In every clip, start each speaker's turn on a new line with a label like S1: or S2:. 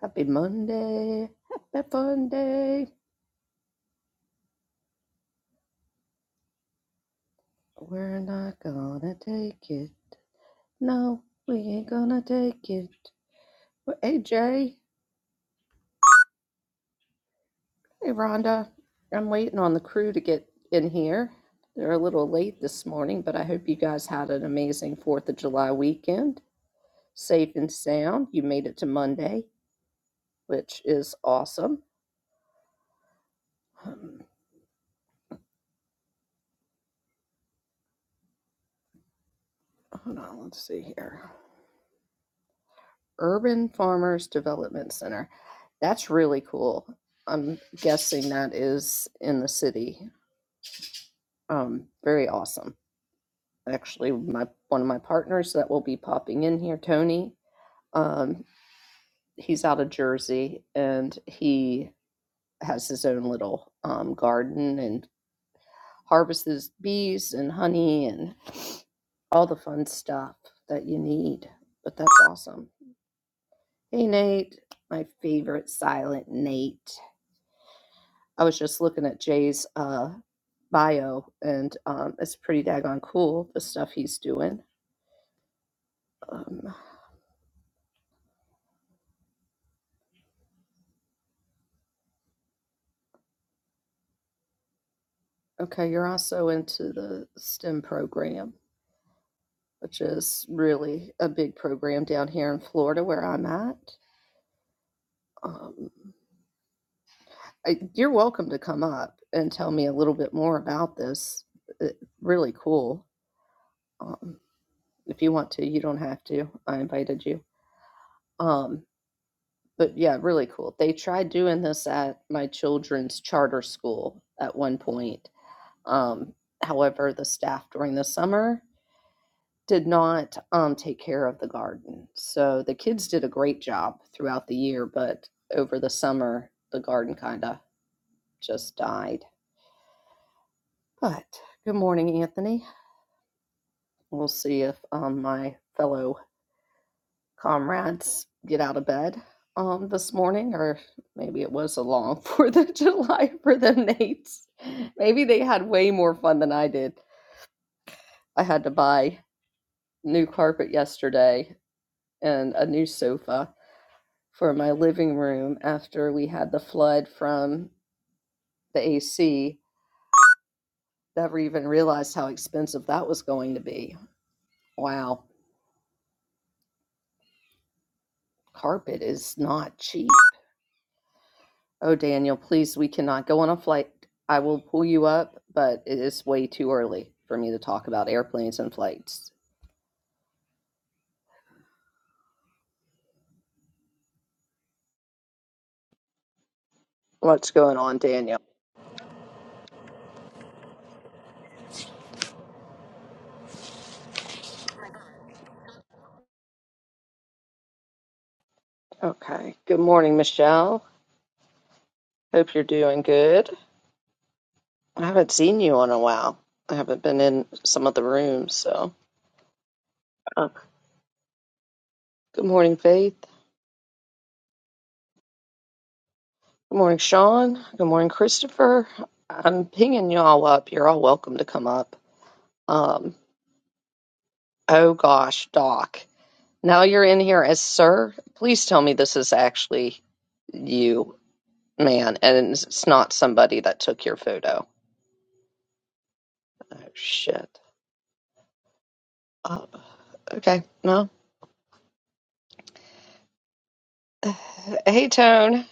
S1: Happy Monday. Happy Monday. We're not gonna take it. No, we ain't gonna take it. Well, Hey, Jay. Hey, Rhonda. I'm waiting on the crew to get in here. They're a little late this morning, but I hope you guys had an amazing 4th of July weekend. Safe and sound. You made it to Monday, which is awesome. Um, hold on, let's see here. Urban Farmers Development Center. That's really cool. I'm guessing that is in the city. Um, very awesome. Actually, my one of my partners that will be popping in here, Tony. Um, he's out of Jersey and he has his own little um, garden and harvests bees and honey and all the fun stuff that you need. But that's awesome. Hey, Nate, my favorite silent Nate. I was just looking at Jay's uh, bio, and um, it's pretty daggone cool the stuff he's doing. Um, okay, you're also into the STEM program, which is really a big program down here in Florida where I'm at. Um, I, you're welcome to come up and tell me a little bit more about this. It, really cool. Um, if you want to, you don't have to. I invited you. Um, But yeah, really cool. They tried doing this at my children's charter school at one point. Um, however, the staff during the summer did not um, take care of the garden. So the kids did a great job throughout the year, but over the summer, the garden kind of just died. But good morning, Anthony. We'll see if um, my fellow comrades get out of bed um this morning or maybe it was a long fourth of july for the nates maybe they had way more fun than i did i had to buy new carpet yesterday and a new sofa for my living room after we had the flood from the ac never even realized how expensive that was going to be wow carpet is not cheap Oh, Daniel, please, we cannot go on a flight. I will pull you up, but it is way too early for me to talk about airplanes and flights. What's going on, Daniel? Okay. Good morning, Michelle. Hope you're doing good. I haven't seen you in a while. I haven't been in some of the rooms, so. Uh, good morning, Faith. Good morning, Sean. Good morning, Christopher. I'm pinging y'all up. You're all welcome to come up. Um, oh gosh, Doc. Now you're in here as sir. Please tell me this is actually you, man, and it's not somebody that took your photo. Oh shit. Oh, okay. Well, hey Tone.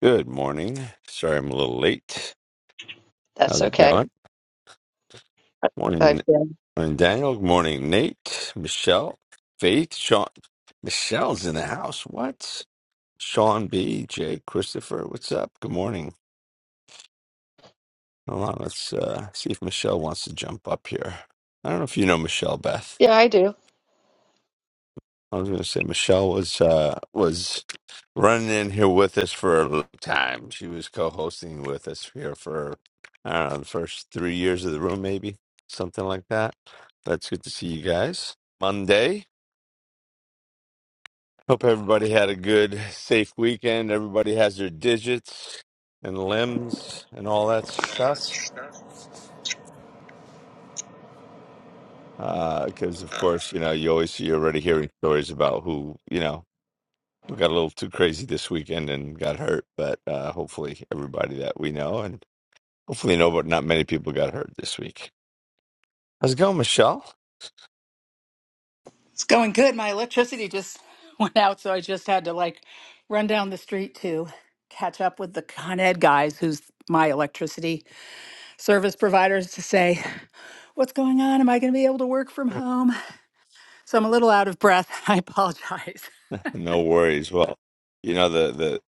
S2: Good morning. Sorry I'm a little late.
S1: That's
S2: How's it
S1: okay.
S2: going? Morning,
S1: I've been.
S2: morning Daniel. Good morning, Nate, Michelle, Faith, Sean. Michelle's in the house. What? Sean B, Jay, Christopher. What's up? Good morning. Hold on. Let's uh, see if Michelle wants to jump up here. I don't know if you know Michelle Beth.
S1: Yeah, I do.
S2: I was going to say Michelle was uh, was running in here with us for a long time. She was co-hosting with us here for I don't know the first three years of the room, maybe something like that. That's good to see you guys. Monday. Hope everybody had a good, safe weekend. Everybody has their digits and limbs and all that stuff. Because of course, you know, you always you're already hearing stories about who you know who got a little too crazy this weekend and got hurt. But uh, hopefully, everybody that we know and Hopefully, no, but not many people got hurt this week. How's it going, Michelle?
S3: It's going good. My electricity just went out, so I just had to like run down the street to catch up with the Con Ed guys, who's my electricity service providers, to say, What's going on? Am I going to be able to work from home? So I'm a little out of breath. I apologize.
S2: No worries. Well, you know the the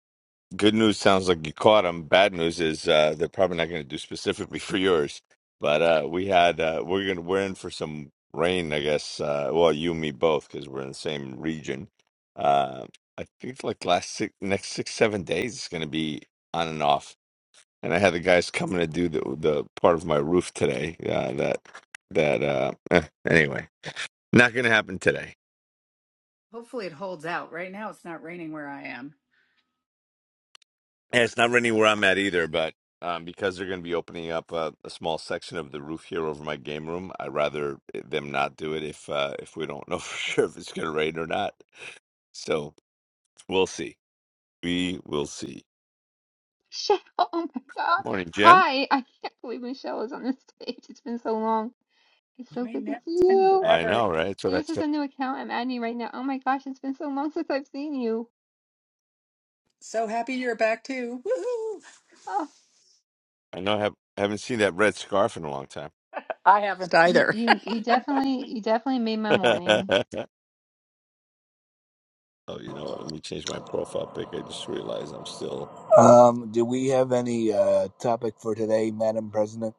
S2: good news sounds like you caught them. Bad news is uh, they're probably not going to do specifically for yours. But uh, we had uh, we're gonna we're in for some rain, I guess. Uh, well, you and me both because we're in the same region. Uh, I think like last six next six seven days it's going to be on and off. And I had the guys coming to do the the part of my roof today. Uh, that that uh, eh, anyway. Not going to happen today.
S3: Hopefully it holds out. Right now it's not raining where I am.
S2: And it's not raining where I'm at either, but um, because they're going to be opening up a, a small section of the roof here over my game room, I'd rather eh, them not do it if uh, if we don't know for sure if it's going to rain or not. So we'll see. We will see.
S4: Michelle, oh my God.
S2: Morning, Jen.
S4: Hi, I can't believe Michelle is on this stage. It's been so long. It's so
S3: I
S4: good to
S3: know.
S4: see
S3: It's been
S4: you.
S2: I
S3: forever.
S2: know, right? That's what
S4: Hey,
S2: I
S4: This is
S2: said.
S4: a new account I'm adding you right now. Oh my gosh, it's been so long since I've seen you.
S3: So happy you're back too. Woohoo!
S4: Oh,
S2: I know I have, haven't seen that red scarf in a long time.
S3: I haven't
S4: you
S3: either.
S4: you you definitely you definitely made my morning.
S2: oh, you know what? Let me change my profile pic. I just realized I'm still.
S5: Um, do we have any uh, topic for today, Madam President?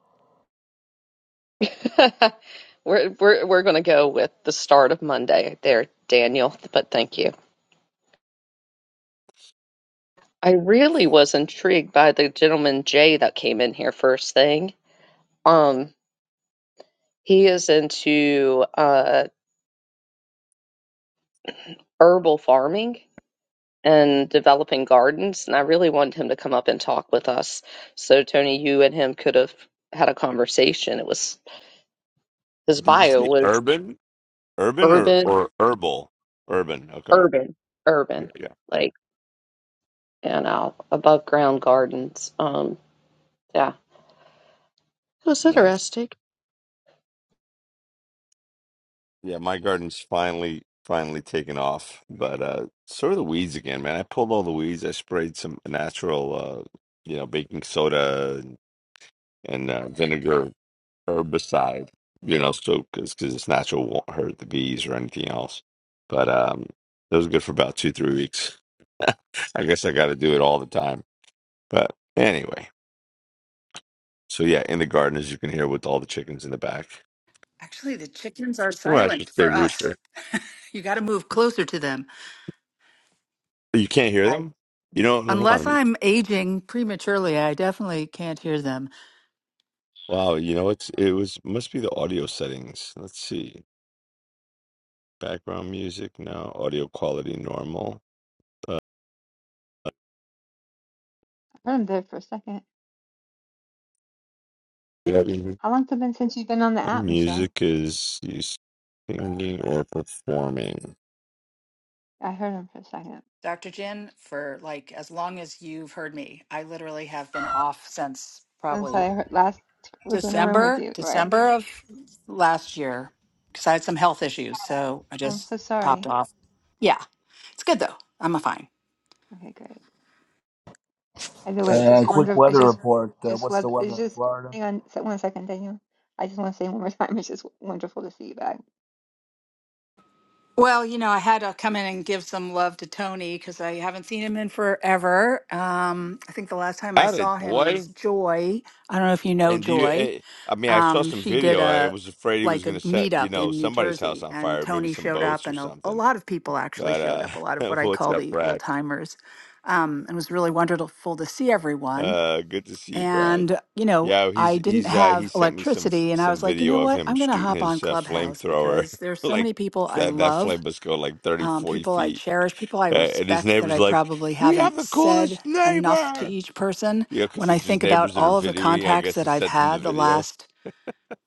S1: we're we're we're gonna go with the start of Monday there, Daniel. But thank you. I really was intrigued by the gentleman Jay that came in here first thing. Um, he is into uh herbal farming and developing gardens, and I really wanted him to come up and talk with us. So Tony, you and him could have had a conversation. It was his
S2: Did you
S1: bio
S2: say
S1: was
S2: urban? Urban or,
S1: urban,
S2: or herbal? Urban. Okay.
S1: urban, urban,
S2: Yeah.
S1: like and out above ground gardens. Um, yeah, it was
S2: yeah.
S1: interesting.
S2: Yeah, my garden's finally finally taken off, but uh sort of the weeds again, man. I pulled all the weeds. I sprayed some natural uh you know, baking soda and, and uh, vinegar herbicide, you know, so cuz cuz it's natural won't hurt the bees or anything else. But um it was good for about 2-3 weeks. I guess I got to do it all the time. But anyway, so yeah, in the garden as you can hear with all the chickens in the back.
S3: Actually, the chickens are
S2: Well, I should
S3: silent
S2: say
S3: for us.
S2: rooster.
S3: You got to move closer to them.
S2: You can't hear them? You know, hold
S3: Unless
S2: on.
S3: I'm aging prematurely, I definitely can't hear them.
S2: Wow, you know, it's it was must be the audio settings. Let's see. Background music now, audio quality normal.
S4: I heard him there for a second.
S2: Yeah, mhm.
S4: How long has it been since you've been on the app, Michelle?
S2: Music is you singing or performing.
S4: I heard him for a second.
S3: Dr. Jin, for like as long as you've heard me, I literally have been off since
S4: Since
S3: probably
S4: I heard, last was in a room with
S3: December,
S4: you, right?
S3: December of last year because I had some health issues. So I
S4: Oh, I'm
S3: just
S4: so
S3: popped
S4: sorry.
S3: off. Yeah, it's good though. I'm fine.
S4: Okay, great. By the way, it's
S5: Uh,
S4: just
S5: quick
S4: wonderful. It's
S5: weather
S4: just,
S5: report. Uh,
S4: just
S5: what's the
S4: what
S5: weather
S4: it's
S5: in
S4: just.
S5: Florida?
S4: Hang on, se- one second, Daniel. I just want to say one more time, it's just wonderful to see you back.
S3: Well, you know, I had to come in and give some love to Tony because I haven't seen him in forever. Um, I think the last time I
S2: At it,
S3: saw him is
S2: boy.
S3: Joy. I don't know if you know
S2: And do you
S3: Joy.
S2: eh, I mean, I saw
S3: um,
S2: some
S3: she did
S2: video. I
S3: a
S2: was afraid he was
S3: like a
S2: going to set, you
S3: meetup
S2: know,
S3: in New
S2: somebody's house
S3: Jersey,
S2: on
S3: and
S2: fire, maybe
S3: Tony
S2: some
S3: showed up,
S2: boats or
S3: and a, a
S2: something.
S3: lot of people actually
S2: But
S3: showed up. A lot of
S2: uh
S3: what I
S2: what's
S3: call
S2: up,
S3: the old
S2: Brad?
S3: timers, um, and it was really wonderful to see everyone.
S2: Uh good to see you, Brad.
S3: And you know,
S2: Yeah, he's
S3: I didn't
S2: he's uh he
S3: have
S2: sent me some f-
S3: electricity, and I
S2: some
S3: was like, you
S2: video
S3: know
S2: of
S3: what,
S2: him
S3: I'm going to
S2: shooting
S3: hop on
S2: his uh,
S3: Clubhouse
S2: flamethrower.
S3: because there's so
S2: Like
S3: many people I
S2: that that
S3: love,
S2: flame must go like 30
S3: um,
S2: 40
S3: people I
S2: feet.
S3: cherish, people I
S2: Uh, and his
S3: respect that
S2: neighbor's
S3: I
S2: like,
S3: probably
S2: "We have
S3: haven't
S2: the
S3: said
S2: coolest
S3: enough to
S2: neighbor."
S3: each person.
S2: You know,
S3: When
S2: because
S3: I
S2: it's his
S3: think about
S2: neighbors that are
S3: all of the
S2: videoing, I
S3: contacts
S2: guess,
S3: that
S2: and
S3: I've
S2: sent them the
S3: had the
S2: video.
S3: last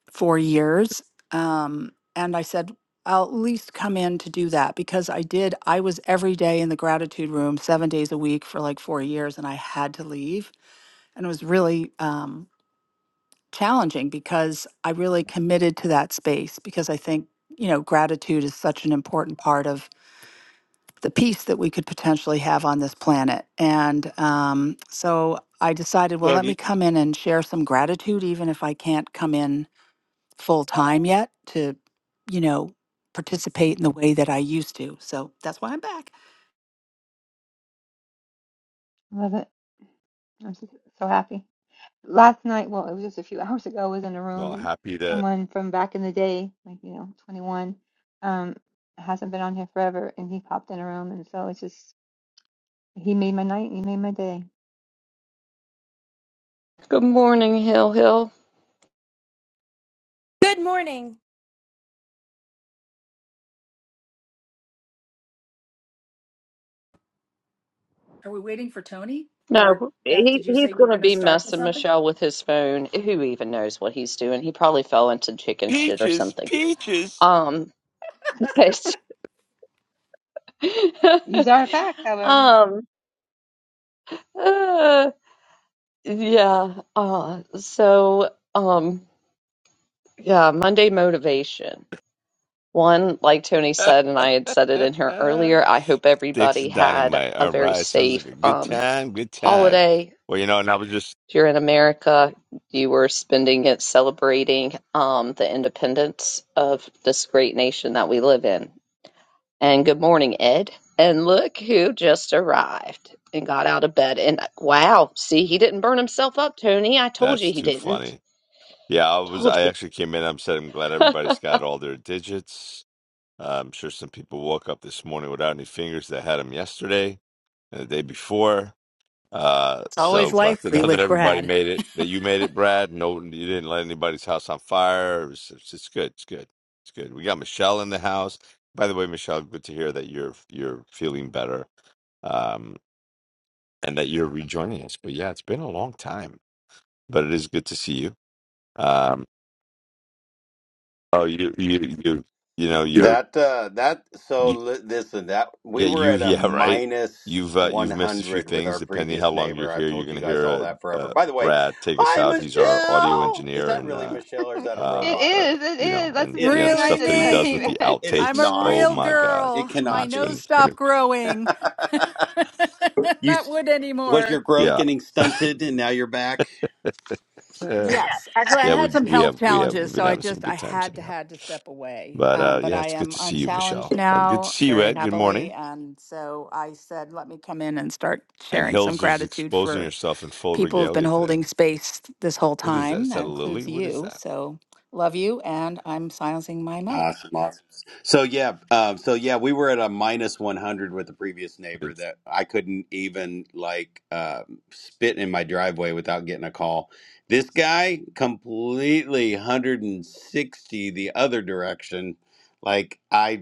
S3: for years. Um, and I said, I'll at least come in to do that because I did. I was every day in the gratitude room seven days a week for like four years and I had to leave. And it was really um, challenging because I really committed to that space because I think, you know, gratitude is such an important part of the peace that we could potentially have on this planet. And um, so I decided, well, let
S2: Look,
S3: me
S2: he-
S3: come in and share some gratitude, even if I can't come in full time yet to, you know, participate in the way that I used to. So that's why I'm back.
S4: love it. I'm so, so happy. Last night, well, it was just a few hours ago. I was in a
S2: I'm
S4: room,
S2: all
S4: and
S2: happy to
S4: someone from back in the day, like you know, 21, um, hasn't been on here forever, and he popped in a room, and so it's just he made my night. He made my day.
S1: Good morning, Hill Hill.
S6: Good morning.
S3: Are we waiting for Tony? Or
S1: No,
S3: Beth,
S1: he
S3: did you
S1: he's
S3: say you were
S1: gonna
S3: going to
S1: be
S3: start with
S1: messing
S3: something?
S1: Michelle with his phone. Who even knows what he's doing? He probably fell into chicken shit or
S2: peaches,
S1: something.
S2: peaches.
S1: Um, but
S4: These are a fact, however.
S1: um, Uh, yeah. Uh, so, um, yeah, Monday motivation. One, like Tony
S2: Sticks
S1: said, and I had said it in here earlier, I hope everybody
S2: and
S1: had
S2: dynamite.
S1: a
S2: All
S1: very
S2: right, sounds like
S1: safe
S2: a good
S1: um,
S2: time, good time.
S1: holiday.
S2: Well, you know, and I was just
S1: If you're in America, you were spending it celebrating um, the independence of this great nation that we live in. And good morning, Ed. And look who just arrived and got out of bed. And wow, see, he didn't burn himself up, Tony. I told you
S2: that's
S1: he
S2: too
S1: didn't.
S2: funny. Yeah, I was.
S1: Told
S2: I
S1: you.
S2: actually came in. I'm said I'm glad everybody's got all their digits. Uh, I'm sure some people woke up this morning without any fingers that had them yesterday and the day before. Uh,
S3: It's always
S2: so glad to
S3: likely
S2: know that
S3: with
S2: everybody
S3: Brad.
S2: made it. That you made it, Brad. No, you didn't let anybody's house on fire. It was- It's, it's good. It's good. It's good. We got Michelle in the house. By the way, Michelle, good to hear that you're you're feeling better um, and that you're rejoining us. But yeah, it's been a long time, but it is good to see you. Um, Oh, you, you, you, you know, you're,
S7: That uh that so
S2: you,
S7: li- listen that we
S2: yeah,
S7: were
S2: you,
S7: at a
S2: yeah, right.
S7: minus
S2: You've uh, you've missed a few
S7: 100 with
S2: things.
S7: our
S2: Depending how
S7: previous
S2: long you're
S7: neighbor. I've
S2: here, you're
S7: told
S2: going
S7: you
S2: to
S7: guys
S2: hear
S7: all
S2: uh,
S7: that forever.
S2: uh,
S7: By the way,
S2: Brad take us
S7: hi
S2: out. He's our audio
S7: Michelle. Is
S2: engineer,
S7: that
S2: and
S7: really
S2: uh,
S7: Michelle
S4: it
S7: or is that a
S2: uh,
S7: robot?
S2: uh,
S4: is. It
S2: you know,
S4: is. That's the
S2: and
S7: It
S4: same
S2: yeah, the
S4: thing I
S3: Really
S2: stuff that
S4: did
S2: he
S4: when I
S2: does
S4: came
S2: with
S4: in.
S3: me.
S2: the
S7: it is
S3: I'm a
S2: outtakes.
S7: not.
S2: Oh
S3: real
S2: my God,
S7: It
S3: girl.
S2: it's
S3: My
S2: been,
S7: cannot
S2: it's
S7: be.
S3: nose
S2: been,
S3: stopped growing.
S7: You
S3: Not
S7: s-
S3: wood
S7: was
S3: anymore.
S7: your growth
S2: yeah,
S7: getting stunted and now you're back?
S2: Uh,
S3: Yes, actually, I
S2: yeah.
S3: had
S2: We
S3: some
S2: we
S3: health
S2: have we have
S3: challenges,
S2: we've been
S3: so I
S2: having some
S3: just I
S2: good times
S3: had
S2: in
S3: to
S2: here.
S3: had to step away.
S2: But
S3: Um,
S2: uh,
S3: but
S2: yeah,
S3: I
S2: it's good
S3: am
S2: to see you,
S3: unchallenged
S2: Michelle, and good to
S3: now,
S2: see you,
S3: very
S2: Ed. Good
S3: happily,
S2: morning.
S3: and so I said, let me come in and start
S2: And
S3: sharing some
S2: Hills is
S3: gratitude
S2: exposing
S3: for
S2: herself in full
S3: people who've been
S2: regalia today.
S3: holding space this whole
S2: What is that?
S3: time.
S2: Is
S3: That
S2: that a lily?
S3: includes
S2: What is
S3: you.
S2: that?
S3: So love you, and I'm silencing my mic.
S7: Awesome, awesome. So yeah, um, so yeah, we were at a minus one hundred with the previous neighbor
S2: It's,
S7: that I couldn't even like uh, spit in my driveway without getting a call. This guy completely hundred and sixty the other direction. Like I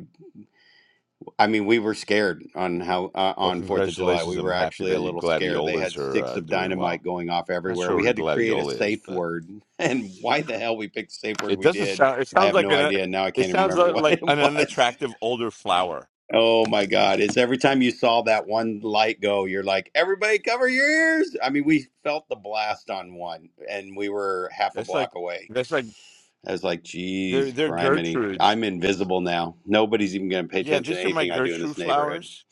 S7: I mean, we were scared on how uh,
S2: well,
S7: on Fourth of July.
S2: congratulations.
S7: We
S2: I'm
S7: were
S2: happy
S7: actually
S2: that
S7: a
S2: you
S7: little scared. They
S2: gladiolas
S7: had
S2: are
S7: sticks
S2: uh,
S7: of
S2: doing
S7: dynamite
S2: well.
S7: going off
S2: Not
S7: everywhere.
S2: sure
S7: We
S2: what a
S7: had to create a
S2: gladiola is,
S7: safe
S2: but
S7: word, and why the hell we picked the safe word
S2: it
S7: we
S2: doesn't
S7: did,
S2: sound. It
S7: I
S2: sounds
S7: have
S2: like
S7: no
S2: an.
S7: idea. Now I
S2: It
S7: can't even
S2: sounds
S7: remember
S2: li-
S7: what
S2: like
S7: it
S2: an
S7: was.
S2: unattractive older flower.
S7: Oh my God! It's every time you saw that one light go, you're like, everybody, cover your ears. I mean, we felt the blast on one, and we were half a
S2: That's like
S7: block away.
S2: that's like
S7: I was like,
S2: they're
S7: geez,
S2: they're
S7: criminy.
S2: Gertrudes.
S7: I'm invisible now. Nobody's even going to pay
S2: Yeah,
S7: attention to
S2: these are my
S7: anything I do in this
S2: Gertrude
S7: neighborhood.
S2: flowers.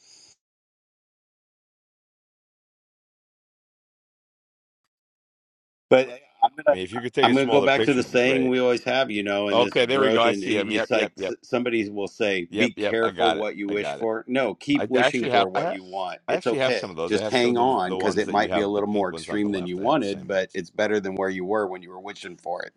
S7: But I'm
S2: I
S7: gonna
S2: mean, if you could take
S7: I'm
S2: a
S7: gonna go
S2: smaller
S7: back to
S2: picture,
S7: the
S2: it'd be
S7: saying
S2: great.
S7: we always have, you know, in this
S2: Okay, there we go.
S7: growth,
S2: I
S7: and
S2: see him.
S7: it- it's
S2: Yep,
S7: like
S2: yep,
S7: s-
S2: yep,
S7: somebody will say, "Be
S2: yep, yep. I
S7: careful
S2: got it.
S7: what you
S2: I
S7: wish
S2: got it.
S7: for." No, keep
S2: I
S7: wishing
S2: actually
S7: for
S2: have I
S7: what
S2: have
S7: you want.
S2: I
S7: It's
S2: actually have
S7: okay.
S2: some of those. I
S7: Just
S2: have some
S7: hang
S2: of the
S7: on
S2: the
S7: because
S2: ones
S7: it
S2: that you
S7: might be a
S2: have the
S7: little more
S2: pink ones on
S7: extreme
S2: the
S7: than you
S2: left. I have the
S7: wanted,
S2: same
S7: but
S2: ones.
S7: it's better than where you were when you were wishing for it.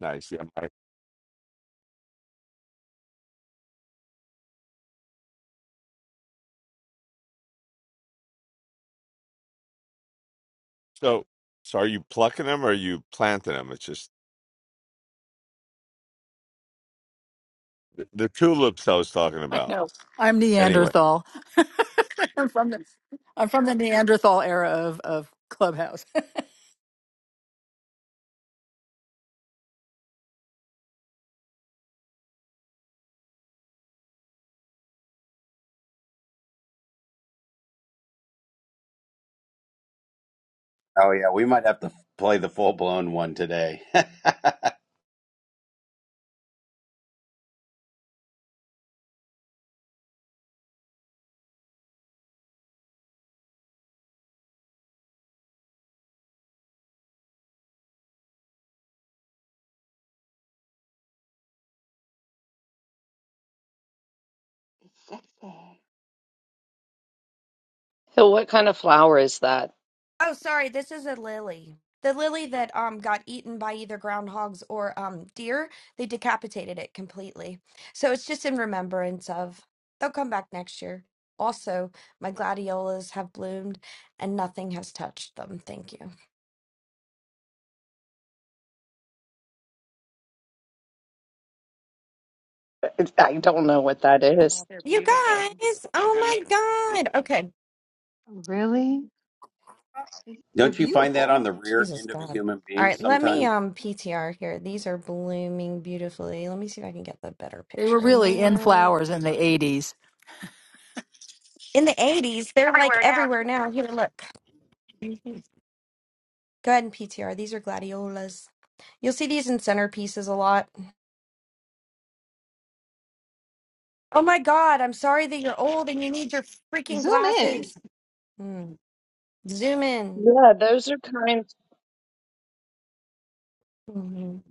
S2: Nice. Yeah. I- So so are you plucking them or are you planting them? It's just the, the tulips I was talking
S3: I
S2: about.
S3: know I'm
S2: Anyway,
S3: Neanderthal. I'm from the I'm from the Neanderthal era of of Clubhouse.
S7: Oh yeah, we might have to f- play the full blown one today.
S4: It's sexy.
S1: So what kind of flower is that?
S6: Oh, sorry, this is a lily. The lily that um got eaten by either groundhogs or um deer. They decapitated it completely. So it's just in remembrance of. They'll come back next year. Also, my gladiolas have bloomed and nothing has touched them. Thank you.
S1: I don't know what that is.
S6: You guys. Oh my god. Okay.
S4: Really? It's, they're
S7: Don't you find that on the
S4: beautiful.
S7: rear
S6: Jesus
S7: end of a
S6: god.
S7: human
S6: All
S7: being
S6: right, let me
S7: sometimes?
S6: um PTR here. These are blooming beautifully. Let me see if I can get the better
S3: They were
S6: picture in
S3: really in
S6: there.
S3: flowers in the '80s.
S6: in the 80s they're like
S3: Everywhere
S6: everywhere now here look Mhm. go ahead and ptr these are gladiolas you'll see these in centerpieces a lot oh my god i'm sorry that you're old and you need your freaking
S4: Zoom in
S6: glasses Mm. zoom in
S1: Yeah, those are kind.
S6: Mhm.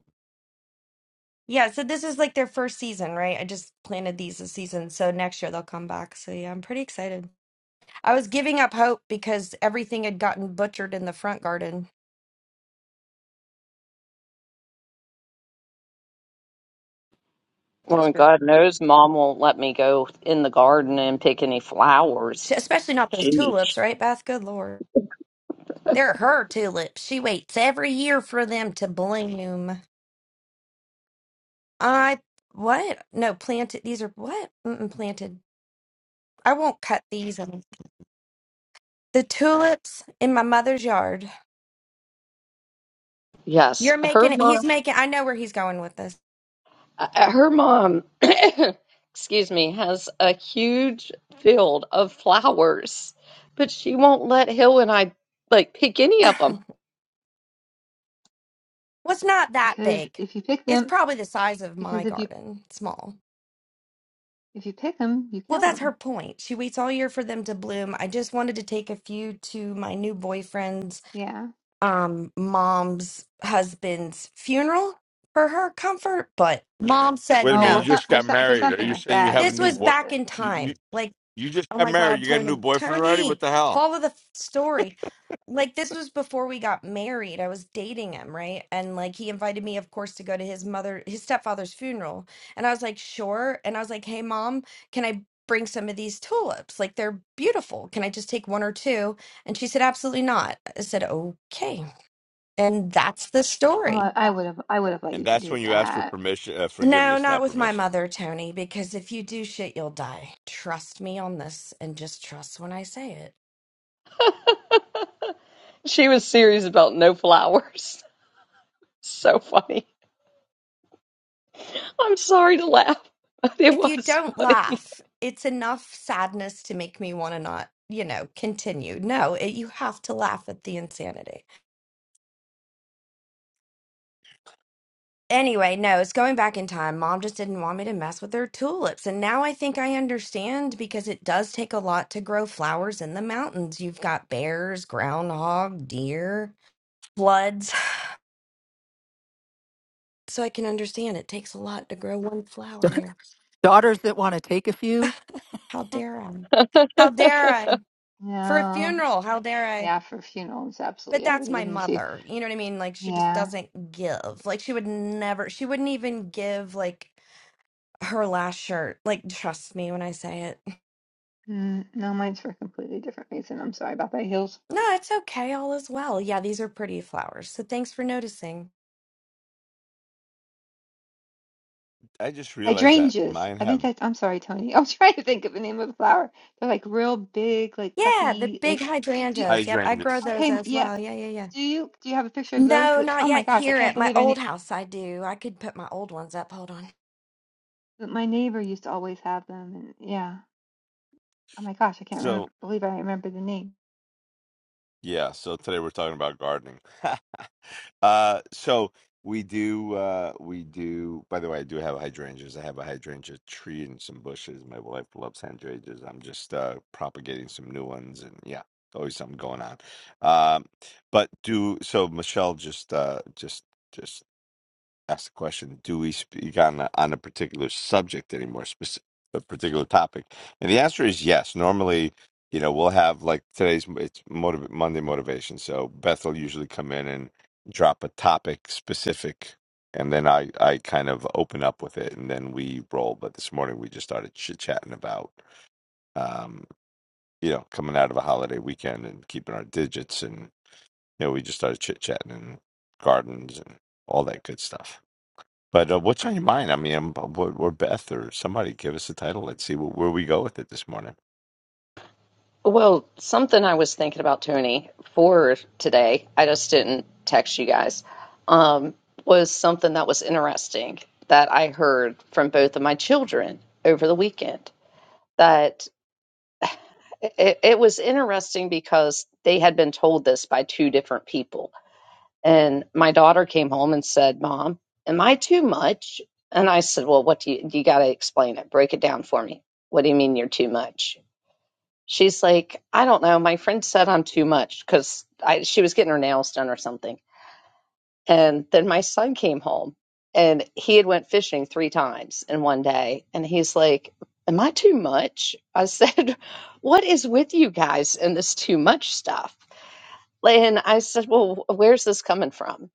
S6: yeah so this is like their first season right i just planted these this season so next year they'll come back so yeah i'm pretty excited i was giving up hope because everything had gotten butchered in the front garden
S1: Well, God knows mom won't let me go in the garden and pick any
S6: Sh-
S1: flowers.
S6: especially not those
S1: Gee.
S6: tulips right beth good lord They're her tulips. She waits every year for them to bloom. I what? No, planted. These are what? Mm-mm, planted. I won't cut these. Um, The tulips in my mother's yard.
S1: Yes,
S6: You're
S1: her
S6: making it.
S1: mom.
S6: He's making. I know where he's going with this.
S1: Uh, her mom, excuse me, has a huge field of flowers, but she won't let Hill and I like pick any of them.
S6: What's not that
S4: because
S6: big?
S4: if you pick
S6: It's
S4: them,
S6: probably the size of my
S4: because if you
S6: garden. Small.
S4: if you pick them, you
S6: Well,
S4: kill
S6: that's her
S4: them.
S6: point. She waits all year for them to bloom. I just wanted to take a few to my new boyfriend's
S4: Yeah.
S6: um mom's husband's funeral for her comfort, but mom said
S2: wait a
S4: Oh
S2: minute. You
S4: well,
S6: no.
S4: some,
S2: just
S4: for
S2: got
S4: some, for
S2: married. Are
S4: something
S2: you
S4: like
S2: saying you
S4: that, I
S2: have a
S6: This
S4: would
S2: new
S6: was
S4: do
S2: boy?
S4: it.
S6: back
S4: But
S6: in
S2: You you,
S6: time. Like,
S2: you just
S6: oh
S2: got
S6: my
S2: married.
S6: god,
S2: You got a new
S6: Tony,
S2: boyfriend already? What
S6: Tony,
S2: the hell?
S6: follow the f- story. Like this was before we got married. I was dating him, right? And like he invited me of course to go to his mother his stepfather's funeral. And I was like, "Sure." And I was like, "Hey mom, can I bring some of these tulips? Like they're beautiful. Can I just take one or two? And she said, "Absolutely not." I said, "Okay." And that's the
S4: well,
S6: story.
S4: I, I would have I would have let
S2: And
S4: you
S2: that's
S4: do
S2: when you ask for
S4: that.
S2: permission, uh,
S6: No,
S2: forgiveness,
S6: not
S2: not
S6: with my
S2: permission.
S6: mother, Tony, because if you do shit, you'll die. Trust me on this and just trust when I say it.
S1: She was serious about no flowers. So funny. I'm sorry to laugh, but it
S6: If you
S1: was
S6: don't
S1: funny.
S6: laugh, it's enough sadness to make me want to not, you know, continue. No, it, you have to laugh at the insanity. Anyway, no, it's going back in time. Mom just didn't want me to mess with her tulips. And now I think I understand because it does take a lot to grow flowers in the mountains. You've got bears, groundhog, deer floods. so I can understand it takes a lot to grow one flower
S3: now.
S6: here.
S3: daughters that want to take a few.
S6: How dare I? How dare I? For a
S4: No.
S6: funeral, how dare I?
S4: Yeah, for funerals,
S6: But
S4: absolutely. I would
S6: that's
S4: have
S6: my
S4: given it to you.
S6: mother. You know what I mean? Like she just
S4: Yeah.
S6: doesn't give. Like she would never she wouldn't even give like her last shirt. Like trust me when I say it.
S4: Mm, no, mine's for a completely different reason. I'm sorry about that, Hills.
S6: No, it's okay. All is well. Yeah, these are pretty flowers. So thanks for noticing.
S2: I just realized that
S4: Hydrangeas.
S2: mine
S4: I think
S2: have
S4: that's. I'm sorry, Tony. I was trying to think of the name of the flower. They're like real big, like
S6: Yeah, the
S4: puffy,
S6: big
S4: like. Do you,
S6: hydrangeas. Yep, I grow
S2: hydrangeas.
S6: those
S4: okay.
S6: as
S4: Yeah.
S6: well. Yeah, yeah, yeah.
S4: Do you do you have a picture of those?
S6: No,
S4: That,
S6: not
S4: oh my
S6: yet
S4: gosh, I
S6: here
S4: can't
S6: at my
S4: believe I
S6: old
S4: ne-
S6: house I do. I could put my old ones up. Hold on.
S4: that my neighbor used to always have them. And yeah, oh my gosh, I can't
S2: So
S4: remember believe I remember the name.
S2: yeah. So today we're talking about gardening. Uh, so we do, uh, we do, by the way, I do have hydrangeas. I have a hydrangea tree and some bushes. My wife loves hydrangeas. I'm just, uh, propagating some new ones and yeah, always something going on. Um, but do, so Michelle just, uh, just, just Ask the question, do we speak on a, on a particular subject anymore, speci a particular topic? And the answer is yes. Normally, you know, we'll have like today's it's motiv Monday motivation. So Beth will usually come in and drop a topic specific, and then I I kind of open up with it, and then we roll. But this morning we just started chit chatting about, um, you know, coming out of a holiday weekend and keeping our digits, and you know, we just started chit chatting and gardens and all that good stuff. But uh, what's on your mind? I mean, um, or, or Beth or somebody give us a title. Let's see wh- where we go with it this morning.
S1: Well, something I was thinking about, Tony, for today, I just didn't text you guys, um, was something that was interesting that I heard from both of my children over the weekend. that it, it was interesting because they had been told this by two different people. And my daughter came home and said, Mom, am I too much? And I said, Well, what do you, you got to explain it, break it down for me. What do you mean you're too much? She's like, I don't know. My friend said I'm too much because she was getting her nails done or something. And then my son came home and he had went fishing three times in one day. And he's like, Am I too much? I said, What is with you guys and this too much stuff? And I said, Well, where's this coming from?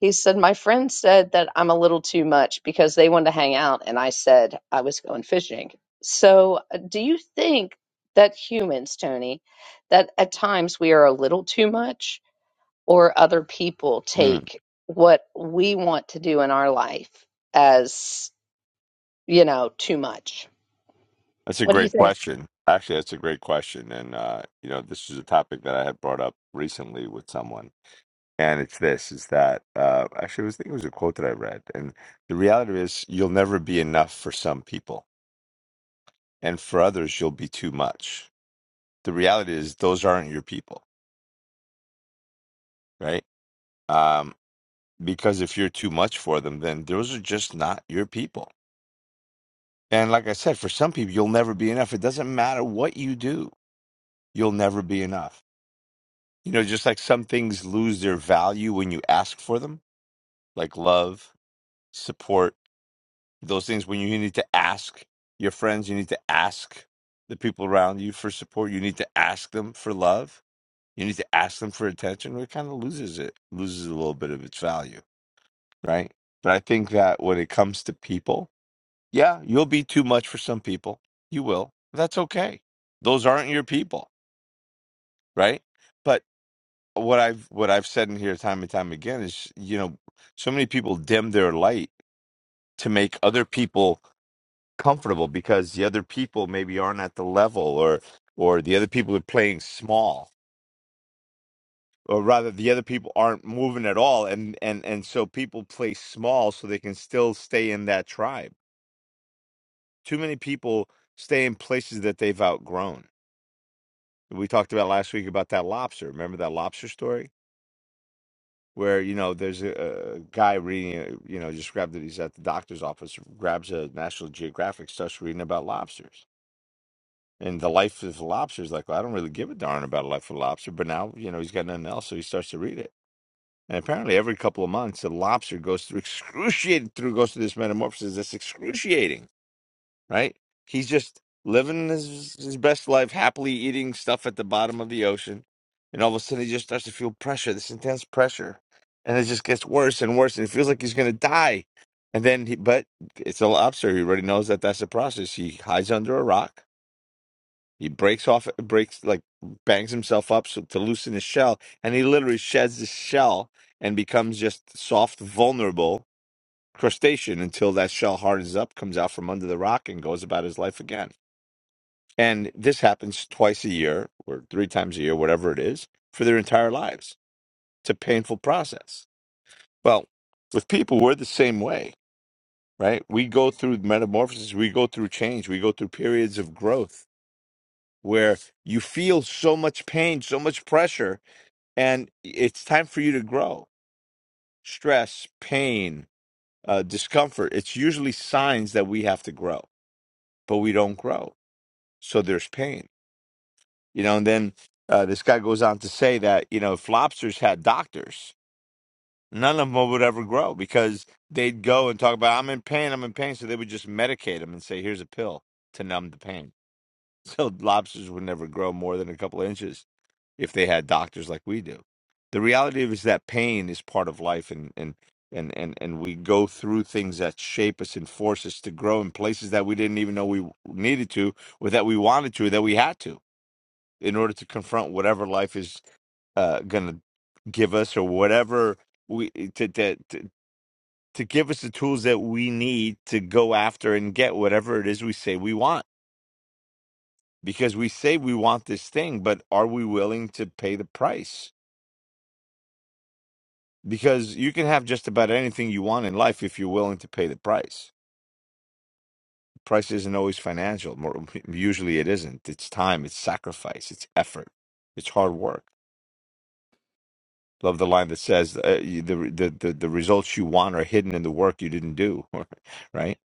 S1: He said, My friend said that I'm a little too much because they wanted to hang out. And I said, I was going fishing. So, uh, do you think that humans, Tony, that at times we are a little too much? or other people
S2: Mm,
S1: take what we want to do in our life as, you know, too much.
S2: that's a
S1: What do you
S2: great
S1: think?
S2: question. Actually, that's a great question. And, uh, you know, this is a topic that I had brought up recently with someone. And it's this is that, uh, actually, I was thinking it was a quote that I read. And the reality is, you'll never be enough for some people. And for others, you'll be too much. The reality is, those aren't your people, right? Um, because if you're too much for them, then those are just not your people And like I said, for some people, you'll never be enough. It doesn't matter what you do, you'll never be enough. You know, just like some things lose their value when you ask for them, like love, support, those things when you need to ask your friends, you need to ask the people around you for support, you need to ask them for love, you need to ask them for attention. It kind of loses it, loses a little bit of its value, right? But I think that when it comes to people, Yeah, you'll be too much for some people. You will. That's okay. Those aren't your people, right? But what I've what I've said in here time and time again is, you know, so many people dim their light to make other people comfortable because the other people maybe aren't at the level or or the other people are playing small or rather the other people aren't moving at all and and and so people play small so they can still stay in that tribe. Too many people stay in places that they've outgrown we talked about last week about that lobster. Remember that lobster story where you know there's a, a guy reading, uh, you know, just grabbed it. He's at the doctor's office, grabs a National Geographic, starts reading about lobsters and the life of lobsters. Like, well, I don't really give a darn about a life of a lobster, but now you know he's got nothing else, so he starts to read it. And apparently, every couple of months, a lobster goes through excruciating through goes through this metamorphosis that's excruciating right? He's just living his his best life, happily eating stuff at the bottom of the ocean, and all of a sudden he just starts to feel pressure, this intense pressure, and it just gets worse and worse, and it feels like he's gonna die. And then, he, but it's a lobster. He already knows that that's the process. He hides under a rock. He breaks off, breaks like bangs himself up so, to loosen his shell, and he literally sheds his shell and becomes just soft, vulnerable crustacean until that shell hardens up, comes out from under the rock, and goes about his life again and this happens twice a year or three times a year, whatever it is, for their entire lives. It's a painful process. Well, with people, we're the same way, right? We go through metamorphosis, we go through change, we go through periods of growth where you feel so much pain, so much pressure, and it's time for you to grow. Stress, pain, uh, discomfort, it's usually signs that we have to grow, but we don't grow. So there's pain You know, and then uh, this guy goes on to say that, you know, if lobsters had doctors, none of them would ever grow because they'd go and talk about, I'm in pain, I'm in pain. So they would just medicate them and say, here's a pill to numb the pain. So lobsters would never grow more than a couple of inches if they had doctors like we do. The reality is that pain is part of life and, and, and, and, and we go through things that shape us and force us to grow in places that we didn't even know we needed to or that we wanted to or that we had to in order to confront whatever life is uh, going to give us or whatever we eh, to, to to to give us the tools that we need to go after and get whatever it is we say we want because we say we want this thing but are we willing to pay the price because you can have just about anything you want in life if you're willing to pay the price price isn't always financial more usually it isn't it's time it's sacrifice it's effort it's hard work Love the line that says uh, you- the, the the the results you want are hidden in the work you didn't do, right?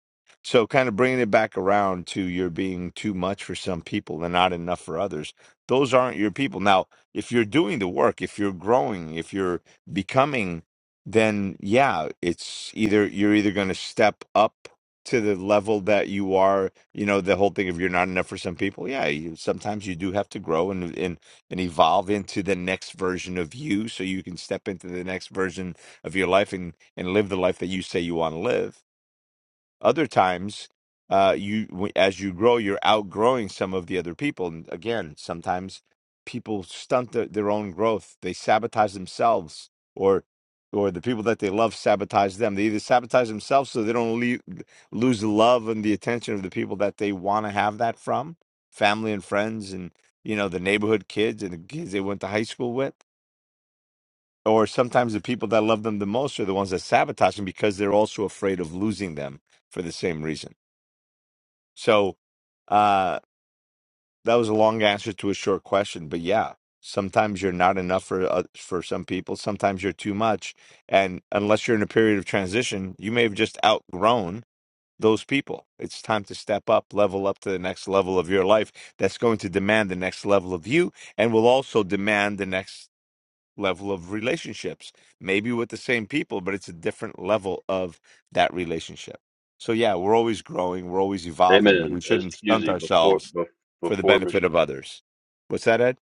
S2: So, kind of bringing it back around to you're being too much for some people and not enough for others. Those aren't your people. Now, if you're doing the work, if you're growing, if you're becoming, then yeah, it's either you're either going to step up to the level that you are. You know, the whole thing of you're not enough for some people. Yeah, you, sometimes you do have to grow and and and evolve into the next version of you so you can step into the next version of your life and, and live the life that you say you want to live other times, uh, you w- as you grow, you're outgrowing some of the other people. And again, sometimes people stunt their, their own growth. They sabotage themselves, or or the people that they love sabotage them. They either sabotage themselves so they don't leave, lose the love and the attention of the people that they want to have that from, family and friends, and you know the neighborhood kids and the kids they went to high school with or sometimes the people that love them the most are the ones that sabotage them because they're also afraid of losing them for the same reason. So uh, that was a long answer to a short question, but yeah, sometimes you're not enough for uh, for some people. Sometimes you're too much, and unless you're in a period of transition, you may have just outgrown those people. It's time to step up, level up to the next level of your life. That's going to demand the next level of you, and will also demand the next level of relationships. Maybe with the same people, but it's a different level of that relationship. So yeah, we're always growing, we're always evolving, and
S8: Amen.
S2: we shouldn't
S8: Excuse
S2: stunt
S8: me, before
S2: ourselves
S8: bef-
S2: for the
S8: before Mich-
S2: benefit of others. What's that, Ed?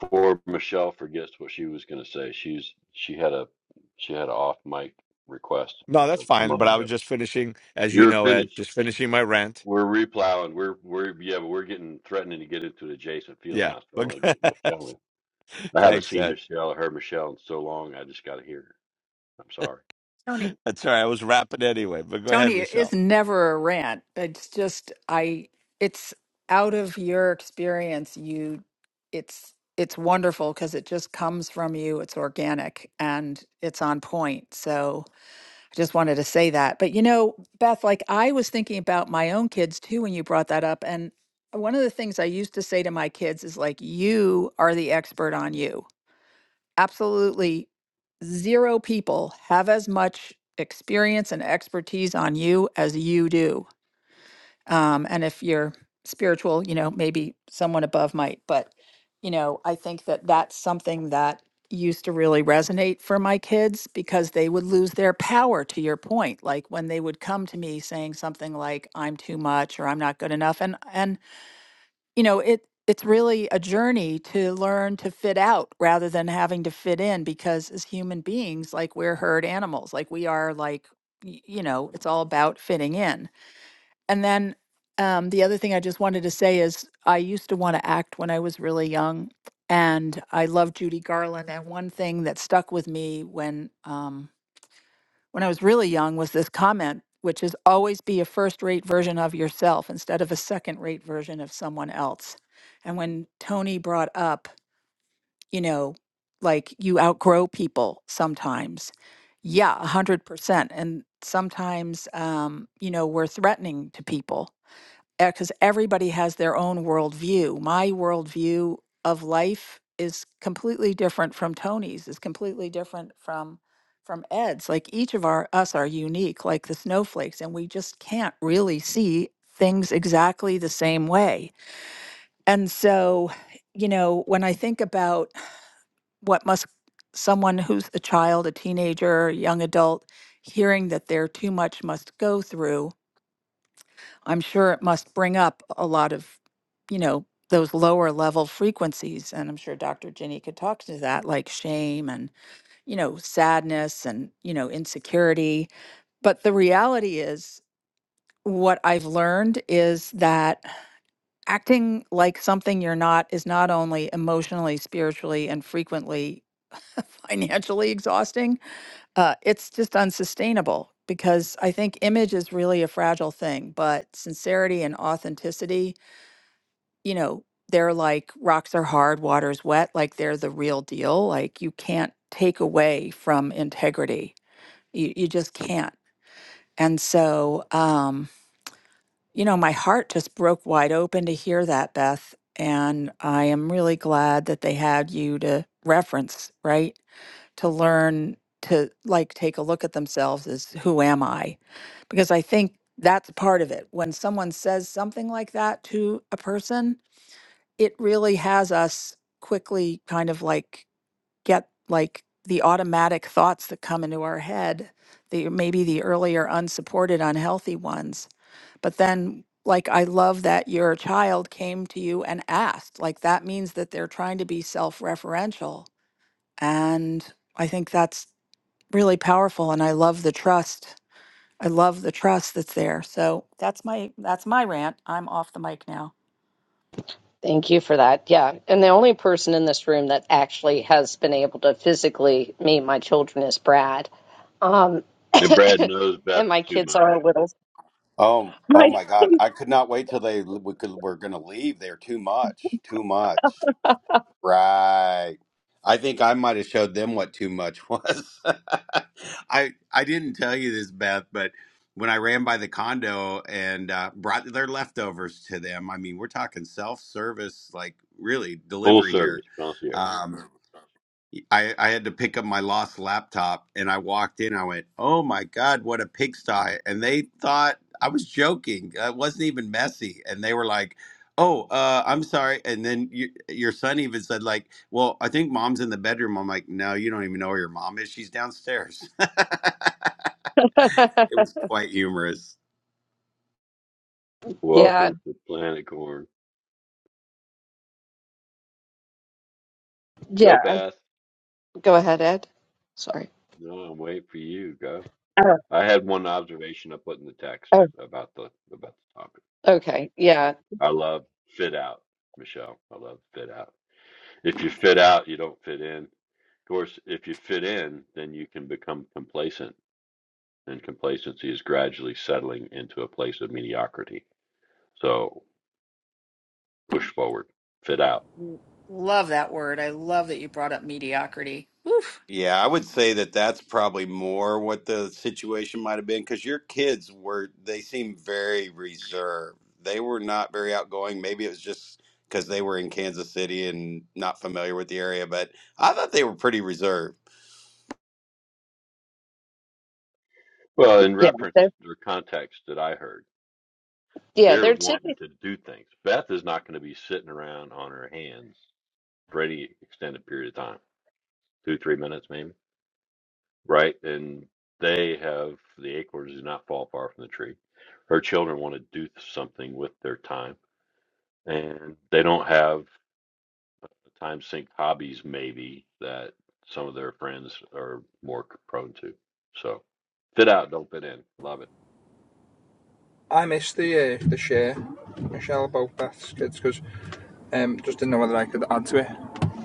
S8: before Michelle forgets what she was going to say, she's she had a she had an off mic request
S2: No, that's
S8: a
S2: fine. But
S8: moment
S2: I
S8: ago.
S2: was just finishing, as you
S8: You're
S2: know, Ed,
S8: finished.
S2: just finishing my rant.
S8: We're replowing. We're we're yeah, but we're getting threatening to get into an adjacent field
S2: Yeah,
S8: now. So I
S2: but
S8: want to get Michelle in. I haven't
S2: thanks,
S8: seen
S2: Ed.
S8: Michelle or heard Michelle in so long. I just got to hear her. I'm sorry.
S3: Tony,
S2: That's all right. I was rapping anyway, but go ahead,
S3: Tony, it is
S2: Michelle.
S3: never a rant. It's just I. It's out of your experience. You, it's it's wonderful because it just comes from you. It's organic and it's on point. So I just wanted to say that. But you know, Beth, like I was thinking about my own kids too when you brought that up, and one of the things I used to say to my kids is like, "You are the expert on you." absolutely zero people have as much experience and expertise on you as you do. Um, and if you're spiritual, you know, maybe someone above might, but, you know, I think that that's something that used to really resonate for my kids because they would lose their power to your point like when they would come to me saying something like i'm too much or i'm not good enough and and you know it it's really a journey to learn to fit out rather than having to fit in because as human beings like we're herd animals like we are like y- you know it's all about fitting in and then um, the other thing i just wanted to say is i used to want to act when i was really young and i love judy garland and one thing that stuck with me when um, when I was really young was this comment, which is always be a first rate version of yourself instead of a second rate version of someone else. And when Tony brought up, you know, like you outgrow people sometimes, yeah, 100%. And sometimes, um, you know, we're threatening to people because everybody has their own worldview. My worldview of life is completely different from Tony's, is completely different from from Ed's. Like each of our us are unique, like the snowflakes, and we just can't really see things exactly the same way. And so, you know, when I think about what must someone who's a child, a teenager, a young adult, hearing that they're too much must go through, I'm sure it must bring up a lot of, you know, those lower level frequencies. And I'm sure Dr. Ginny could talk to that, like shame and, you know, sadness and, you know, insecurity. But the reality is, what I've learned is that acting like something you're not is not only emotionally, spiritually, and frequently financially exhausting, uh, it's just unsustainable because I think image is really a fragile thing, but sincerity and authenticity you know, they're like rocks are hard, water's wet, like they're the real deal. Like you can't take away from integrity. You you just can't. And so, um, you know, my heart just broke wide open to hear that, Beth. And I am really glad that they had you to reference, right? To learn to like take a look at themselves as who am I? Because I think that's part of it. When someone says something like that to a person, it really has us quickly kind of like get like the automatic thoughts that come into our head, the maybe the earlier unsupported unhealthy ones. But then like I love that your child came to you and asked. Like that means that they're trying to be self-referential and I think that's really powerful and I love the trust. I love the trust that's there. So that's my that's my rant. I'm off the mic now.
S1: Thank you for that. Yeah. And the only person in this room that actually has been able to physically meet my children is Brad. Um,
S8: And Brad knows Beth
S1: and my
S8: too
S1: kids
S8: much.
S1: are little.
S7: Oh, oh
S1: My-
S7: my God! I could not wait till they we could, were going to leave. They're too much, too much. Right. I think I might have showed them what too much was. I I didn't tell you this, Beth, but when I ran by the condo and uh, brought their leftovers to them, I mean, we're talking self service, like really
S8: Full
S7: delivery here.
S8: service concierge.
S7: Um, I, I had to pick up my lost laptop and I walked in. I went, oh my God, what a pigsty. And they thought I was joking. It wasn't even messy. And they were like, oh, uh, I'm sorry. And then you, your son even said, like, well, I think mom's in the bedroom. I'm like, no, you don't even know where your mom is. She's downstairs. it was quite humorous.
S1: yeah.
S8: Welcome to Planet Corn. Go
S1: Yeah.
S8: Beth.
S1: Go ahead, Ed. Sorry.
S8: No, I'm waiting for you. Go.
S1: Oh,
S8: I had one observation I put in the text
S1: oh,
S8: about the about the topic.
S1: okay. Yeah.
S8: I love fit out, Michelle. I love fit out. If you fit out, you don't fit in. Of course, if you fit in, then you can become complacent, and complacency is gradually settling into a place of mediocrity. So push forward, fit out.
S3: Love that word. I love that you brought up mediocrity. Oof.
S7: Yeah, I would say that that's probably more what the situation might have been because your kids were, they seemed very reserved. They were not very outgoing. Maybe it was just because they were in Kansas City and not familiar with the area, but I thought they were pretty reserved.
S8: Well, in
S1: Yeah.
S8: reference
S1: They're,
S8: or context that I heard,
S1: yeah.
S8: they're
S1: They're typically
S8: wanting to do things. Beth is not going to be sitting around on her hands for any extended period of time, two, three minutes maybe right? And they have the acorns do not fall far from the tree. Her children want to do something with their time, and they don't have the time sink hobbies maybe that some of their friends are more prone to. So fit out, don't fit in. Love it.
S9: I missed the uh, the share, Michelle, about Beth's kids because um, just didn't know whether I could add to it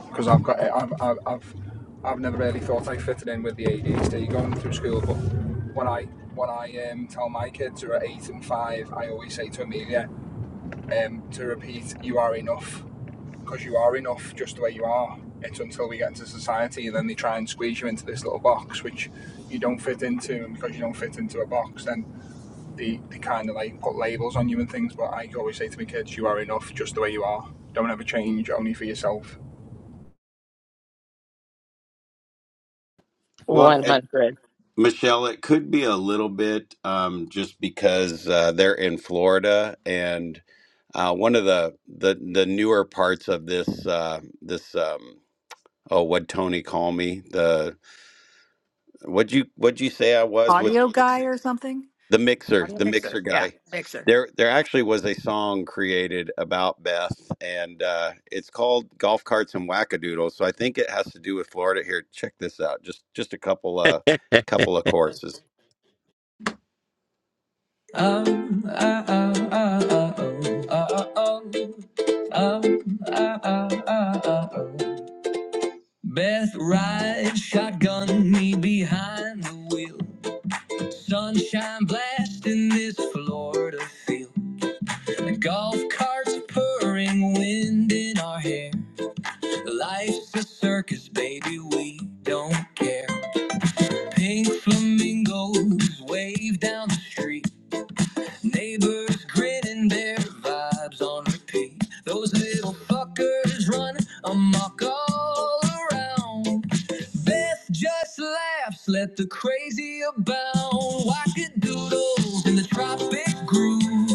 S9: because I've got I've, I've I've I've never really thought I fitted in with the ADHD going through school, but when I when I um, tell my kids who are eight and five, I always say to Amelia um, to repeat, "You are enough." because you are enough just the way you are. It's until we get into society and then they try and squeeze you into this little box which you don't fit into, and because you don't fit into a box, then the, the kind of like put labels on you and things, but I always say to my kids, you are enough just the way you are. Don't ever change, only for yourself.
S7: Well, and
S1: 100.
S7: Michelle, it could be a little bit um, just because uh, they're in Florida and uh, one of the, the the newer parts of this uh, this um, oh what Tony call me the What'd you What'd you say I was with the,
S3: Audio
S7: mix,
S3: guy or something?
S7: the mixer?
S3: Audio
S7: The
S3: mixer.
S7: mixer
S3: Yeah,
S7: guy.
S3: mixer.
S7: There There actually was a song created about Beth, and uh, it's called "Golf Carts and Wackadoodles." So I think it has to do with Florida. Here, check this out. Just Just a couple uh couple of courses. Um, ah, ah, ah, ah, oh, ah, ah, oh. Um, ah, ah, ah, ah, oh. Beth rides shotgun me behind the wheel. Sunshine blasting this Florida field. The Golf carts purring, wind in our hair. Life's a circus, baby, we don't care. Pink flamingos wave down the street. Neighbors grinning their vibes on repeat. Those little fuckers running amok all around. Beth just laughs, let the crazy abound. Wackadoodles in the tropic groove.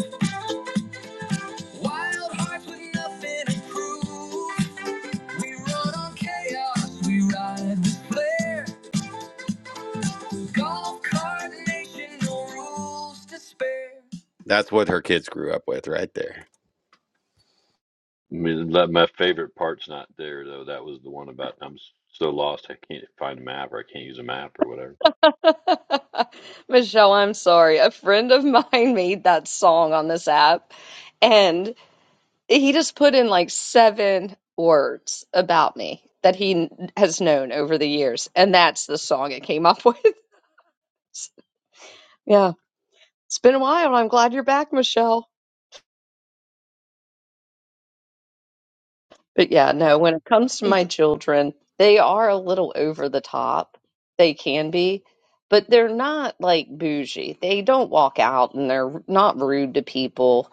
S7: Wild hearts with nothing to prove. We run on chaos, we ride with flair. Golf cart nation, no rules to spare. That's what her kids grew up with right there.
S8: I mean, that- my favorite part's not there though. That was the one about I'm so lost I can't find a map or I can't use a map or whatever.
S1: Michelle, I'm sorry. A friend of mine made that song on this app, and he just put in like seven words about me that he n- has known over the years, and that's the song it came up with. Yeah, it's been a while, and I'm glad you're back, Michelle. But yeah, no, when it comes to my
S4: It's
S1: children, they are a little over the top. They can be, but they're not like bougie. They don't walk out and they're not rude to people.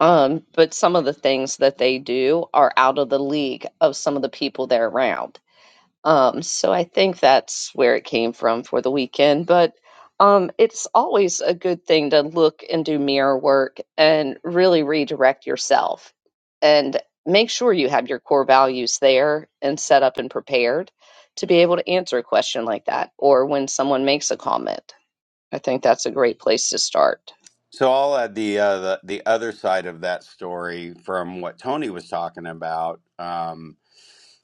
S1: Um, but some of the things that they do are out of the league of some of the people they're around. Um, so I think that's where it came from for the weekend. But um, it's always a good thing to look and do mirror work and really redirect yourself and make sure you have your core values there and set up and prepared to be able to answer a question like that or when someone makes a comment. I think that's a great place to start.
S7: So I'll add the, uh, the the other side of that story from what Tony was talking about. Um,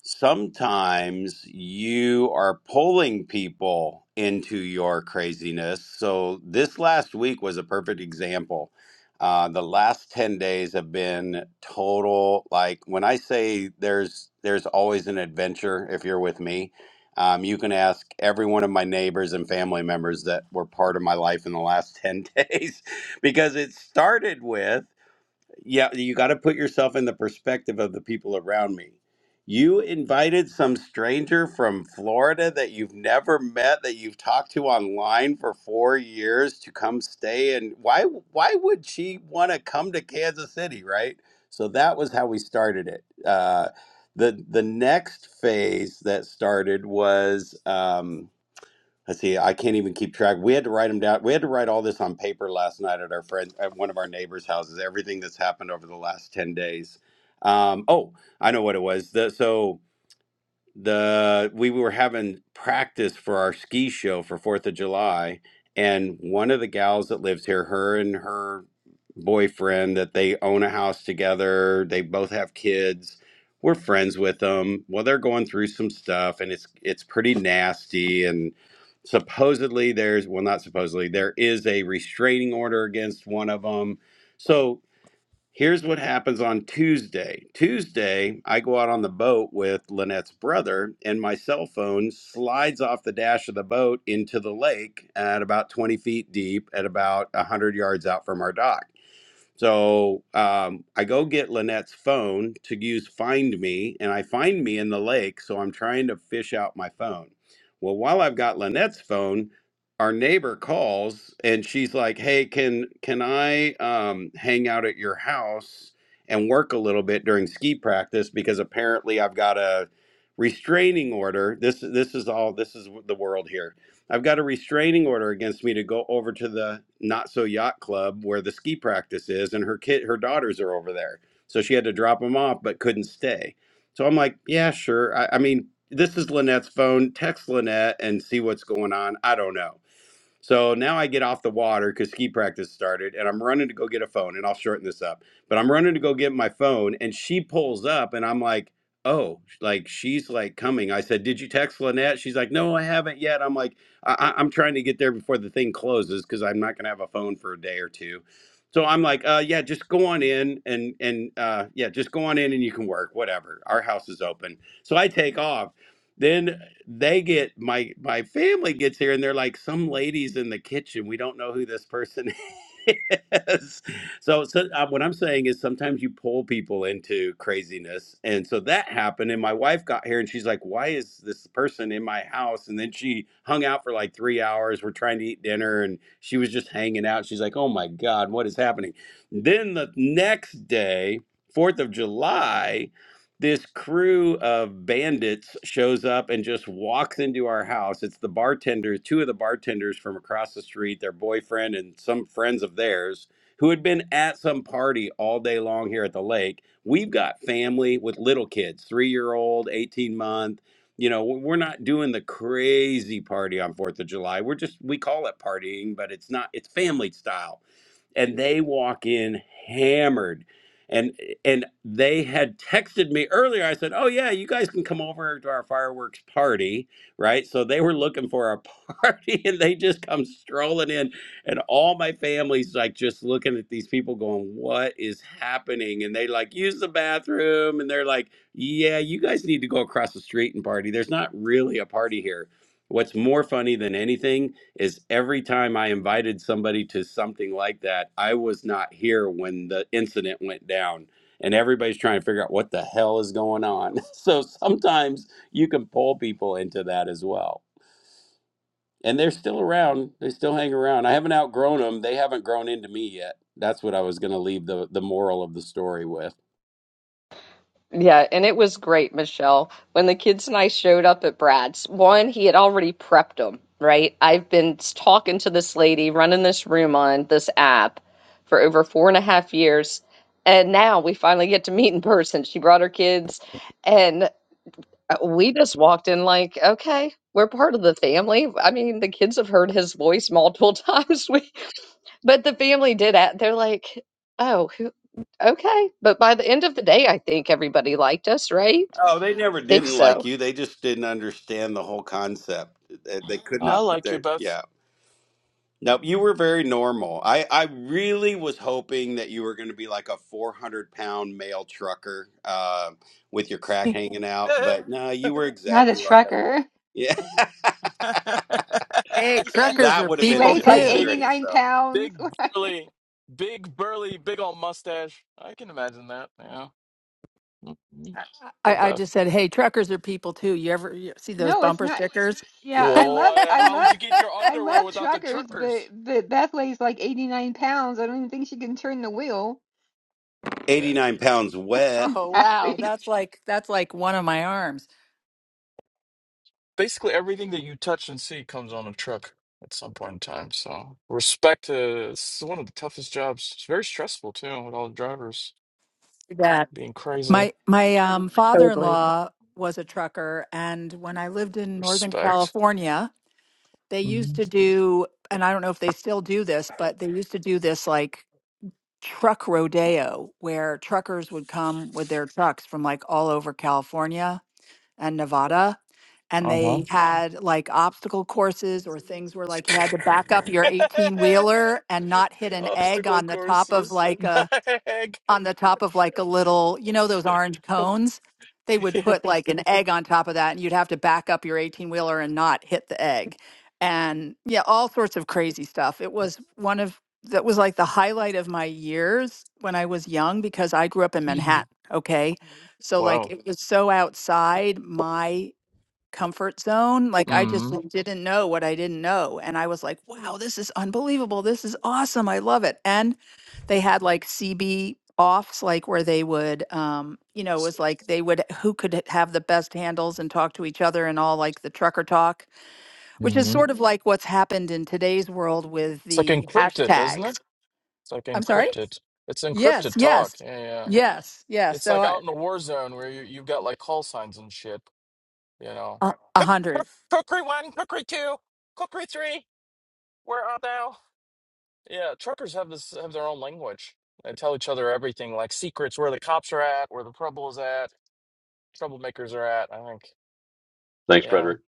S7: sometimes you are pulling people into your craziness. So this last week was a perfect example. Uh, the last ten days have been total. Like when I say there's there's always an adventure. If you're with me, um, you can ask every one of my neighbors and family members that were part of my life in the last ten days because it started with yeah you got to put yourself in the perspective of the people around me you invited some stranger from Florida that you've never met that you've talked to online for 4 years to come stay and why why would she want to come to Kansas City right so that was how we started it uh the the next phase that started was um, I see. I can't even keep track. We had to write them down. We had to write all this on paper last night at our friend at one of our neighbors' houses. Everything that's happened over the last ten days. Um, oh, I know what it was. The, so the we were having practice for our ski show for Fourth of July, and one of the gals that lives here, her and her boyfriend, that they own a house together. They both have kids. We're friends with them. Well, they're going through some stuff, and it's it's pretty nasty. And supposedly, there's well, not supposedly, there is a restraining order against one of them. So. Here's what happens on Tuesday. Tuesday, I go out on the boat with Lynette's brother, and my cell phone slides off the dash of the boat into the lake at about 20 feet deep, at about 100 yards out from our dock. So um, I go get Lynette's phone to use Find Me, and I find me in the lake. So I'm trying to fish out my phone. Well, while I've got Lynette's phone, our neighbor calls and she's like, "Hey, can can I um, hang out at your house and work a little bit during ski practice? Because apparently I've got a restraining order. This this is all this is the world here I've got a restraining order against me to go over to the Not So Yacht Club where the ski practice is, and her kid, her daughters are over there. So she had to drop them off, but couldn't stay. So I'm like, yeah, sure. I, I mean, this is Lynette's phone. Text Lynette and see what's going on. I don't know. So now I get off the water because ski practice started and I'm running to go get a phone and I'll shorten this up. But I'm running to go get my phone and she pulls up and I'm like, oh, like she's like coming. I said, did you text Lynette? She's like, no, I haven't yet. I'm like, I- I- I'm trying to get there before the thing closes because I'm not going to have a phone for a day or two. So I'm like, uh, yeah, just go on in and and uh, yeah, just go on in and you can work, whatever. Our house is open. So I take off then they get my my family gets here and they're like, some ladies in the kitchen. We don't know who this person is. So, so uh, what I'm saying is sometimes you pull people into craziness, and so that happened. And my wife got here and she's like, "Why is this person in my house?" And then she hung out for like three hours. We're trying to eat dinner, and she was just hanging out. She's like, "Oh my god, what is happening?" Then the next day, Fourth of July this crew of bandits shows up and just walks into our house. It's the bartender, two of the bartenders from across the street, their boyfriend and some friends of theirs who had been at some party all day long here at the lake. We've got family with little kids, 3-year-old, 18-month. You know, we're not doing the crazy party on 4th of July. We're just we call it partying, but it's not it's family style and they walk in hammered and and they had texted me earlier i said oh yeah you guys can come over to our fireworks party right so they were looking for a party and they just come strolling in and all my family's like just looking at these people going what is happening and they like use the bathroom and they're like yeah you guys need to go across the street and party there's not really a party here what's more funny than anything is every time I invited somebody to something like that, I was not here when the incident went down. And everybody's trying to figure out what the hell is going on. So sometimes you can pull people into that as well. And they're still around. They still hang around. I haven't outgrown them. They haven't grown into me yet. That's what I was going to leave the, the moral of the story with.
S1: Yeah, and it was great, Michelle. When the kids and I showed up at Brad's, one, he had already prepped them, right? I've been talking to this lady, running this room on this app for over four and a half years. And now we finally get to meet in person. She brought her kids, and uh, we just walked in like, okay, we're part of the family. I mean, the kids have heard his voice multiple times. We. But the family did at they're like, "Oh, who okay." But by the end of the day, I think everybody liked us, right?
S7: Oh, they never
S1: I think
S7: didn't like
S1: so.
S7: you. They just didn't understand the whole concept. They, they could
S10: I
S7: not put
S10: like you
S7: their, yeah.
S10: both.
S7: Nope, you were very normal. I, I really was hoping that you were going to be like a 400 pound male trucker uh, with your crack hanging out, but no, you were
S4: not a
S7: exactly like I.
S4: trucker.
S7: Yeah,
S3: Hey,
S4: She she,
S3: truckers
S7: that
S3: are
S7: would have
S4: she
S7: been an
S3: people
S4: weighs
S10: a
S4: like
S3: too.
S7: adventure
S10: big,
S7: in
S4: 89
S7: itself.
S4: pounds.
S10: big burly, big burly, big old mustache. I can imagine that. Yeah, Mhm.
S3: I,
S10: poor
S3: I I
S10: Beth.
S3: just said, hey, truckers are people too. You ever you see those
S4: no, it's
S3: bumper
S4: not.
S3: stickers?
S4: Yeah, I love
S10: Whoa!
S4: I
S10: How would
S4: love
S10: you get your
S4: I
S10: underwear
S4: love
S10: without the
S4: truckers, but
S10: truckers?
S4: but Beth weighs like 89 pounds. I don't even think she can turn the wheel.
S10: Ba-
S7: 89 pounds wet.
S3: oh wow,
S4: Exactly.
S3: that's like that's like one of my arms.
S10: Basically, everything that you touch and see comes on a truck at some point in time. So, respect to it's one of the toughest jobs. It's very stressful too, with all the drivers
S3: That
S10: being crazy.
S3: my my um, father in
S1: Totally
S3: law was a trucker, and when I lived in Northern
S10: Respect.
S3: California. they used
S10: Uh
S3: to do and i don't know if they still do this but they used to do this like truck rodeo where truckers would come with their trucks from like all over california and nevada and
S10: huh.
S3: they had like obstacle courses or things where like you had to back up your 18 wheeler and not hit an egg
S10: Obstacle
S3: on the top of
S10: courses.
S3: like a
S10: Heck.
S3: on the top of like a little, you know, those orange cones. They would put like an egg on top of that, and you'd have to back up your 18 wheeler and not hit the egg. And yeah, all sorts of crazy stuff. It was one of that was like the highlight of my years when I was young because I grew up in Manhattan. Okay. So, like,
S10: wow.
S3: it was so outside my comfort zone. Like I just
S10: hmm
S3: didn't know what I didn't know. And I was like, wow, this is unbelievable. This is awesome. I love it. And they had like CB offs, like where they would, um, you know, it was like they would, who could have the best handles and talk to each other and all like the trucker talk, which is
S10: hmm
S3: sort of like what's happened in today's world with
S10: It's like
S3: the
S10: encrypted, isn't it?
S3: hashtags.
S10: It's like
S3: I'm sorry?
S10: encrypted. It's
S3: Yes,
S10: encrypted talk.
S3: yes,
S10: Yeah, yeah.
S3: yes, yes.
S10: It's
S3: So
S10: like
S3: I-
S10: out in a war zone where you, you've got like call signs and shit, you know.
S3: a a
S10: Cook-
S3: hundred.
S10: cook- Cookery one, cookery two, cookery three. Where art thou? Yeah, truckers have this have their own language. They tell each other everything, like secrets where the cops are at, where the trouble is at, troublemakers are at. I think.
S8: Thanks,
S10: Yeah.
S8: Frederick.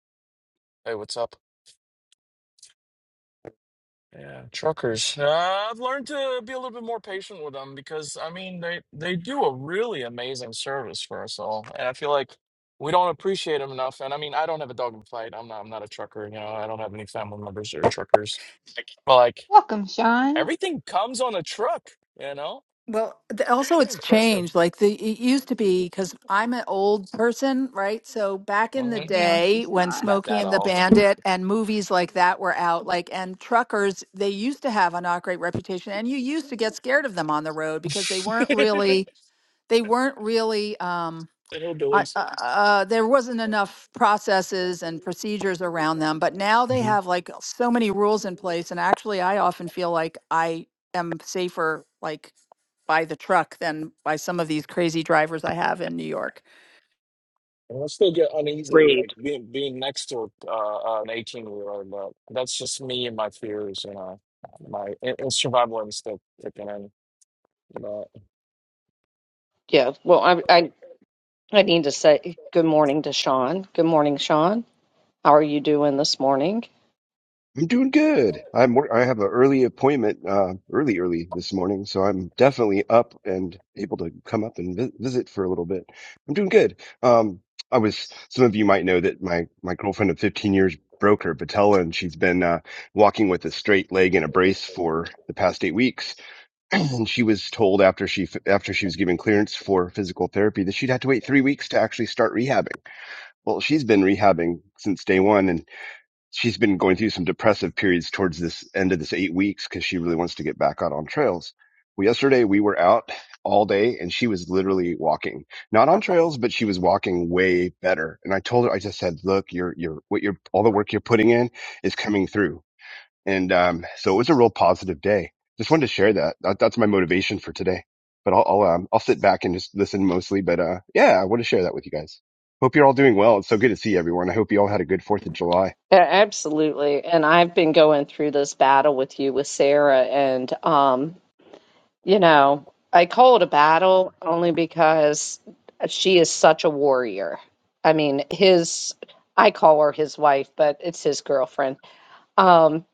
S10: Hey, what's up? Yeah, truckers. Uh, I've learned to be a little bit more patient with them because I mean they they do a really amazing service for us all, and I feel like we don't appreciate them enough. And I mean, I don't have a dog in the fight. I'm not I'm not a trucker. You know, I don't have any family members that are truckers. But like
S4: Welcome, Sean.
S10: everything comes on a truck. You know.
S3: Well, th- also
S10: Pretty
S3: it's
S10: impressive.
S3: changed. Like the it used to be because I'm an old person, right? So back in the
S10: hmm
S4: No,
S3: day
S4: she's
S3: when
S4: not.
S10: Not
S3: Smokey
S10: that
S3: and the
S10: old.
S3: Bandit and movies like that were out, like and truckers, they used to have a not great reputation, and you used to get scared of them on the road because they weren't really they weren't really. um, I-
S10: Hillbillies.
S3: uh, uh, there wasn't
S10: hmm
S3: enough processes and procedures around them, but now they have like so many rules in place. And actually, I often feel like I am safer like by the truck than by some of these crazy drivers I have in New York.
S10: And I still get uneasy,
S1: agreed.
S10: like being being next to uh, an eighteen year old, but that's just me and my fears, you know, my in- in survival instinct kicking in. But
S1: Yeah. Well, I I I need to say good morning to Sean. Good morning, Sean. How are you doing this morning?
S11: I'm doing good. I'm wor- I have an early appointment, uh, early, early this morning, so I'm definitely up and able to come up and vi- visit for a little bit. I'm doing good. Um, I was, some of you might know that my, my girlfriend of 15 years broke her patella and she's been, uh, walking with a straight leg and a brace for the past eight weeks. And she was told after she, f- after she was given clearance for physical therapy that she'd have to wait three weeks to actually start rehabbing. Well, she's been rehabbing since day one and she's been going through some depressive periods towards this end of this eight weeks because she really wants to get back out on trails. Well, yesterday we were out all day and she was literally walking, not on trails, but she was walking way better. And I told her, I just said, look, you're, you're, what you're, all the work you're putting in is coming through. And, um, so it was a real positive day. Just wanted to share that. that that's my motivation for today, but I'll, I'll, um, I'll sit back and just listen mostly. But, uh, yeah, I want to share that with you guys. Hope you're all doing well. It's so good to see everyone. I hope you all had a good 4th of July.
S1: Yeah, absolutely. And I've been going through this battle with you with Sarah, and um You know, I call it a battle only because she is such a warrior. I mean, his, I call her his wife, but it's his girlfriend. Um,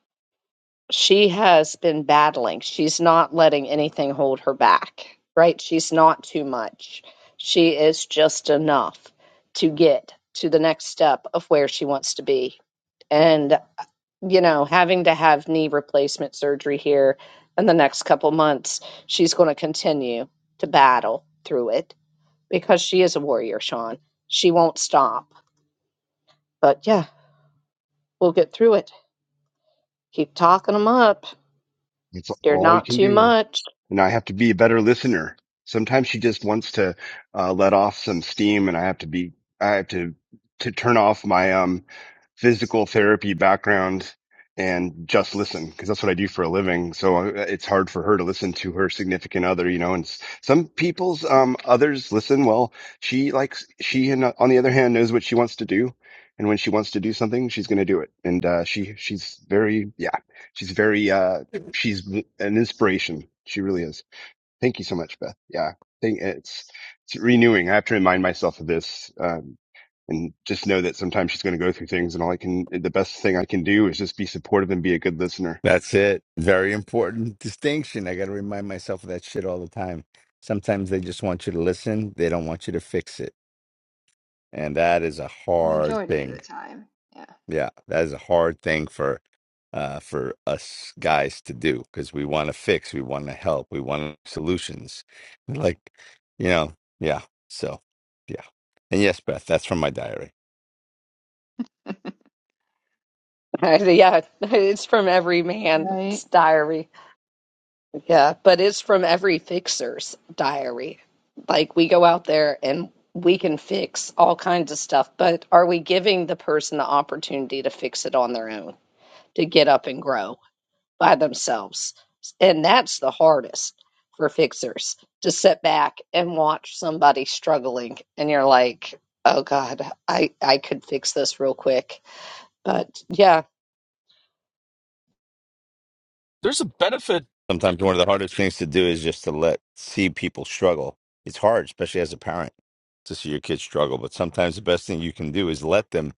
S1: she has been battling. She's not letting anything hold her back, right? She's not too much. She is just enough to get to the next step of where she wants to be. and you know, having to have knee replacement surgery here in the next couple months, she's going to continue to battle through it because she is a warrior, Sean. She won't stop. But yeah, we'll get through it. Keep talking them up.
S11: It's
S1: They're
S11: all you
S1: not
S11: can
S1: too
S11: do.
S1: much.
S11: And I have to be a better listener. Sometimes she just wants to uh, let off some steam and I have to be, I have to, to turn off my, um, physical therapy background and just listen because that's what I do for a living. So uh, it's hard for her to listen to her significant other, you know, and s- some people's, um, others listen. Well, she likes, she, and uh, on the other hand, knows what she wants to do. And when she wants to do something, she's going to do it. And, uh, she, she's very, yeah, she's very, uh, she's w- an inspiration. She really is. Thank you so much, Beth. Yeah. Thank, it's, it's renewing. I have to remind myself of this. Uh, and just know that sometimes she's going to go through things and all I can, the best thing I can do is just be supportive and be a good listener.
S2: That's it. Very important distinction. I got to remind myself of that shit all the time. Sometimes they just want you to listen, they don't want you to fix it. And that is a
S4: The
S2: hard
S4: majority of
S2: thing.
S4: the time.
S2: Yeah, that is a hard thing for uh for us guys to do because we want to fix, we want to help, we want solutions. Like, you know, yeah. So, yeah. And yes, Beth, that's from my diary.
S4: Yeah.
S1: yeah, it's from every
S4: Right.
S1: man's diary. Yeah, but it's from every fixer's diary. Like we go out there and we can fix all kinds of stuff, but are we giving the person the opportunity to fix it on their own, to get up and grow by themselves? And that's the hardest for fixers to sit back and watch somebody struggling and you're like, "Oh God, I I could fix this real quick." But yeah.
S10: There's a benefit
S2: Sometimes one of the hardest things to do is just to let see people struggle. It's hard, especially as a parent, to see your kids struggle, but sometimes the best thing you can do is let them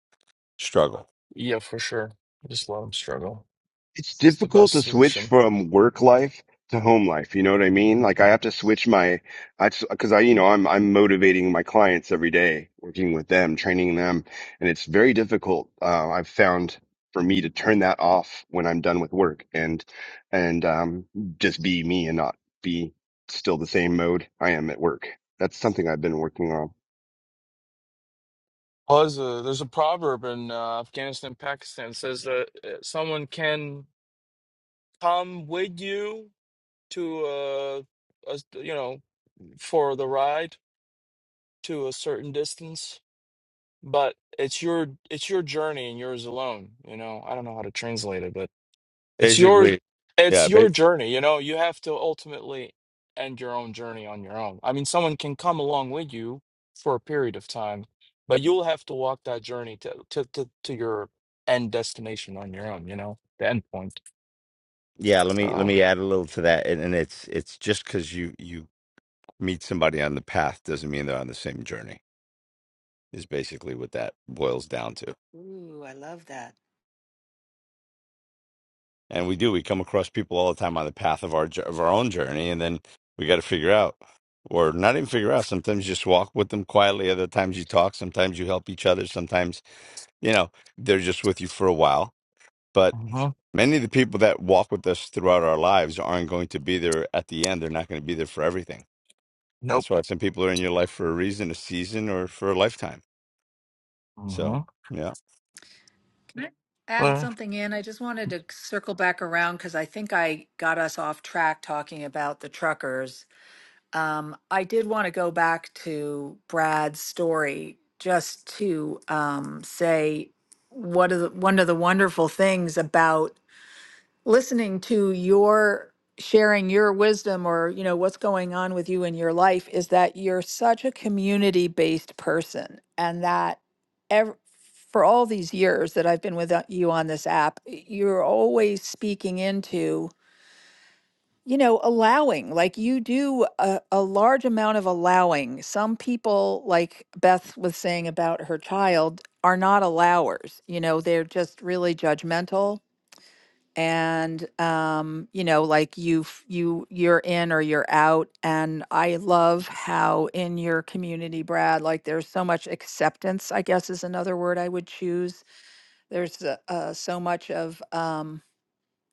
S2: struggle.
S10: Yeah, for sure. Just let them struggle.
S11: It's
S10: It's the
S11: difficult
S10: best
S11: to switch
S10: solution.
S11: from work life to home life. You know what I mean? Like I have to switch my, I, cause I, you know, I'm, I'm motivating my clients every day, working with them, training them. And it's very difficult. Uh, I've found for me to turn that off when I'm done with work and, and, um, just be me and not be still the same mode I am at work. That's something I've been working on.
S10: Well, there's a, there's a proverb in uh, Afghanistan, Pakistan says that uh, someone can come with you to uh, a, you know for the ride to a certain distance, but it's your it's your journey and yours alone. You know, I don't know how to translate it, but. It's your
S2: Basically,
S10: it's
S2: yeah, ba-
S10: your journey, you know. You have to ultimately end your own journey on your own. I mean, someone can come along with you for a period of time, but you'll have to walk that journey to to to, to your end destination on your own, you know, the end point.
S2: yeah, let me let
S10: So,
S2: me add a little to that and, and it's it's just cuz you you meet somebody on the path doesn't mean they're on the same journey is basically what that boils down to
S3: Ooh, I love that.
S2: and we do we come across people all the time on the path of our jo- of our own journey and then we got to figure out or not even figure out sometimes you just walk with them quietly other times you talk sometimes you help each other sometimes you know they're just with you for a while but
S10: hmm
S2: many of the people that walk with us throughout our lives aren't going to be there at the end they're not going to be there for everything
S10: nope.
S2: that's why some people are in your life for a reason a season or for a lifetime so
S10: hmm
S2: yeah
S3: Can I Add something in. I just wanted to circle back around because I think I got us off track talking about the truckers. Um, I did want to go back to Brad's story just to um, say what are the, one of the wonderful things about listening to your sharing your wisdom or you know what's going on with you in your life is that you're such a community based person and that ev- for all these years that I've been with uh, you on this app you're always speaking into you know, allowing, like you do a, a large amount of allowing. Some people, like Beth was saying about her child, are not allowers. You know, they're just really judgmental and um you know like you f- you you're in or you're out and i love how in your community brad like there's so much acceptance i guess is another word i would choose there's uh, uh, so much of um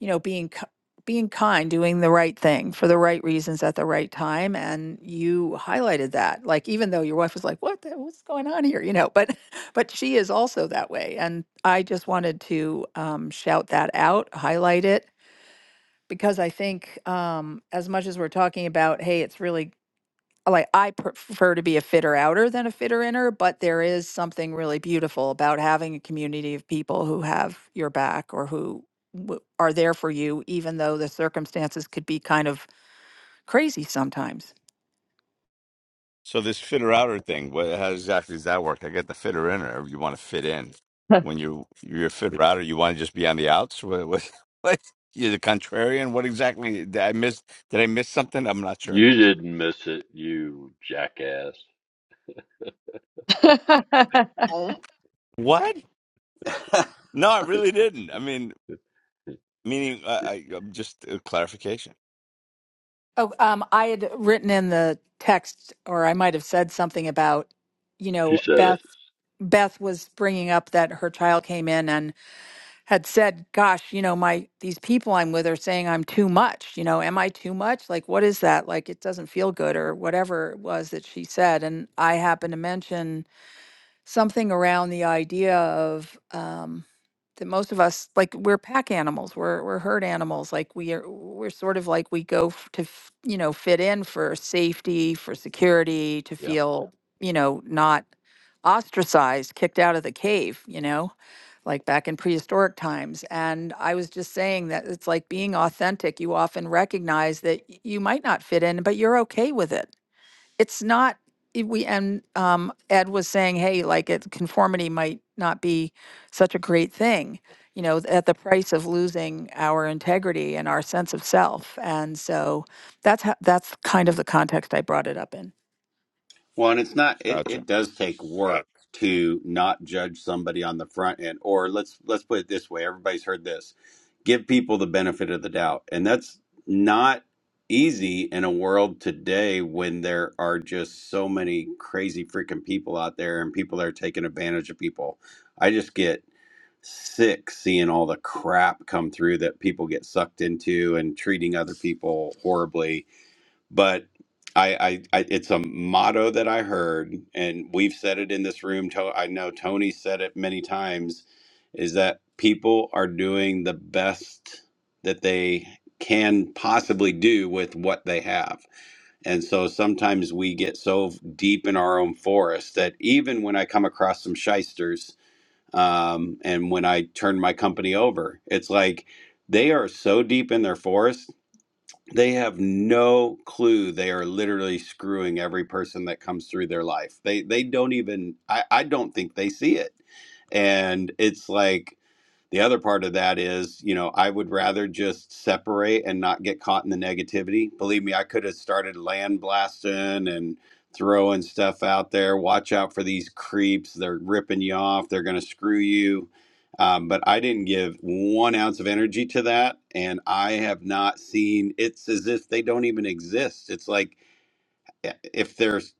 S3: you know, being ki- being kind, doing the right thing for the right reasons at the right time. And you highlighted that, like even though your wife was like, "What? The, what's going on here?" You know, but but she is also that way. And I just wanted to um, shout that out, highlight it, because I think um, as much as we're talking about, hey, it's really like I prefer to be a fitter outer than a fitter inner, but there is something really beautiful about having a community of people who have your back or who w- are there for you, even though the circumstances could be kind of crazy sometimes.
S2: So this fitter outer thing, what, how exactly does that work? I get the fitter in, or you want to fit in. When you you're a fitter outer, you want to just be on the outs. What, what, what? You're the contrarian. What exactly did I miss? Did I miss something? I'm not sure.
S8: You didn't miss it, you jackass.
S2: What? No, I really didn't. I mean, meaning, uh, I, I'm just a clarification.
S3: Oh, um, I had written in the text, or I might have said something about, you
S8: She
S3: know,
S8: said it.
S3: Beth. Beth was bringing up that her child came in and had said, "Gosh, you know, my these people I'm with are saying I'm too much. You know, am I too much? Like, what is that? Like, it doesn't feel good, or whatever it was that she said." And I happened to mention something around the idea of um, that most of us like we're pack animals we're we're herd animals like we are we're sort of like we go f- to f- you know fit in for safety for security to
S2: Yeah,
S3: feel you know not ostracized kicked out of the cave you know like back in prehistoric times and i was just saying that it's like being authentic you often recognize that y- you might not fit in but you're okay with it it's not if we and um, ed was saying hey like it conformity might not be such a great thing you know at the price of losing our integrity and our sense of self and so that's how that's kind of the context i brought it up in
S7: Well, and it's not it,
S2: gotcha.
S7: it does take work to not judge somebody on the front end. Or let's let's put it this way, everybody's heard this. Give people the benefit of the doubt. And that's not easy in a world today when there are just so many crazy freaking people out there and people that are taking advantage of people. I just get sick seeing all the crap come through that people get sucked into and treating other people horribly but I, I, I it's a motto that I heard, and we've said it in this room. To, I know Tony said it many times, is that people are doing the best that they can possibly do with what they have. And so sometimes we get so deep in our own forest that even when I come across some shysters, um, and when I turn my company over, it's like they are so deep in their forest they have no clue they are literally screwing every person that comes through their life they they don't even i i don't think they see it and it's like the other part of that is, you know, I would rather just separate and not get caught in the negativity. Believe me, I could have started land blasting and throwing stuff out there. Watch out for these creeps. They're ripping you off. They're going to screw you. Um, but I didn't give one ounce of energy to that. And I have not seen, it's as if they don't even exist. It's like, eh, if there's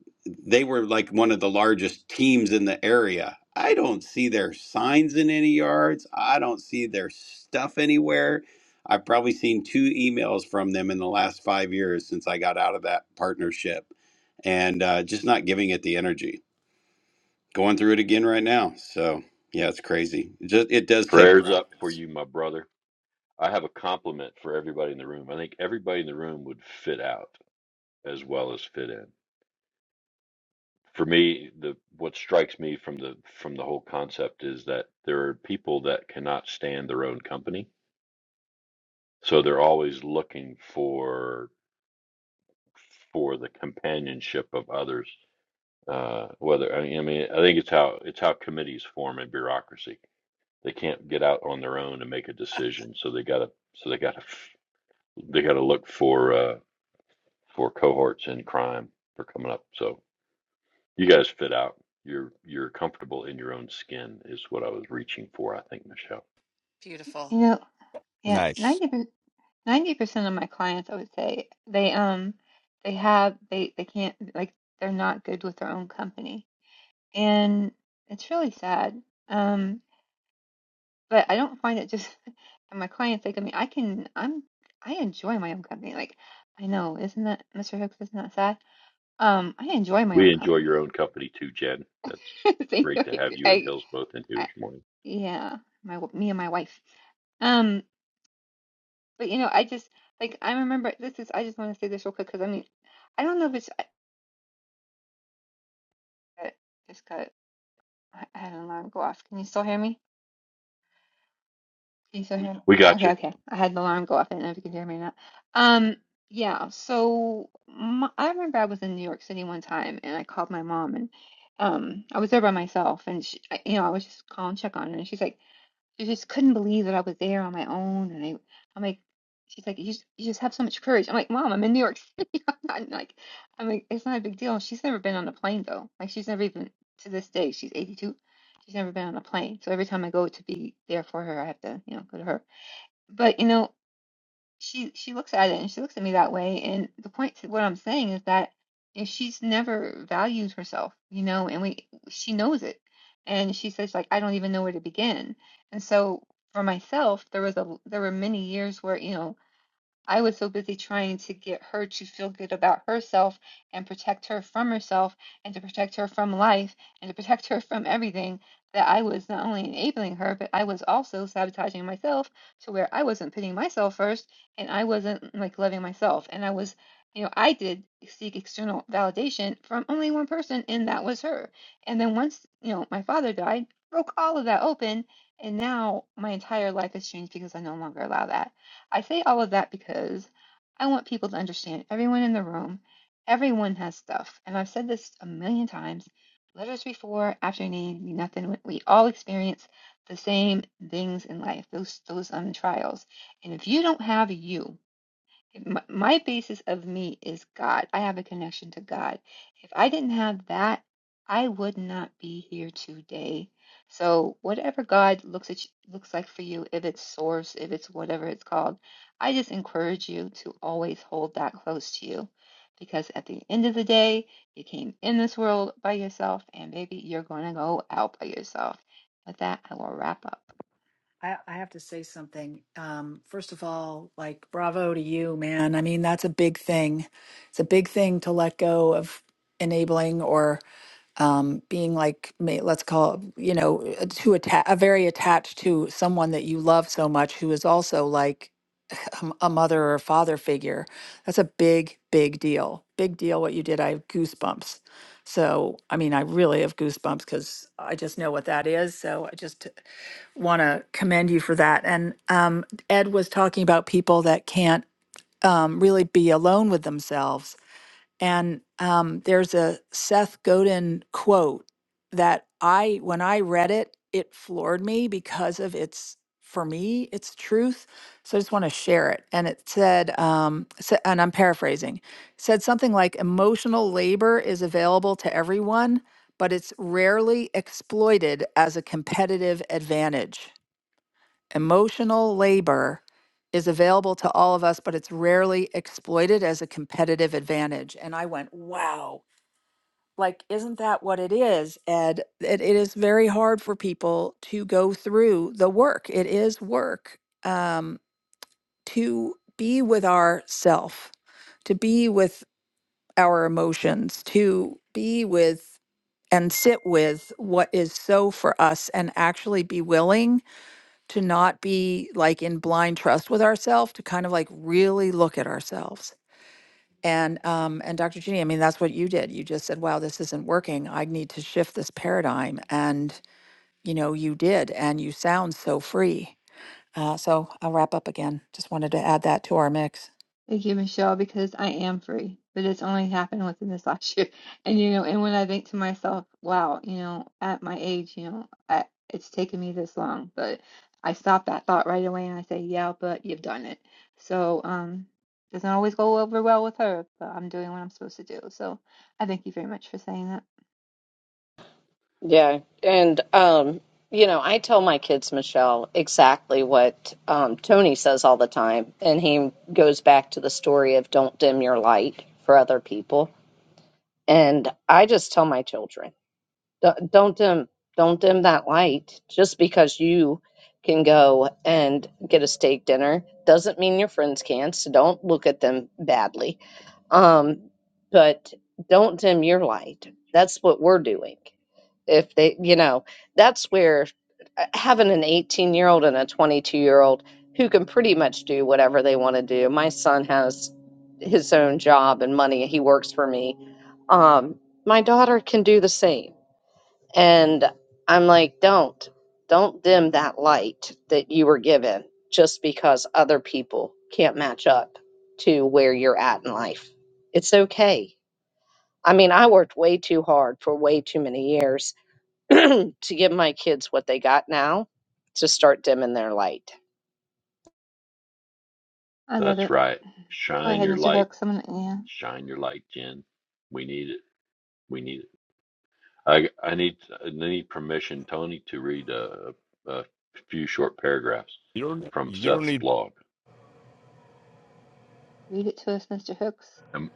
S7: they were like one of the largest teams in the area. I don't see their signs in any yards. I don't see their stuff anywhere. I've probably seen two emails from them in the last five years since I got out of that partnership and uh, just not giving it the energy. Going through it again right now. So, yeah, it's crazy. It, just, it does take
S8: Prayers
S7: practice.
S8: up for you, my brother. I have a compliment for everybody in the room. I think everybody in the room would fit out as well as fit in. For me, the what strikes me from the from the whole concept is that there are people that cannot stand their own company, so they're always looking for for the companionship of others. Uh, whether I mean, I mean, I think it's how it's how committees form in bureaucracy. They can't get out on their own and make a decision, so they gotta so they gotta They got to look for uh, for cohorts in crime for coming up. So you guys fit out. You're you're comfortable in your own skin is what I was reaching for. I think Michelle.
S3: Beautiful.
S4: You know, yeah,
S2: Nice.
S4: 90% 90% of my clients, I would say, they um they have they they can't like they're not good with their own company. And it's really sad. Um, but I don't find it just and my clients like I mean, I can I'm I enjoy my own company. Like I know, isn't that Mr. Hooks, isn't that sad? Um, I enjoy my own
S8: We enjoy
S4: company.
S8: your own company too, Jen. That's
S4: So,
S8: great to have
S4: like,
S8: you and
S4: I
S8: Hills both in here
S4: I
S8: this morning.
S4: yeah, my w- me and my wife. Um. But you know, I just like I remember this is I just want to say this real quick because I mean I don't know if it's I I just got I I had an alarm go off. Can you still hear me? Can you still hear me?
S8: We got
S4: Okay,
S8: you.
S4: okay. I had the alarm go off. I don't know if you can hear me or not. Um, yeah. So my, I remember I was in New York City one time and I called my mom and um I was there by myself and she I, you know I was just calling check on her and she's like. I just couldn't believe that I was there on my own. And I, I'm like, she's like, you just, you just have so much courage. I'm like, Mom, I'm in New York City. I'm not like, I'm like, it's not a big deal. She's never been on a plane though. Like she's never even to this day. She's 82. She's never been on a plane. So every time I go to be there for her, I have to, you know, go to her. But you know she she looks at it and she looks at me that way and the point to what i'm saying is that if she's never valued herself you know and we she knows it and she says like i don't even know where to begin and so for myself there was a there were many years where you know I was so busy trying to get her to feel good about herself and protect her from herself and to protect her from life and to protect her from everything that I was not only enabling her, but I was also sabotaging myself to where I wasn't putting myself first and I wasn't like loving myself. And I was, you know, I did seek external validation from only one person, and that was her. And then once, you know, my father died, broke all of that open. And now my entire life has changed because I no longer allow that. I say all of that because I want people to understand everyone in the room, everyone has stuff. And I've said this a million times letters before, after need, mean nothing. We all experience the same things in life, those, those um, trials. And if you don't have you, my, my basis of me is God. I have a connection to God. If I didn't have that, I would not be here today. So whatever God looks at looks like for you, if it's source, if it's whatever it's called, I just encourage you to always hold that close to you, because at the end of the day, you came in this world by yourself, and baby, you're gonna go out by yourself. With that, I will wrap up.
S3: I, I have to say something. Um, first of all, like, bravo to you, man. I mean, that's a big thing. It's a big thing to let go of enabling or um, being like, may- let's call, you know, uh, too atta- uh, very attached to someone that you love so much who is also like a m- a mother or a father figure. That's a big, big deal. Big deal what you did. I have goosebumps. So, I mean, I really have goosebumps because I just know what that is. So I just want to commend you for that. And um, Ed was talking about people that can't um, really be alone with themselves and um, there's a Seth Godin quote that I, when I read it, it floored me because of its, for me, its truth. So I just want to share it. And it said, um, sa- and I'm paraphrasing, said something like emotional labor is available to everyone, but it's rarely exploited as a competitive advantage. Emotional labor is available to all of us, but it's rarely exploited as a competitive advantage. And I went, wow, like, isn't that what it is, Ed? It, it is very hard for people to go through the work. It is work um, to be with our self, to be with our emotions, to be with and sit with what is so for us and actually be willing to not be like in blind trust with ourselves, to kind of like really look at ourselves. And um, and Dr. Ginny, I mean, that's what you did. You just said, "Wow, this isn't working. I need to shift this paradigm." And you know, you did, and you sound so free. Uh, so I'll wrap up again. Just wanted to add that to our mix.
S4: Thank you, Michelle, because I am free, but it's only happened within this last year. And you know, and when I think to myself, wow, you know, at my age, you know, I, it's taken me this long, but I stop that thought right away and I say, yeah, but you've done it. So, um, doesn't always go over well with her, but I'm doing what I'm supposed to do. So, I thank you very much for saying that.
S1: Yeah, and um, you know, I tell my kids, Michelle, exactly what um, Tony says all the time, and he goes back to the story of don't dim your light for other people. And I just tell my children, "Don't don't dim, don't dim that light. Just because you can go and get a steak dinner doesn't mean your friends can. So don't look at them badly um, but don't dim your light. That's what we're doing. If they, you know, that's where uh, having an 18 year old and a 22 year old who can pretty much do whatever they want to do. My son has his own job and money. He works for me. Um, my daughter can do the same and I'm like, don't, don't dim that light that you were given just because other people can't match up to where you're at in life. It's okay. I mean, I worked way too hard for way too many years to give my kids what they got now to start dimming their light.
S4: I love
S8: That's
S4: it.
S8: right.
S4: Go
S8: Shine
S4: ahead,
S8: your
S4: Mr.
S8: light.
S4: Hooks. Someone, yeah,
S8: Shine your light, Jen. We need it. We need it. I I need I need permission, Tony, to read a, a few short paragraphs
S2: You don't.
S8: from
S2: You don't
S8: Seth's
S2: need.
S8: blog.
S4: read it to us, Mr. Hooks.
S8: Em-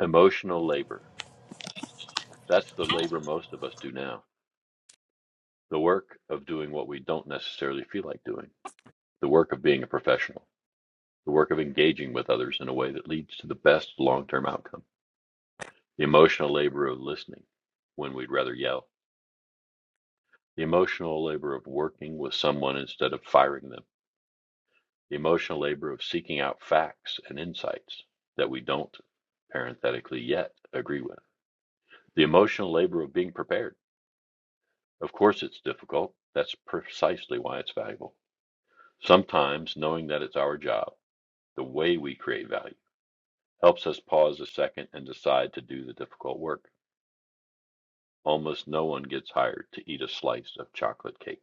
S8: emotional labor. That's the labor most of us do now. The work of doing what we don't necessarily feel like doing, the work of being a professional, the work of engaging with others in a way that leads to the best long term outcome, the emotional labor of listening when we'd rather yell, the emotional labor of working with someone instead of firing them, the emotional labor of seeking out facts and insights that we don't parenthetically yet agree with, the emotional labor of being prepared. Of course, it's difficult. That's precisely why it's valuable Sometimes knowing that it's our job, the way we create value, helps us pause a second and decide to do the difficult work. Almost no one gets hired to eat a slice of chocolate cake.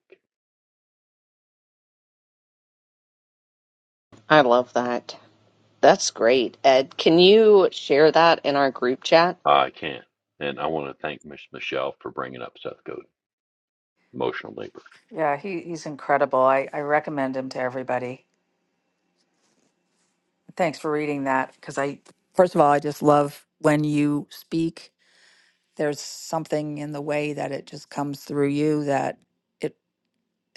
S1: I love that. That's great. Ed, can you share that in our group chat?
S8: I can. And I want to thank Miss Michelle for bringing up Seth Godin, emotional labor.
S3: Yeah, he, he's incredible. I, I recommend him to everybody. Thanks for reading that. First of all, I just love when you speak. There's something in the way that it just comes through you that. it.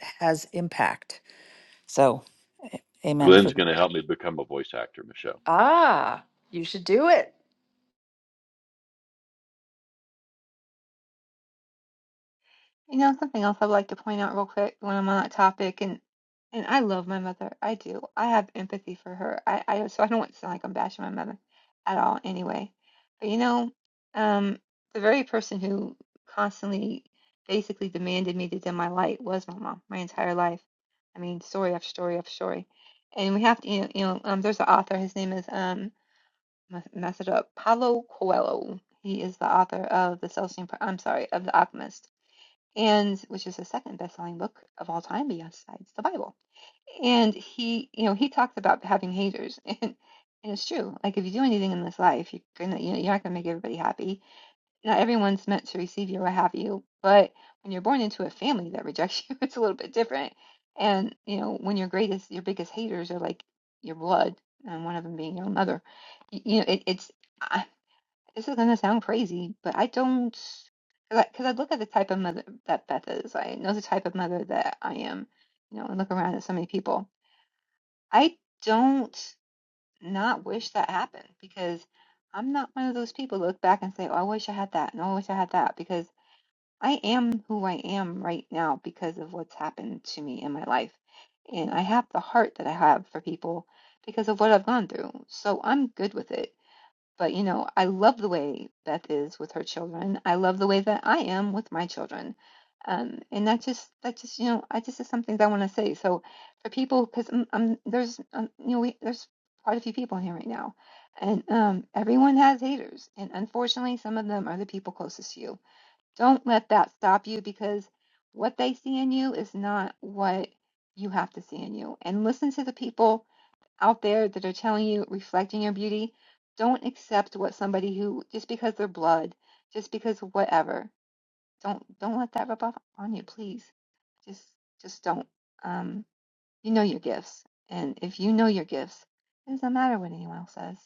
S3: has impact. So, a- amen for
S8: Glenn's
S3: that.
S8: going to help me become a voice actor, Michelle.
S3: Ah, you should do it.
S4: You know, something else I'd like to point out real quick when I'm on that topic, and and I love my mother. I do. I have empathy for her. I, I so I don't want to sound like I'm bashing my mother at all anyway. But you know, um, the very person who constantly basically demanded me to dim my light was my mom my entire life. I mean, story after story after story. And we have to, you know, you know, um, there's an author. His name is um, I mess it up, Paulo Coelho. He is the author of the Celestine. Pro- I'm sorry, of the Alchemist and which is the second best-selling book of all time besides the Bible. And he, you know, he talks about having haters, and, and it's true. Like if you do anything in this life, you're gonna, you know, you're not gonna make everybody happy. Not everyone's meant to receive you or have you. But when you're born into a family that rejects you, it's a little bit different. And you know, when your greatest, your biggest haters are like your blood, and one of them being your own mother. You, you know, it, it's. I- this is gonna sound crazy, but I don't, because I, 'cause I look at the type of mother that Beth is. I know the type of mother that I am, you know, and look around at so many people. I don't not wish that happened because I'm not one of those people that look back and say, "Oh, I wish I had that," and "Oh, "I wish I had that," because I am who I am right now because of what's happened to me in my life, and I have the heart that I have for people because of what I've gone through. So I'm good with it but you know, I love the way Beth is with her children. I love the way that I am with my children. Um, and that just that just you know, I just is some things I want to say. So for people, because I'm, I'm there's um, you know we there's quite a few people in here right now, and um, everyone has haters, and unfortunately, some of them are the people closest to you. Don't let that stop you because what they see in you is not what you have to see in you. And listen to the people out there that are telling you reflecting your beauty, don't accept what somebody who just because they're blood, just because whatever. Don't don't let that rub off on you, please. Just just don't. Um, you know your gifts, and if you know your gifts, it doesn't matter what anyone else says.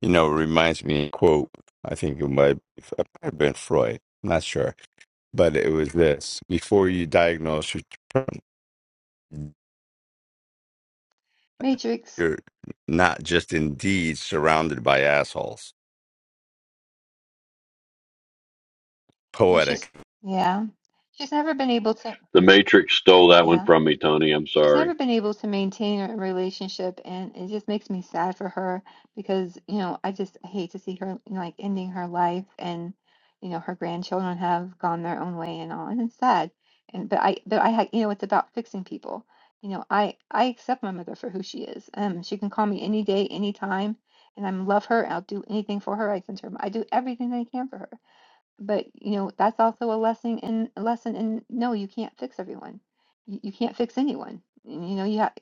S2: You know, it reminds me of a quote. I think it might, it might have been Freud. Not sure, but it was this: before you diagnose your
S4: Matrix,
S2: you're not just indeed surrounded by assholes.
S4: you know she's
S2: Poetic.
S4: yeah, she's never been able to.
S8: The Matrix stole that one
S4: yeah.
S8: from me, Tony. I'm
S4: She's never
S8: sorry.
S4: been able to maintain a relationship, and it just makes me sad for her because, you know, I just hate to see her like ending her life and, you know, her grandchildren have gone their own way and all, and it's sad. And but I but I had you know, it's about fixing people. You know, I I accept my mother for who she is. Um, she can call me any day, any time, and I love her. I'll do anything for her. I send her. I do everything that I can for her but you know that's also a lesson in a lesson in no you can't fix everyone you, you can't fix anyone And, you know you have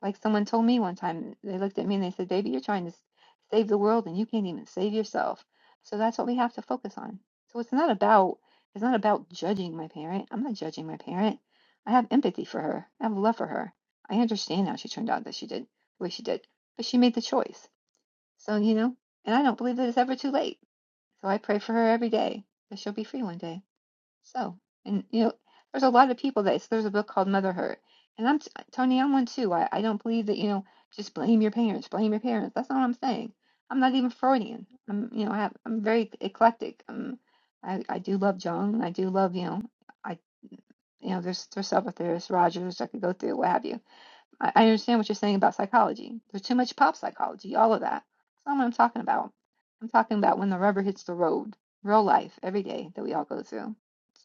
S4: like someone told me one time they looked at me and they said baby you're trying to s- save the world and you can't even save yourself so that's what we have to focus on so it's not about it's not about judging my parent i'm not judging my parent i have empathy for her i have love for her i understand how she turned out that she did the way she did but she made the choice so you know and i don't believe that it's ever too late so i pray for her every day that she'll be free one day so, and you know, there's a lot of people that there's a book called Motherhood, and I'm Tony, I'm one too. I, I don't believe that you know just blame your parents, blame your parents. That's not what I'm saying. I'm not even Freudian. I'm you know I have, I'm very eclectic. Um, I I do love Jung. I do love you know I you know there's there's several theorists, Rogers. I could go through what have you I, I understand what you're saying about psychology. There's too much pop psychology, all of that. That's not what I'm talking about. I'm talking about when the rubber hits the road, real life, every day that we all go through.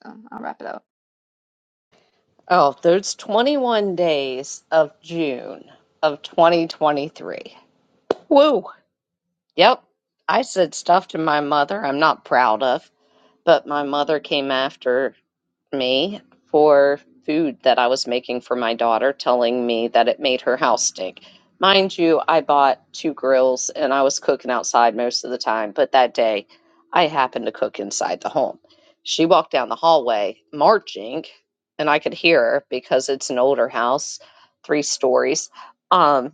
S4: So I'll wrap it up.
S1: Oh, there's 21 days of June of 2023. Woo! Yep. I said stuff to my mother I'm not proud of, but my mother came after me for food that I was making for my daughter, telling me that it made her house stink. Mind you, I bought two grills and I was cooking outside most of the time, but that day I happened to cook inside the home. She walked down the hallway marching, and I could hear her because it's an older house, three stories. Um,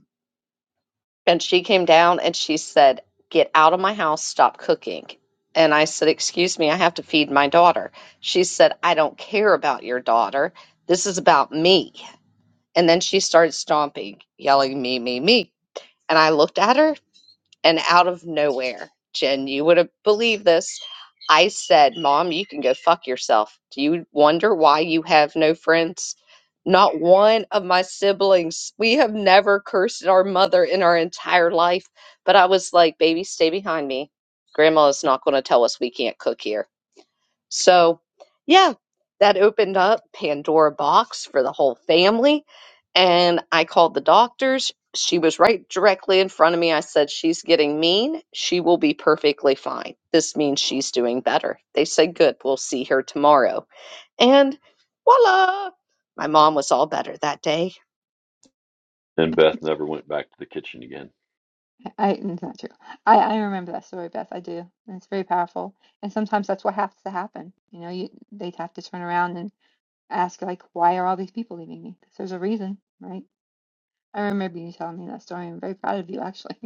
S1: and she came down and she said, Get out of my house, stop cooking. And I said, Excuse me, I have to feed my daughter. She said, I don't care about your daughter. This is about me. And then she started stomping, yelling, Me, me, me. And I looked at her and out of nowhere, Jen, you would have believed this. I said, Mom, you can go fuck yourself. Do you wonder why you have no friends? Not one of my siblings. We have never cursed our mother in our entire life. But I was like, baby, stay behind me. Grandma is not going to tell us we can't cook here. So, yeah, that opened up Pandora box for the whole family. And I called the doctors. She was right directly in front of me. I said, She's getting mean. She will be perfectly fine. This means she's doing better. They said, Good, we'll see her tomorrow. And voila! My mom was all better that day.
S8: And Beth never went back to the kitchen again.
S4: I, it's not true. I, I remember that story, Beth. I do. And it's very powerful. And sometimes that's what has to happen. You know, you they have to turn around and ask, like, why are all these people leaving me? 'Cause there's a reason, right? I remember you telling me that story. I'm very proud of you, actually.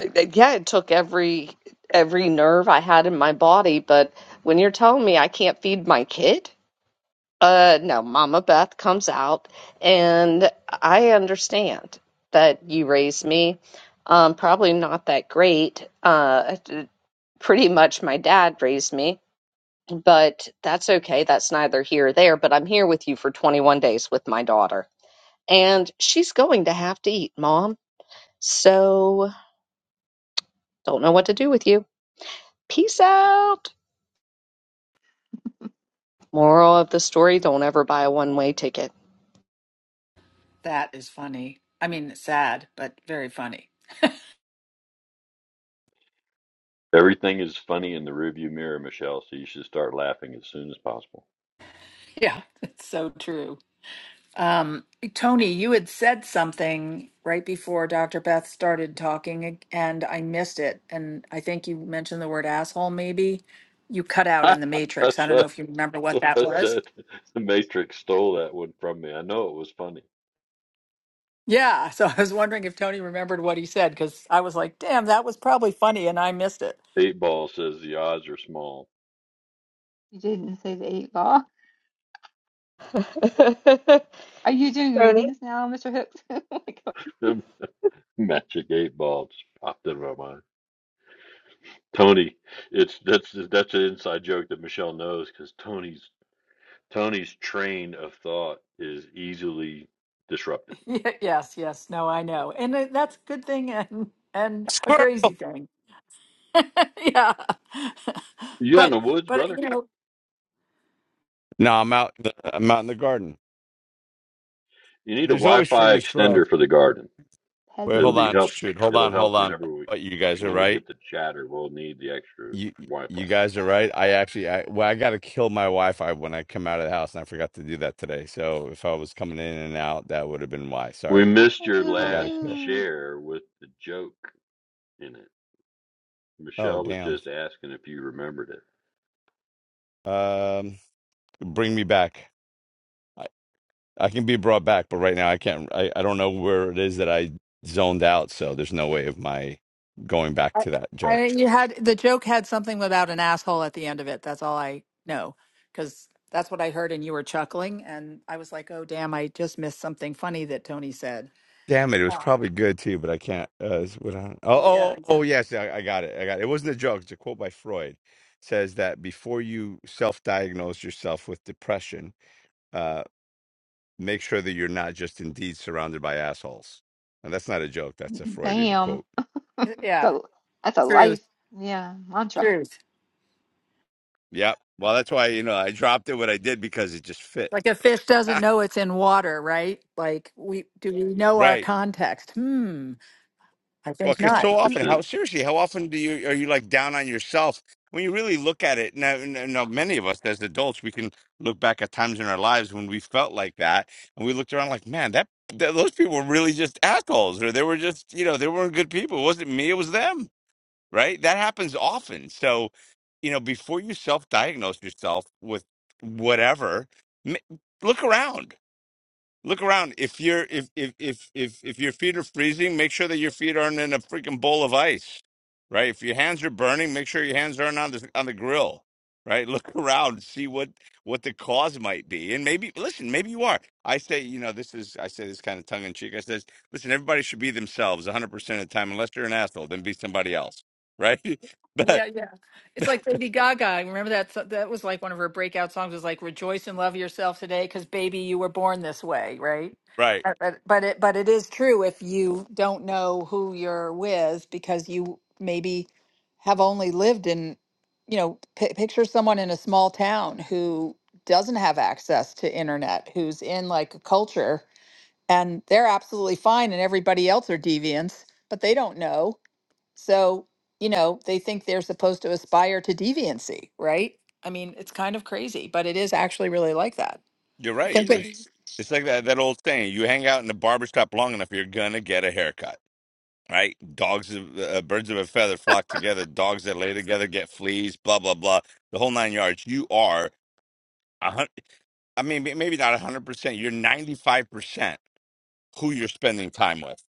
S1: Uh, Yeah, it took every every nerve I had in my body, but when you're telling me I can't feed my kid, Uh, no, Mama Beth comes out, and I understand that you raised me. Um, probably not that great. Uh, pretty much my dad raised me, but that's okay. That's neither here or there. But I'm here with you for 21 days with my daughter, and she's going to have to eat, Mom. So don't know what to do with you. Peace out. Moral of the story: Don't ever buy a one-way ticket.
S3: That is funny. I mean, sad, but very funny.
S8: Everything is funny in the rearview mirror, Michelle, so you should start laughing as soon as possible.
S3: Yeah, that's so true. Um, Tony, you had said something right before Dr. Beth started talking, and I missed it. And I think you mentioned the word asshole, maybe. You cut out in the matrix. I
S8: That's
S3: don't
S8: right.
S3: know if you remember what that
S8: I
S3: was.
S8: said the Matrix stole that one from me. I know it was funny.
S3: Yeah, so I was wondering if Tony remembered what he said because I was like, damn, that was probably funny, and I missed it.
S8: Eight ball says the odds are small.
S4: You didn't say the eight ball. Are you doing
S1: Tony?
S4: readings now, Mr. Hooks? Oh my God.
S8: Magic eight ball just popped into my mind. Tony, it's that's that's an inside joke that Michelle knows because Tony's Tony's train of thought is easily disrupted.
S3: Ye- Yes, yes. No, I know. And it- that's a good thing and and a
S2: Squirrel.
S3: crazy thing. Yeah.
S8: You out in
S3: But
S8: the woods,
S3: but
S8: brother?
S3: you know,
S2: No, I'm out. I'm out in the garden.
S8: You need a
S2: There's always
S8: Wi-Fi
S2: freaking squirrels.
S8: extender for the garden.
S4: pet
S2: Wait,
S8: It'll
S2: hold
S4: him.
S8: be
S2: on.
S8: help.
S2: Shoot, hold
S8: It'll
S2: on,
S8: help
S2: hold on.
S8: whenever we
S2: But you guys are
S8: when we
S2: right.
S8: get to chatter. We'll need the extra
S2: You
S8: Wi-Fi.
S2: you guys are right. I actually, I well, I got to kill my Wi-Fi when I come out of the house, and I forgot to do that today. So if I was coming in and out, that would have been why.
S8: We
S2: Sorry,
S8: missed your
S2: I
S4: Doodle
S2: got
S8: last
S2: to.
S4: doo.
S8: share with the joke in it.
S2: Oh
S8: Michelle was
S2: damn.
S8: just asking if you remembered it.
S2: Um, bring me back. I can be brought back, but right now I can't. I, I don't know where it is that I zoned out, so there's no way of my going back
S3: I,
S2: to that joke.
S3: I you had the joke had something without an asshole at the end of it. That's all I know because that's what I heard and you were chuckling and I was like, "Oh damn, I just missed something funny that Tony said."
S2: Damn it! It was probably good too, but I can't. Uh, it's what I, oh, oh, oh, oh, yes, I, I got it. I got it. It wasn't a joke. It's a quote by Freud. says that before you self-diagnose yourself with depression, uh, make sure that you're not just indeed surrounded by assholes. And that's not a joke. That's a Freudian
S4: Bam.
S2: quote.
S3: Yeah,
S4: So that's a
S3: true.
S4: life, yeah, mantra.
S2: Yep. Well, that's why you know I dropped it. What I did because it just fit.
S3: Like a fish doesn't know it's in water, right? Like we do we know our
S2: right.
S3: context? Hmm. I
S2: Well,
S3: think
S2: because
S3: not.
S2: so
S4: And
S2: often,
S8: 100%.
S2: how seriously, how often do you are you like down on yourself when you really look at it? Now, now, now, many of us as adults, we can look back at times in our lives when we felt like that, and we looked around like, man, that, that those people were really just assholes, or they were just, you know, they weren't good people. It wasn't me, it was them, right? That happens often. So, you know, before you self-diagnose yourself with whatever, m- look around. Look around. If you're if if if if if your feet are freezing, make sure that your feet aren't in a freaking bowl of ice, right? If your hands are burning, make sure your hands aren't on the on the grill, right? Look around, see what what the cause might be, and maybe listen. Maybe you are. I say, you know, this is I say this kind of tongue in cheek. I says, listen, everybody should be themselves 100 percent of the time, unless you're an asshole, then be somebody else, right? but
S3: Yeah, yeah. It's like Lady Gaga. I Remember that so- that was like one of her breakout songs was like rejoice and love yourself today cuz baby you were born this way, right?
S2: right,
S3: Uh, But but it but it is true if you don't know who you're with because you maybe have only lived in you know pi picture someone in a small town who doesn't have access to internet, who's in like a culture and they're absolutely fine and everybody else are deviants, but they don't know so, you know, they think they're supposed to aspire to deviancy, right? I mean, it's kind of crazy, but it is actually really like that.
S2: you're
S3: I
S2: right.
S3: Think
S4: you
S3: of,
S2: It's it's like that that old saying: you hang out in the barber shop long enough, you're gonna get a haircut right? Dogs, of, uh, birds of a feather flock together. Dogs that lay together get fleas. Blah blah blah. The whole nine yards. You are a hundred. I mean, may- maybe not a hundred percent. You're ninety five percent who you're spending time with.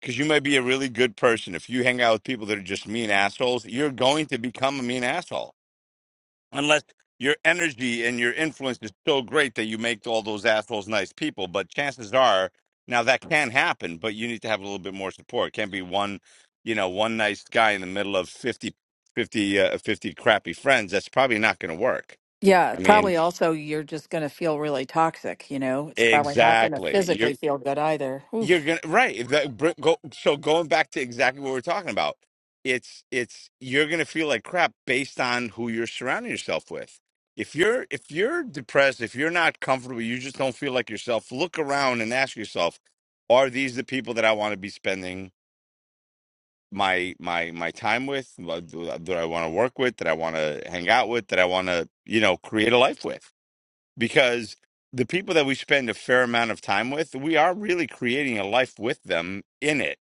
S2: Because you may be a really good person. If you hang out with people that are just mean assholes, you're going to become a mean asshole unless your energy and your influence is so great that you make all those assholes nice people. But chances are, now that can happen, but you need to have a little bit more support. It can't be one, you know, one nice guy in the middle of 50, fifty, uh, 50 crappy friends. That's probably not going to work.
S3: yeah,
S2: I mean,
S3: probably also you're just going to feel really toxic, you know? It's probably not going to
S2: exactly.
S3: physically feel good either.
S2: You're
S3: Oof.
S2: gonna right. That, br- go, so going back to exactly what we're talking about, it's it's you're gonna feel like crap based on who you're surrounding yourself with. If you're if you're depressed, if you're not comfortable, you just don't feel like yourself. Look around and ask yourself, are these the people that I want to be spending my my my time with? What Do do I want to work with? That I want to hang out with? That I want to you know create a life with? because the people that we spend a fair amount of time with, we are really creating a life with them in it,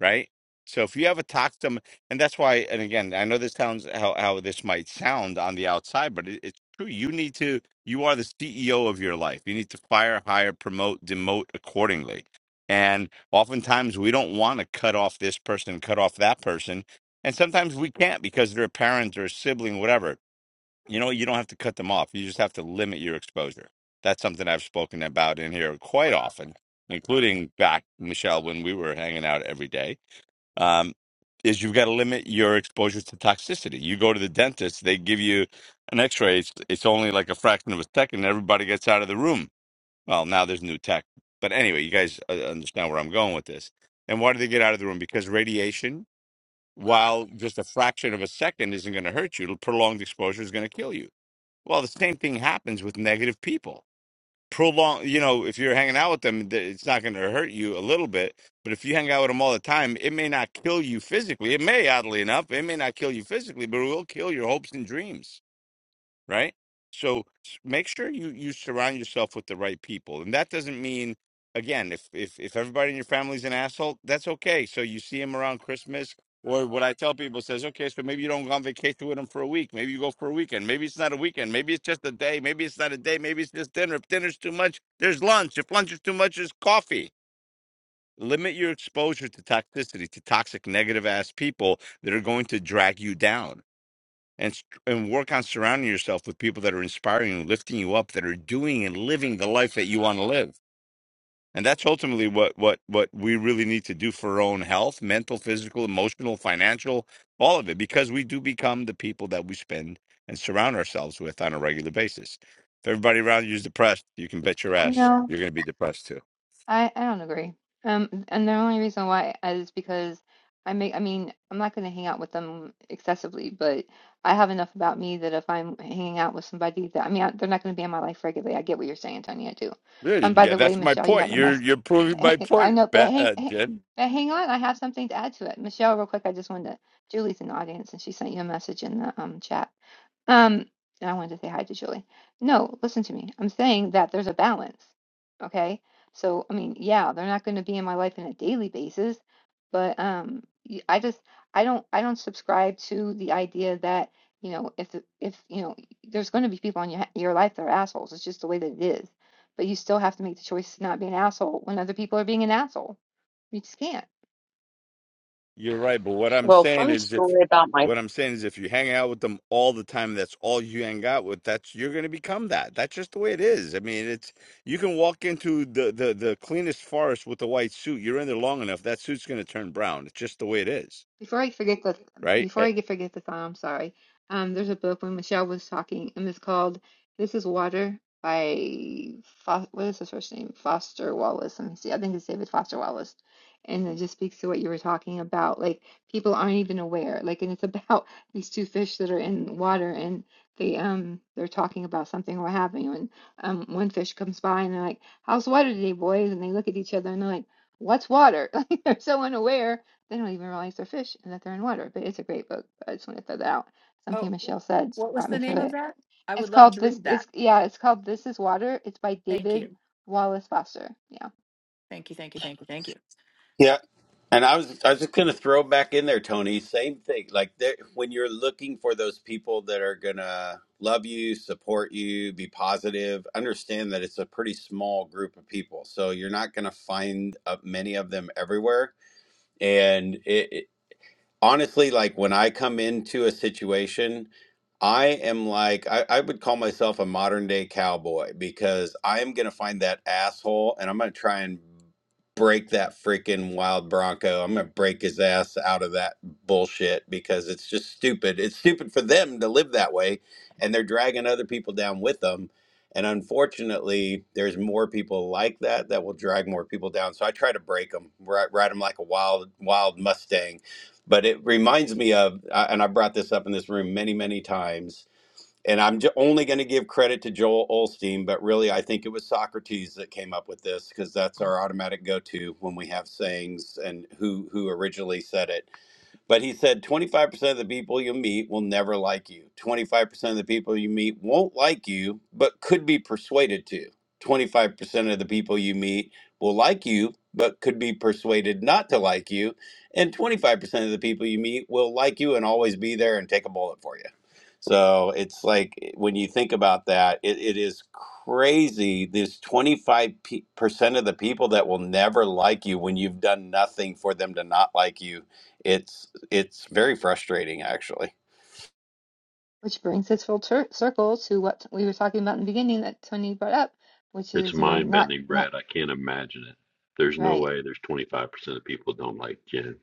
S2: right? So if you have a toxic, and that's why, and again, I know this sounds how, how this might sound on the outside, but it, it's true. You need to, you are the CEO of your life. You need to fire, hire, promote, demote accordingly. And oftentimes we don't want to cut off this person, cut off that person. And sometimes we can't because they're a parent or a sibling, whatever you know, you don't have to cut them off. You just have to limit your exposure. That's something I've spoken about in here quite often, including back, Michelle, when we were hanging out every day. Um, is you've got to limit your exposure to toxicity. You go to the dentist, they give you an x-ray. It's, it's only like a fraction of a second. and Everybody gets out of the room. Well, now there's new tech. But anyway, you guys uh, understand where I'm going with this. And why do they get out of the room? Because radiation, while just a fraction of a second isn't going to hurt you, prolonged exposure is going to kill you. Well, the same thing happens with negative people. Prolong, you know, if you're hanging out with them, th- it's not going to hurt you a little bit. But if you hang out with them all the time, it may not kill you physically. It may, oddly enough, it may not kill you physically, but it will kill your hopes and dreams right? So s- make sure you you surround yourself with the right people, and that doesn't mean again if if if everybody in your family's an asshole, that's okay. So you see them around Christmas, or what I tell people says, okay, so maybe you don't go on vacation with them for a week, maybe you go for a weekend, maybe it's not a weekend, maybe it's just a day, maybe it's not a day, maybe it's just dinner. If dinner's too much, there's lunch. If lunch is too much, there's coffee. Limit your exposure to toxicity, to toxic, negative ass people that are going to drag you down and s- and work on surrounding yourself with people that are inspiring you, lifting you up, that are doing and living the life that you want to live. And that's ultimately what what what we really need to do for our own health, mental, physical, emotional, financial, all of it, because we do become the people that we spend and surround ourselves with on a regular basis. If everybody around you is depressed, you can bet your ass
S4: know,
S2: you're going to be depressed too.
S4: I I don't agree. Um, and the only reason why uh, is because I make, I mean, I'm not going to hang out with them excessively, but I have enough about me that if I'm hanging out with somebody that, I mean, I, they're not going to be in my life regularly. I get what you're saying, Tony, I do.
S2: Yeah,
S4: Um, by
S2: yeah,
S4: the way,
S2: that's my
S4: Michelle, you
S2: point.
S4: have a
S2: You're
S4: mess.
S2: you're proving my
S4: Hey, I
S2: point,
S4: know, but
S2: Be-
S4: hang,
S2: uh,
S4: hang,
S2: Jen.
S4: but hang on, I have something to add to it. Michelle, real quick, I just wanted to, Julie's in the audience and she sent you a message in the um chat. Um, I wanted to say hi to Julie. No, listen to me. I'm saying that there's a balance. Okay. So, I mean, yeah, they're not going to be in my life on a daily basis, but um, y- I just, I don't, I don't subscribe to the idea that, you know, if, the- if, you know, there's going to be people in your, your life that are assholes. It's just the way that it is. But you still have to make the choice to not be an asshole when other people are being an asshole. You just can't.
S2: You're right, but what I'm
S1: Well,
S2: saying
S1: fun
S2: is if
S1: story about my
S2: what I'm saying is if you hang out with them all the time, that's all you hang out with, that's you're gonna become that. That's just the way it is. I mean, it's you can walk into the the, the cleanest forest with a white suit. You're in there long enough, that suit's gonna turn brown. It's just the way it is,
S4: Before I forget the
S2: right?
S4: before
S2: Eh,
S4: I get forget the song, I'm sorry. Um, there's a book when Michelle was talking, and it's called "This Is Water" by Fo what is his first name? Foster Wallace. Let me see. I think it's David Foster Wallace, and it just speaks to what you were talking about. Like people aren't even aware. Like, and it's about these two fish that are in water, and they um they're talking about something or having, and um one fish comes by and they're like, "How's water today, boys?" And they look at each other and they're like, "What's water?" Like they're so unaware they don't even realize they're fish and that they're in water. But it's a great book. I just want to throw that out.
S3: Oh,
S4: Something Michelle said
S3: what was
S4: brought
S3: the
S4: me
S3: name
S4: to
S3: of
S4: it.
S3: that? I would
S4: It's
S3: love
S4: called
S3: to
S4: this.
S3: read that.
S4: It's yeah. It's called This Is Water. It's by
S3: Thank
S4: David
S3: you.
S4: Wallace Foster. Yeah,
S3: Thank you, thank you, thank you, thank you.
S7: And I was I was just gonna throw back in there, Tony. Same thing. Like there, when you're looking for those people that are gonna love you, support you, be positive, understand that it's a pretty small group of people. So you're not gonna find uh, many of them everywhere. And it, honestly, like when I come into a situation, I am like, I, I would call myself a modern day cowboy because I am going to find that asshole and I'm going to try and break that freaking wild Bronco. I'm going to break his ass out of that bullshit because it's just stupid. It's stupid for them to live that way and they're dragging other people down with them. And unfortunately, there's more people like that that will drag more people down. So I try to break them, ride, ride them like a wild, wild Mustang but it reminds me of uh, and i brought this up in this room many many times and i'm j- only going to give credit to joel olstein but really i think it was socrates that came up with this because that's our automatic go-to when we have sayings and who who originally said it but he said 25% of the people you meet will never like you. 25% of the people you meet won't like you, but could be persuaded to. 25% of the people you meet will like you, but could be persuaded not to like you. And 25% of the people you meet will like you and always be there and take a bullet for you. So it's like eh, when you think about that, it, it is crazy. There's 25% of the people that will never like you when you've done nothing for them to not like you it's it's very frustrating, actually.
S4: which brings us full tur circle to what we were talking about in the beginning that Tony brought up, which
S8: It's
S4: is you know
S8: mind
S4: not
S8: bending,
S4: not
S8: Brad. I can't imagine it. There's no
S4: right.
S8: way there's 25% of people don't like Jen.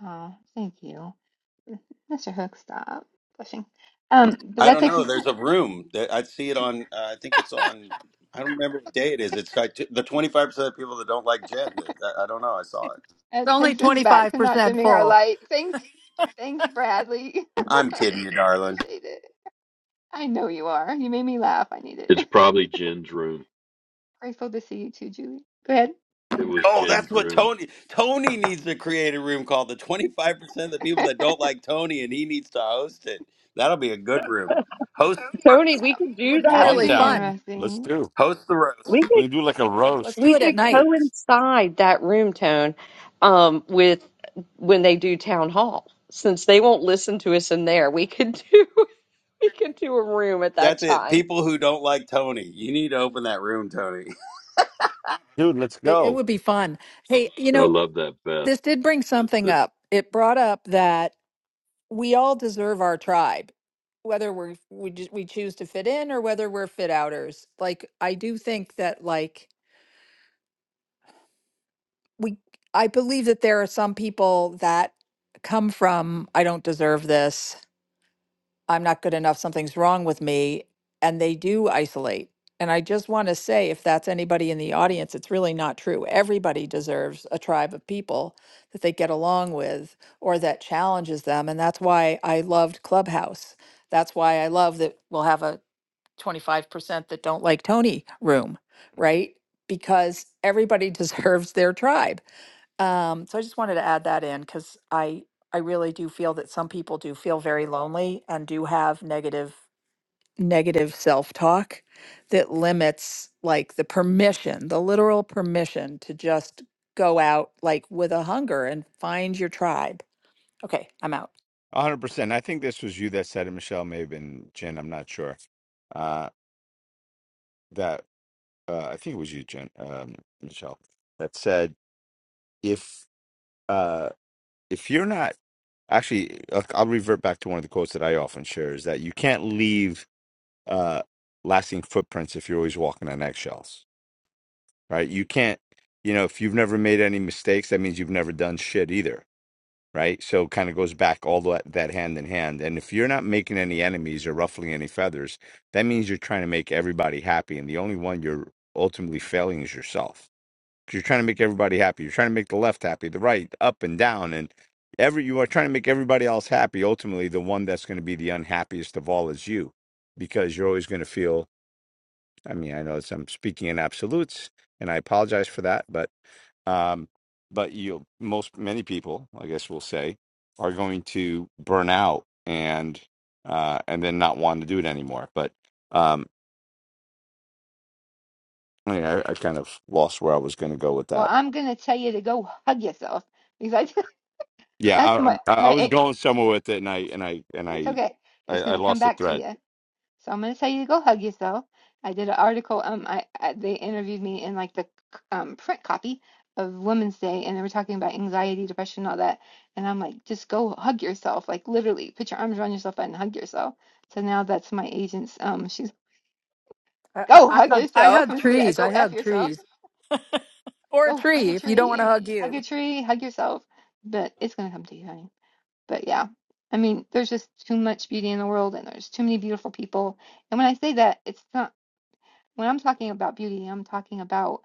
S4: Oh, thank you, Mr. Hook. Stop pushing. Um, but
S7: I
S4: that
S7: don't
S4: takes
S7: know.
S4: us
S7: There's a room that I see it on. Uh, I think it's on. I don't remember what day it is. It's like t- the 25% of people that don't like Jed. I, I don't know. I saw it.
S3: It's
S4: that
S3: only
S4: takes us back to not
S3: 25%
S4: dimming our
S3: full.
S4: light. Thanks, thanks, Bradley.
S7: I'm kidding you, darling.
S4: Appreciate it. I know you are. You made me laugh. I need it.
S8: It's probably Jen's room.
S4: Grateful to see you too, Julie. Go ahead.
S8: It was
S7: Oh, that's
S8: Jen's
S7: what
S8: room.
S7: Tony. Tony needs to create a room called the 25% of the people that don't like Tony, and he needs to host it. That'll be a good room. Host the
S1: Tony,
S7: roast.
S1: we
S4: That
S1: could
S3: It
S1: do
S3: would be
S1: that.
S4: that would
S2: I'm
S3: really
S4: be
S2: down.
S3: fun.
S2: Let's
S4: interesting.
S2: do.
S7: Host the roast.
S1: We
S2: We
S1: could
S2: can do like a
S3: Let, let's
S2: roast.
S3: do
S1: we
S3: it at
S1: could
S3: night.
S1: coincide that room tone um, with when they do town hall, since they won't listen to us in there. We could do we could do a room at that
S7: That's it.
S1: time.
S7: People who don't like Tony. You need to open that room, Tony.
S2: Dude, let's
S3: It it
S2: go.
S3: would be fun. Hey, you
S8: I
S3: know,
S8: love that, Beth.
S3: This did bring something
S8: That
S3: up. It brought up that we all deserve our tribe, whether we're we just, we choose to fit in or whether we're fit outers. Like I do think that like we I believe that there are some people that come from I don't deserve this I'm not good enough, something's wrong with me, and they do isolate. And I just want to say, if that's anybody in the audience, it's really not true. Everybody deserves a tribe of people that they get along with or that challenges them. And that's why I loved Clubhouse. That's why I love that we'll have a 25% that don't like Tony room, right? Because everybody deserves their tribe. Um, so I just wanted to add that in because I I really do feel that some people do feel very lonely and do have negative negative self-talk that limits like the permission, the literal permission to just go out like with a hunger and find your tribe. Okay, I'm out.
S2: 100%. I think this was you that said it, Michelle, maybe, and Jen, I'm not sure. Uh, that, uh, I think it was you, Jen, um, Michelle, that said, if uh if you're not actually I'll I'll revert back to one of the quotes that I often share is that you can't leave uh lasting footprints if you're always walking on eggshells, right? You can't, you know, if you've never made any mistakes, that means you've never done shit either, right? So kind of goes back all that that hand in hand. And if you're not making any enemies or ruffling any feathers, that means you're trying to make everybody happy and the only one you're ultimately failing is yourself you're trying to make everybody happy. You're trying to make the left happy, the right, up and down, and every you are trying to make everybody else happy. Ultimately, the one that's going to be the unhappiest of all is you, because you're always going to feel. I mean, I know it's, I'm speaking in absolutes, and I apologize for that, but um, but you most many people, I guess we'll say, are going to burn out and uh, and then not want to do it anymore. But um, I, mean, I, I kind of lost where I was going to go with
S4: Well,
S2: that.
S4: I'm gonna tell you to go hug yourself because I just,
S2: Yeah,
S4: that's
S2: I,
S4: my
S2: I I
S4: my.
S2: was
S4: a-
S2: going somewhere with it, and I and I and
S4: It's
S2: I
S4: okay.
S2: I,
S4: It's
S2: I
S4: gonna come
S2: lost the
S4: back to
S2: thread.
S4: you. So I'm gonna tell you to go hug yourself. I did an article. Um, I, I they interviewed me in like the c- um print copy of Women's Day, and they were talking about anxiety, depression, all that. And I'm like, just go hug yourself. Like literally, put your arms around yourself and hug yourself. So now that's my agent's. Um, she's
S3: I, I,
S4: Go
S3: I,
S4: hug
S3: hug, I
S4: yourself
S3: hug
S4: instead of
S3: trees. I
S4: go F
S3: hug
S4: yourself.
S3: trees. Or a
S4: Go hug
S3: tree
S4: a
S3: if you don't want to
S4: tree.
S3: hug
S4: Hug
S3: you.
S4: a tree, hug yourself. But it's gonna come to you, honey. But yeah. I mean, there's just too much beauty in the world and there's too many beautiful people. And when I say that, it's not when I'm talking about beauty, I'm talking about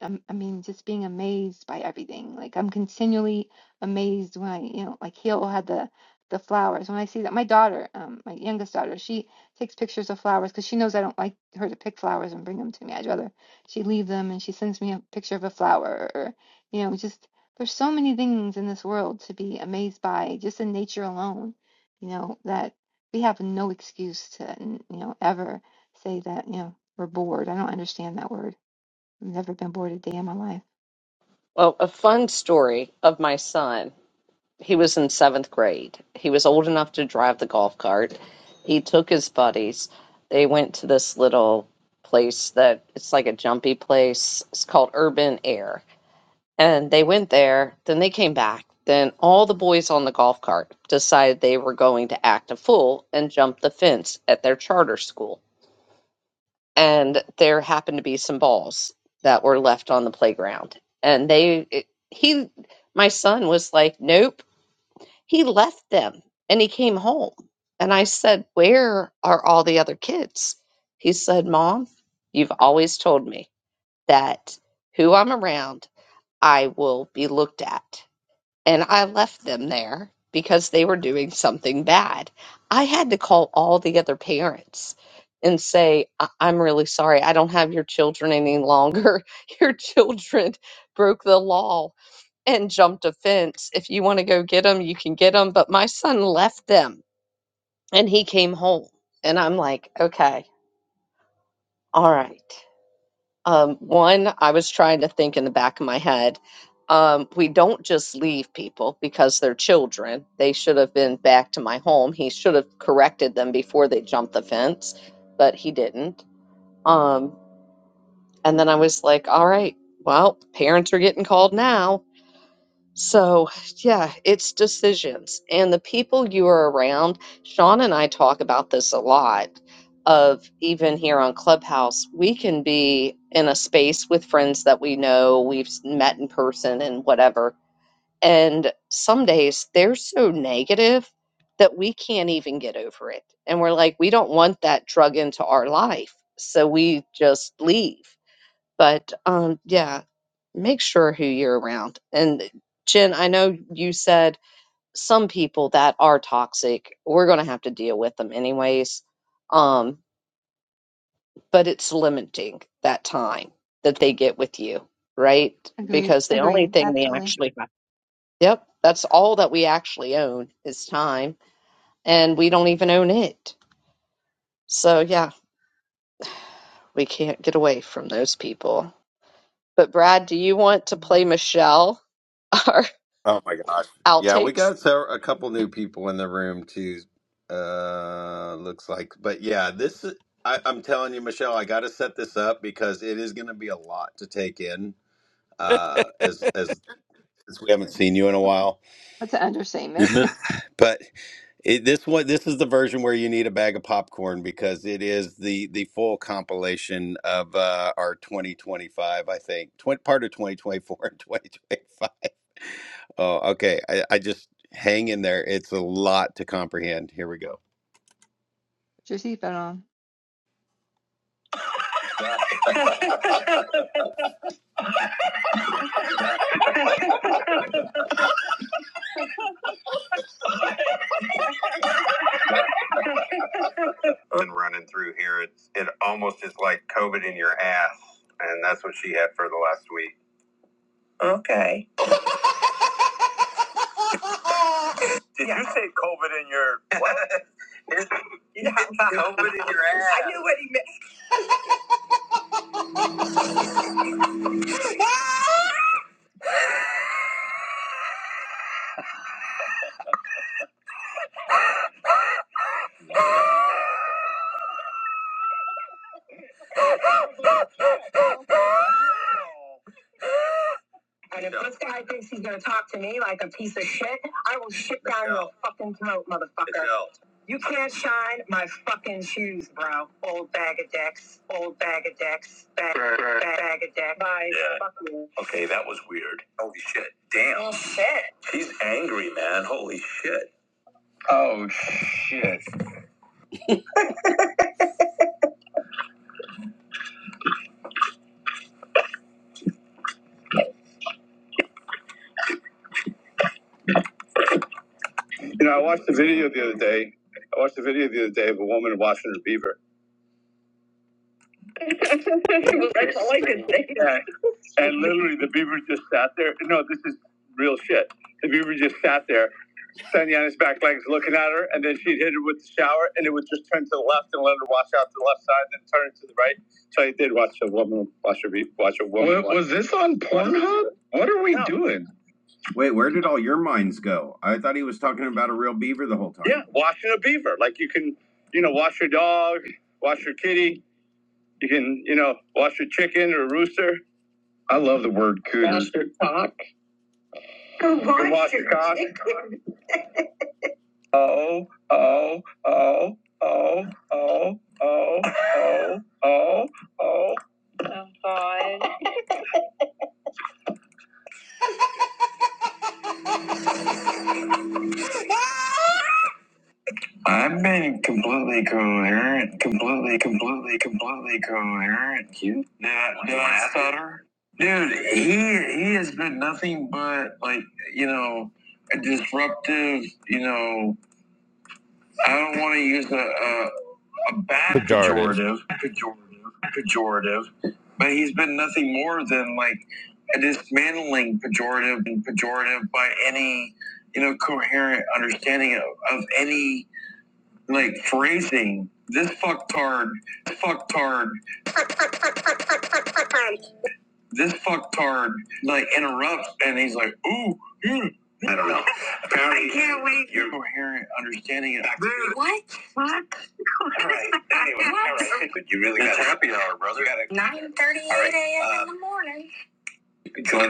S4: I'm, I mean, just being amazed by everything. Like I'm continually amazed when I, you know, like he'll had the the flowers. When I see that, my daughter, um, my youngest daughter, she takes pictures of flowers because she knows I don't like her to pick flowers and bring them to me. I'd rather she leave them and she sends me a picture of a flower or, you know, just there's so many things in this world to be amazed by just in nature alone, you know, that we have no excuse to, you know, ever say that, you know, we're bored. I don't understand that word I've Never been bored a day in my life.
S1: Well, a fun story of my son. He was in seventh grade. He was old enough to drive the golf cart. He took his buddies. They went to this little place that it's like a jumpy place. It's called Urban Air and they went there then they came back then all the boys on the golf cart decided they were going to act a fool and jump the fence at their charter school and there happened to be some balls that were left on the playground and they it- he my son was like nope he left them and he came home and i said where are all the other kids he said mom you've always told me that who i'm around i will be looked at and I left them there because they were doing something bad. I had to call all the other parents and say, I- I'm really sorry. I don't have your children any longer. Your children broke the law and jumped a fence. If you want to go get them, you can get them. But my son left them and he came home. And I'm like, okay, all right. Um, one, I was trying to think in the back of my head. Um, we don't just leave people because they're children. They should have been back to my home. He should have corrected them before they jumped the fence, but he didn't. Um, and then I was like, all right, well, parents are getting called now. So, yeah, it's decisions. And the people you are around, Sean and I talk about this a lot of even here on Clubhouse, we can be in a space with friends that we know, we've s- met in person and whatever. And some days they're so negative that we can't even get over it. And we're like, we don't want that drug into our life. So we just leave. But um, yeah, make sure who you're around. And Jen, I know you said some people that are toxic, we're going to have to deal with them anyways. Um, but it's limiting that time that they get with you, right?
S4: Agreed.
S1: Because the only
S4: Agreed.
S1: thing we
S4: Absolutely.
S1: actually have, yep, that's all that we actually own is time, and we don't even own it. So, yeah, we can't get away from those people. But, Brad, do you want to play Michelle? Our
S7: Oh my gosh. Yeah, we
S1: outtakes?
S7: got several, a couple new people in the room too. Uh, looks like, but yeah, this I, I'm telling you, Michelle, I got to set this up because it is going to be a lot to take in. Uh, as as as we haven't seen you in a while,
S4: That's an
S8: you
S4: understatement.
S8: missed.
S4: Put
S7: but it, this one this is the version where you need a bag of popcorn because it is the the full compilation of uh, our 2025. I think tw- part of 2024 and 2025. Oh, okay. I, I just hang in there. It's a lot to comprehend. Here we go.
S4: your seatbelt on.
S7: Been running through here. It's it almost is like COVID in your ass, and that's what she had for the last week. Okay. Did you say you COVID in your ass? I knew what he meant. And if Yeah. this guy thinks he's gonna talk to me like a piece of shit, I will shit down your fucking throat, motherfucker. You can't shine my fucking shoes, bro. Old bag of dicks. Old bag of dicks. Bag, Right, right. bag, bag of dicks. Bye. Yeah. Fuck you. Okay. Oh, damn. Well, shit. She's angry. You know, I watched a video the other day. I watched a video the other day of a woman washing her beaver. She was like, I like it. And, and literally, the beaver, the beaver just sat there Sanyan's back legs looking at her, and then she'd hit her with the shower, and it would just turn to the left and let her wash out to the left side, and then turn to the right. So I did watch a woman, watch a re- watch a woman. What, was this on Pornhub? What are we No. doing? Wait, where did all your minds go? I thought he was talking about a real beaver the whole time. Yeah, washing a beaver. Like you can, you know, wash your dog, wash your kitty. You can, you know, wash your chicken or rooster. I love the word cooter. you can wash your cock. I've been completely coherent, completely, completely, completely coherent. You did I, did I stutter? Dude, he he has been nothing but like you know a disruptive. You know, I don't want to use a, a a bad
S2: Pejorative.
S7: pejorative, pejorative, pejorative, but he's been nothing more than like a dismantling pejorative and pejorative by any you know coherent understanding of, of any like phrasing this fucktard, this fucktard, this fucktard, like interrupts, and he's like, "Ooh, you I can't wait." You're coherent, understanding it. What? What? Anyway, what? nine thirty-eight a.m. in the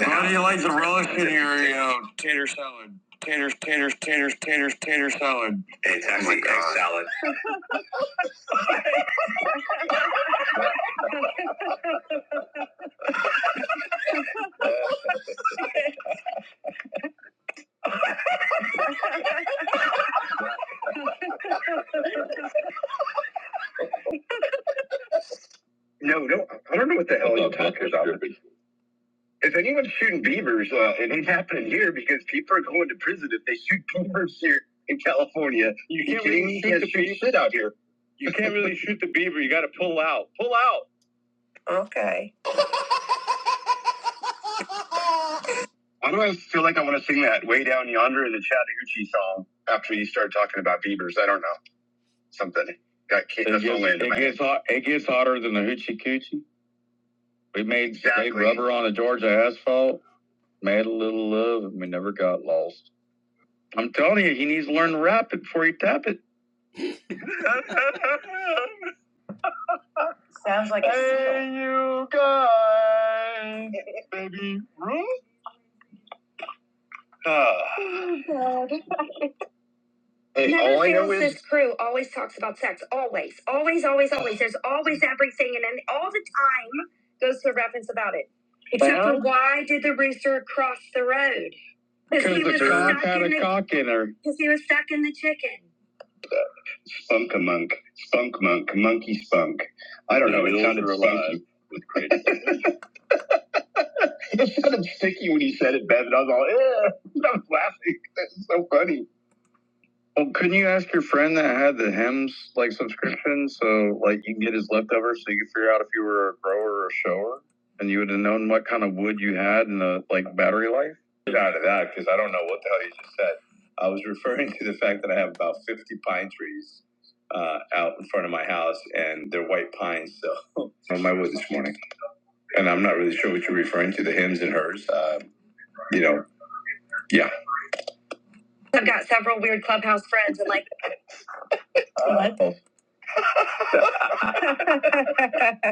S7: How do you like the relish in your you know, tater salad? Taters, taters, taters, taters, tater salad. Salad. No, no, I don't know what the hell. you talking about. if anyone's shooting beavers, uh, it ain't happening here because people are going to prison if they shoot beavers here in California. You, can't really me? shoot, the beaver. shit out here. You can't really shoot the beaver. You got to pull out. Pull out. Okay. Why do I feel like I want to sing that "Way Down Yonder" in the Chattahoochee song after you start talking about beavers? I don't know something. That it, gets, it, gets hot, it gets hotter than the hoochie coochie. We made fake Exactly. rubber on a Georgia asphalt, made a little love, and we never got lost. I'm telling you, he needs to learn to rap it before he tap it. Sounds like a hey, hey, baby Ruth. Oh, God. Hey, Never all I know fails is this crew always talks about sex. Always, always, always, always. There's always everything, and then all the time goes to a reference about it. Except well, for Well- why did the rooster cross the road? Because he 'Cause the was stuck had in a the, cock in her. Because he was stuck in the chicken. Spunk a monk, spunk monk, monkey spunk. I don't know. It sounded are alive spunky. it sounded sticky when you said it, Ben. And I was all, yeah, I was laughing. That's so funny. Well, couldn't you ask your friend that had the hymns like subscription so like you can get his leftovers so you could figure out if you were a grower or a shower and you would have known what kind of wood you had and the like battery life? Get out of that because I don't know what the hell you just said. I was referring to the fact that I have about 50 pine trees uh, out in front of my house and they're white pines. So on my wood this morning. And I'm not really sure what you're referring to the hymns and hers. Uh, you know, yeah. I've got several weird clubhouse friends and like, what? Uh,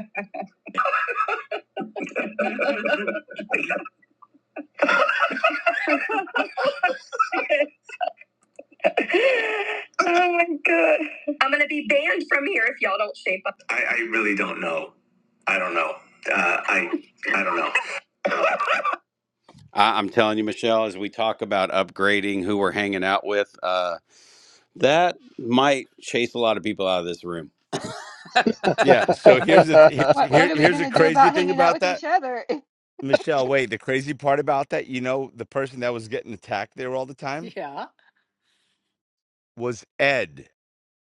S7: I'm gonna be banned from here if y'all don't shape up. I, I really don't know. I don't know. Uh, I I don't know. I, I'm telling you, Michelle, as we talk about upgrading who we're hanging out with, uh, that might chase a lot of people out of this room.
S2: Yeah. So here's the th- here's
S4: What What
S2: here,
S4: are we
S2: here's the
S4: gonna do
S2: crazy
S4: about
S2: thing
S4: hanging out
S2: about
S4: with
S2: that,
S4: each other?
S2: Michelle. Wait, the crazy part about that, you know, the person that was getting attacked there all the time
S3: Yeah.
S2: was Ed,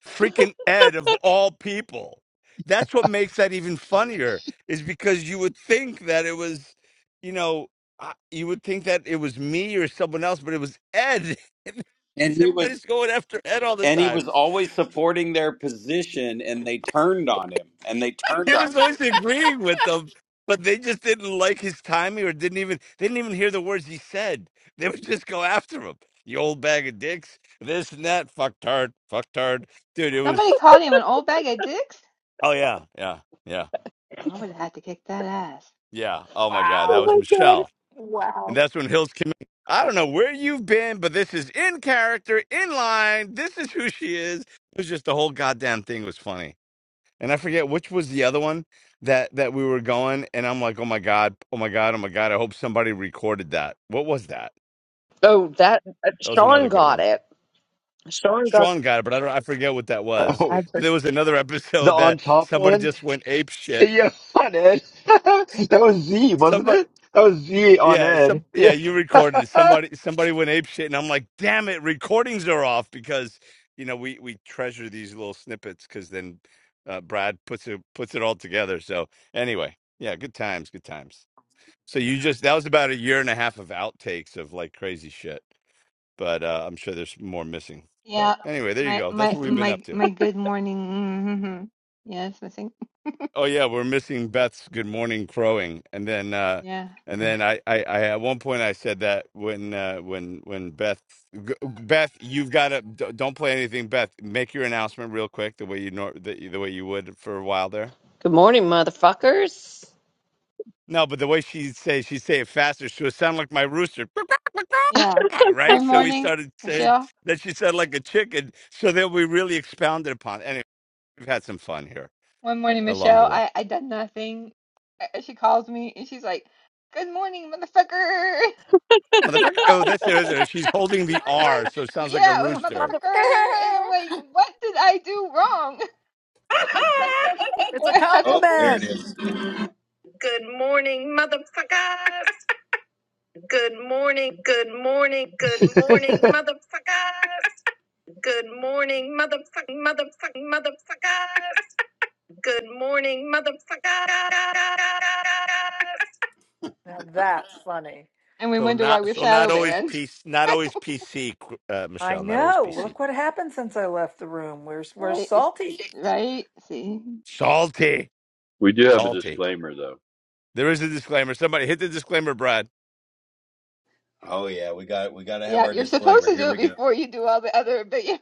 S2: freaking Ed of all people. That's what makes that even funnier, is because you would think that it was, you know, I- you would think that it was me or someone else, but it was Ed.
S7: And he was
S2: Everybody's going after Ed all the
S7: and he was
S2: time.
S7: always supporting their position, and they turned on him, and they turned
S2: he
S7: on.
S2: was always agreeing with them, but they just didn't like his timing or didn't even they didn't even hear the words he said. They would just go after him. You old bag of dicks, this and that, fucktard, fucktard. Dude, it
S4: If Somebody
S2: was
S4: called him an old bag of dicks.
S2: oh yeah, yeah, yeah,
S4: I would have had to kick that ass.
S2: yeah. Oh my god, that
S1: Oh
S2: was
S3: Wow.
S1: my
S2: Michelle. And that's when Hills came in. I don't know where you've been, but this is in character, in line. This is who she is. It was just the whole goddamn thing was funny. and I forget which was the other one that that we were going, and I'm like, oh my god, oh my god, oh my god, I hope somebody recorded that. What was that?
S1: Oh, that uh,
S2: That was
S1: Sean
S2: another good
S1: got
S2: one.
S1: it. Sean got.
S2: Sean got it, but I don't, I forget what that
S1: Uh,
S2: was.
S1: I,
S2: But there was another
S11: The
S2: episode
S11: on
S2: that
S11: top
S2: somebody
S11: one?
S2: just went ape shit.
S11: Yeah, on Ed. that was Z, wasn't
S2: Somebody,
S11: it? That was Z on
S2: yeah, some,
S11: Ed.
S2: yeah,
S11: Yeah.
S2: you recorded it. Somebody, somebody went ape shit, and I'm like, damn it, recordings are off because you know we we treasure these little snippets because then uh, Brad puts it puts it all together. So anyway, yeah, good times, good times. So you just that was about a year and a half of outtakes of like crazy shit. But uh, I'm sure there's more missing. But
S4: Yeah.
S2: anyway, there you
S4: My
S2: go. That's
S4: my
S2: what we've been up
S4: my
S2: to.
S4: my good morning. Mm-hmm. Yes, I think.
S2: Oh yeah, we're missing Beth's good morning crowing, and then uh,
S4: Yeah.
S2: and then I, I I at one point I said that when uh, when when Beth G- Beth you've got to don't play anything Beth make your announcement real quick the way you nor- the, the way you would for a while there.
S1: good morning, motherfuckers.
S2: No, but the way she'd say she'd say it faster, so it sounded like my rooster.
S4: Yeah.
S2: Yeah, right?
S4: One
S2: So we
S4: morning,
S2: started saying
S4: Michelle.
S2: that she said like a chicken. So then we really expounded upon it. Anyway, we've had some fun here
S4: One morning,
S2: along the
S4: Michelle.
S2: way.
S4: I I done nothing. Uh, She calls me and she's like, "Good morning, motherfucker."
S2: Motherfucker.
S4: What?
S2: Oh, that's it. That's it. She's holding
S4: And
S2: the
S4: I'm
S2: R,
S4: like,
S2: so it sounds like a
S4: yeah, like,
S2: rooster.
S4: motherfucker. And I'm
S3: it's
S4: like, what did I do wrong? It's
S3: a
S4: like, that's
S7: Oh,
S4: what-
S7: there it
S3: compliment.
S7: is. Good morning, motherfucker. Good morning, good morning, good morning, motherfucker. Good morning, motherfucking, motherfucking, motherfucker. Good morning, motherfucker.
S3: Now that's funny.
S4: and we
S2: So
S4: wonder why
S2: not
S4: we're
S2: so not
S4: shadow
S2: always
S4: banned.
S2: PC, not always PC, uh,
S3: I
S2: Michelle, not always
S3: know.
S2: PC.
S3: Look what happened since I left the room. We're we're
S4: Right? It's-
S3: salty.
S4: Right? See?
S2: Salty.
S8: We do have a
S2: Salty.
S8: disclaimer, though.
S2: There is a disclaimer. Somebody hit the disclaimer, Brad.
S7: Oh yeah, we got we got to have
S4: Yeah,
S7: our
S4: you're supposed
S7: disclaimer.
S4: to
S7: Here
S4: do it
S7: we go.
S4: before you do all the other, but yeah,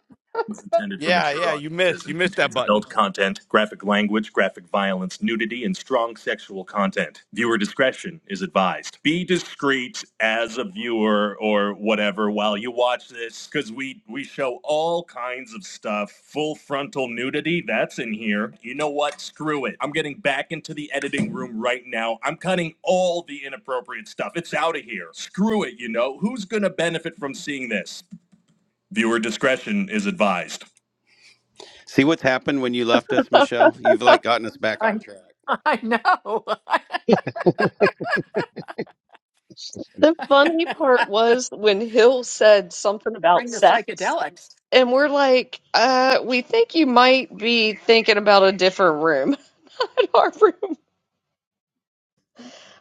S7: is intended for
S2: Yeah,
S7: mature
S2: yeah, you
S7: audiences
S2: missed. You
S7: and
S2: missed that
S7: contains
S2: button.
S7: adult content, graphic language, graphic violence, nudity, and strong sexual content. Viewer discretion is advised. Be discreet as a viewer or whatever while you watch this, because we we show all kinds of stuff. Full frontal nudity, that's in here. You know what? Screw it. I'm getting back into the editing room right now. I'm cutting all the inappropriate stuff. It's out of here. Screw it. You know who's gonna benefit from seeing this? Viewer discretion is advised. See what's happened when you left us, Michelle? You've like gotten us back
S3: I
S7: on track.
S3: I know.
S1: The funny part was when Hill said something about
S3: Bring the
S1: sex,
S3: psychedelics.
S1: and we're like, uh, we think you might be thinking about a different room. Our room.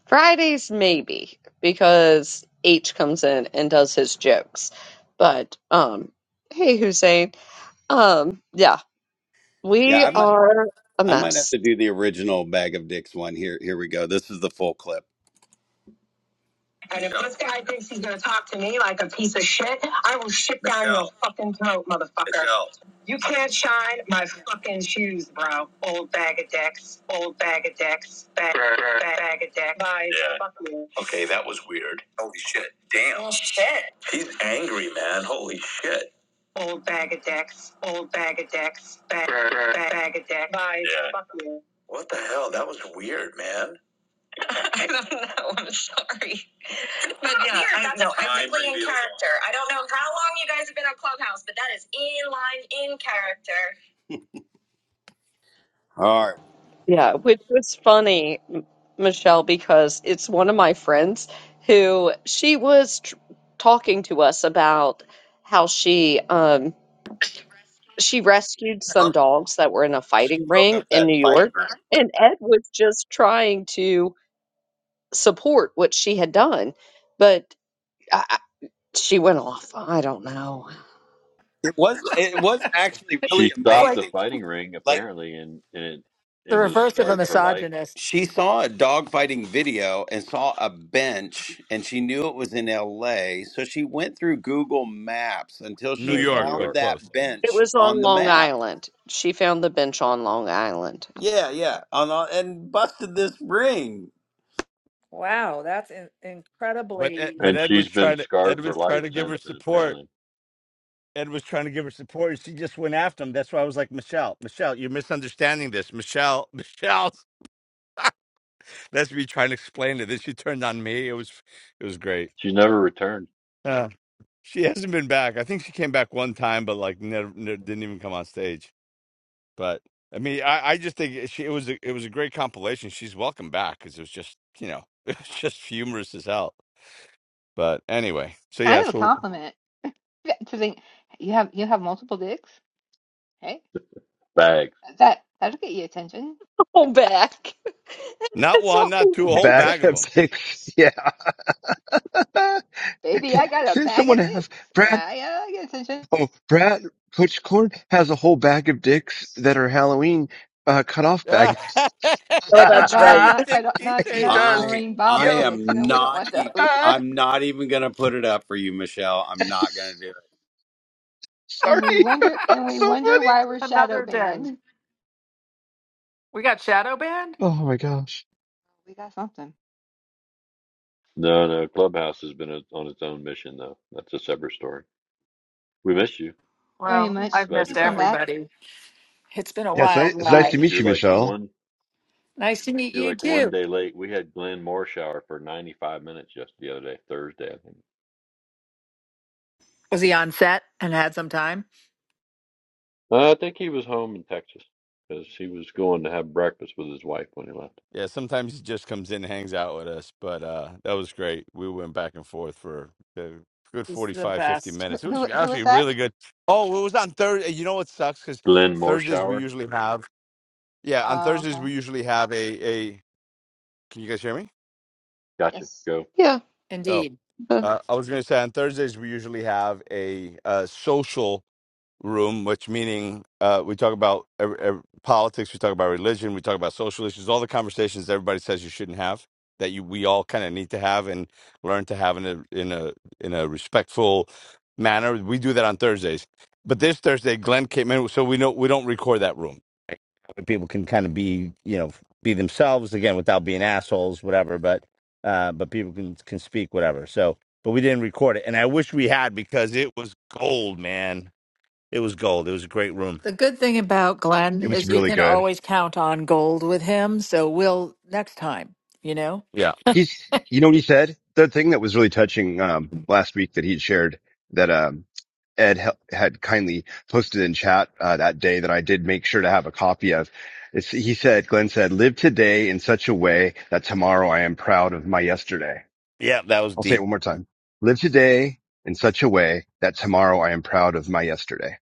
S1: Fridays, maybe, because H comes in and does his jokes. But, um, hey, Hussein. Um, yeah,
S7: Yeah,
S1: we
S7: I might
S1: are a
S7: I might have
S1: mess.
S7: to do the original bag of dicks one. Here here we go. This is the full clip. And if this guy thinks he's gonna talk to me like a piece of shit, I will shit down Michelle. your fucking throat, motherfucker. Michelle. You can't shine my fucking shoes, bro. Old bag of dicks. Old bag of dicks. Bag, bag, bag of dicks. Bye. Yeah. Fuck you. Okay, that was weird. Holy shit. Damn. Oh, shit. He's angry, man. Holy shit. Old bag of dicks. Old bag of dicks. Bag, bag, bag of dicks. Bye. Yeah. Fuck you. What the hell? That was weird, man. I don't know. I'm sorry. But oh, yeah, weird. I, That's no, I totally in character. I don't know how long you guys have been on Clubhouse, but that is in line in character. All right,
S1: Yeah, which was funny, M- Michelle, because it's one of my friends who she was tr talking to us about how she um she rescued some dogs that were in a
S7: we
S1: fighting
S7: broke up
S1: ring in
S7: that
S1: New
S7: fight.
S1: York, and Ed was just trying to support what she had done, but I, I- she went off. I don't know.
S7: It was it was actually
S8: She
S7: really
S3: It's
S8: stopped the
S3: like
S7: amazing.
S8: fighting ring,
S7: Like
S8: apparently, and, and,
S3: the
S8: and was
S3: reverse of a
S8: scarred for life
S3: misogynist.
S7: she saw a dog fighting video and saw a bench, and she knew it was in L.A. So she went through Google Maps until
S8: in
S2: New
S7: she
S8: New
S2: York,
S7: found
S2: but
S8: York.
S2: close.
S7: that
S1: It
S7: bench
S1: was
S7: on
S1: on
S7: the
S1: Long
S7: map.
S1: Island. She found the bench on Long Island.
S7: Yeah, yeah, on, on and busted this ring.
S3: Wow, that's in-
S2: But Ed-
S3: incredibly.
S2: but
S8: And
S2: Ed was
S8: she's been
S2: trying to
S8: scarred
S2: Ed
S8: for
S2: was trying
S8: life
S2: to give her
S8: since, and
S2: support.
S8: apparently.
S2: Ed was trying to give her support. and She just went after him. That's why I was like, Michelle, Michelle, you're misunderstanding this. Michelle, Michelle. That's me trying to explain it. Then she turned on me. It was, it was great.
S8: She's never returned
S2: Uh, she hasn't been back. I think she came back one time, but like never, never didn't even come on stage. But I mean, I, I just think it- she it was a, it was a great compilation. She's welcome back because it was just you know it was just humorous as hell. But anyway,
S4: it's
S2: so
S4: kind
S2: yeah,
S4: of a
S2: so
S4: compliment to think you have you have multiple dicks. Hey,
S8: bags.
S4: that that'll get you attention,
S1: Oh, back.
S2: not
S1: It's
S2: one,
S1: all
S2: not two, a
S1: back
S2: whole
S1: to.
S11: Back
S2: bag of them.
S11: picks. Yeah.
S4: baby. I got a
S11: Didn't
S4: bag
S11: someone
S4: of
S11: have
S4: dicks.
S11: Brad?
S4: Ah, yeah, I get attention.
S11: Oh, Brad, Coach Corn has a whole bag of dicks that are Halloween uh, cut off bag.
S1: Oh,
S4: Oh
S2: He
S1: that's
S4: God,
S1: right.
S2: Did the
S4: not
S2: dick
S4: cut off, not
S11: he
S4: not
S2: keychains.
S11: does.
S7: I
S4: Lorraine
S7: I
S4: Bobbitt
S11: Yo.
S4: dicks.
S7: am
S4: No, we don't
S7: not
S4: want
S7: e-
S4: those.
S7: I'm not even going to put it up for you, Michelle. I'm not going to do it.
S4: And we
S11: Sorry.
S4: wonder and we
S11: so
S4: wonder
S11: funny.
S4: why we're shadow
S3: Another day.
S4: banned.
S3: We got shadow banned.
S11: Oh my gosh.
S4: We got something.
S8: No, no. Clubhouse has been a, on its own mission though. That's a separate story. We miss you.
S4: Very
S3: Well,
S4: much.
S3: I've
S8: Glad
S3: missed
S8: you're
S4: Please come
S8: back.
S4: back.
S3: everybody. It's been a
S11: Yeah, it's
S3: wild
S11: nice, it's
S8: You're
S11: nice to
S3: ride.
S11: meet
S8: you're
S11: you,
S8: like
S11: Michelle.
S8: one
S3: Nice to meet
S8: you're
S3: you
S8: like one
S3: too.
S8: day late. We had Glenn Morshower for 95 minutes just the other day, Thursday, I think.
S3: Was he on set and had some time?
S8: Uh, I think he was home in Texas because he was going to have breakfast with his wife when he left.
S2: Yeah, sometimes he just comes in and hangs out with us, but uh that was great. We went back and forth for a good
S3: He's the
S2: 45, 50
S3: best,
S4: Who
S2: minutes. It was
S4: who, who
S2: actually
S4: is that?
S2: really good. Oh, it was on Thursday. You know what sucks? Because
S8: Glenn
S2: Thursdays we
S8: Morshower,
S2: usually have, yeah, on
S4: Oh,
S2: Thursdays
S4: okay.
S2: we usually have a, a, can you guys hear me?
S8: gotcha.
S4: Yes.
S8: Go
S1: Yeah.
S2: Oh,
S3: indeed.
S1: uh,
S2: uh, I was going to say on Thursdays we usually have a, uh social. room, which meaning uh, we talk about ev- ev- politics, we talk about religion, we talk about social issues, all the conversations everybody says you shouldn't have that you we all kind of need to have and learn to have in a in a in a respectful manner. We do that on Thursdays, but this Thursday, Glenn came in, so we know we don't record that room. Right? People can kind of be you know be themselves again without being assholes, whatever. But uh, but people can can speak whatever. So. But we didn't record it, and I wish we had because it was gold, man it was gold. It was a great room.
S3: The good thing about Glenn
S11: It was
S3: is you
S11: really
S3: can
S11: good.
S3: always count on gold with him. So we'll next time, you know?
S2: Yeah.
S11: He's, you know what he said? The thing that was really touching, um, last week that he shared that, um, Ed hel- had kindly posted in chat, uh, that day that I did make sure to have a copy of. It's, he said, Glenn said, live today in such a way that tomorrow I am proud of my yesterday.
S2: Yeah, that was
S11: I'll say
S2: deep.
S11: it one more time. Live today in such a way that tomorrow I am proud of my yesterday.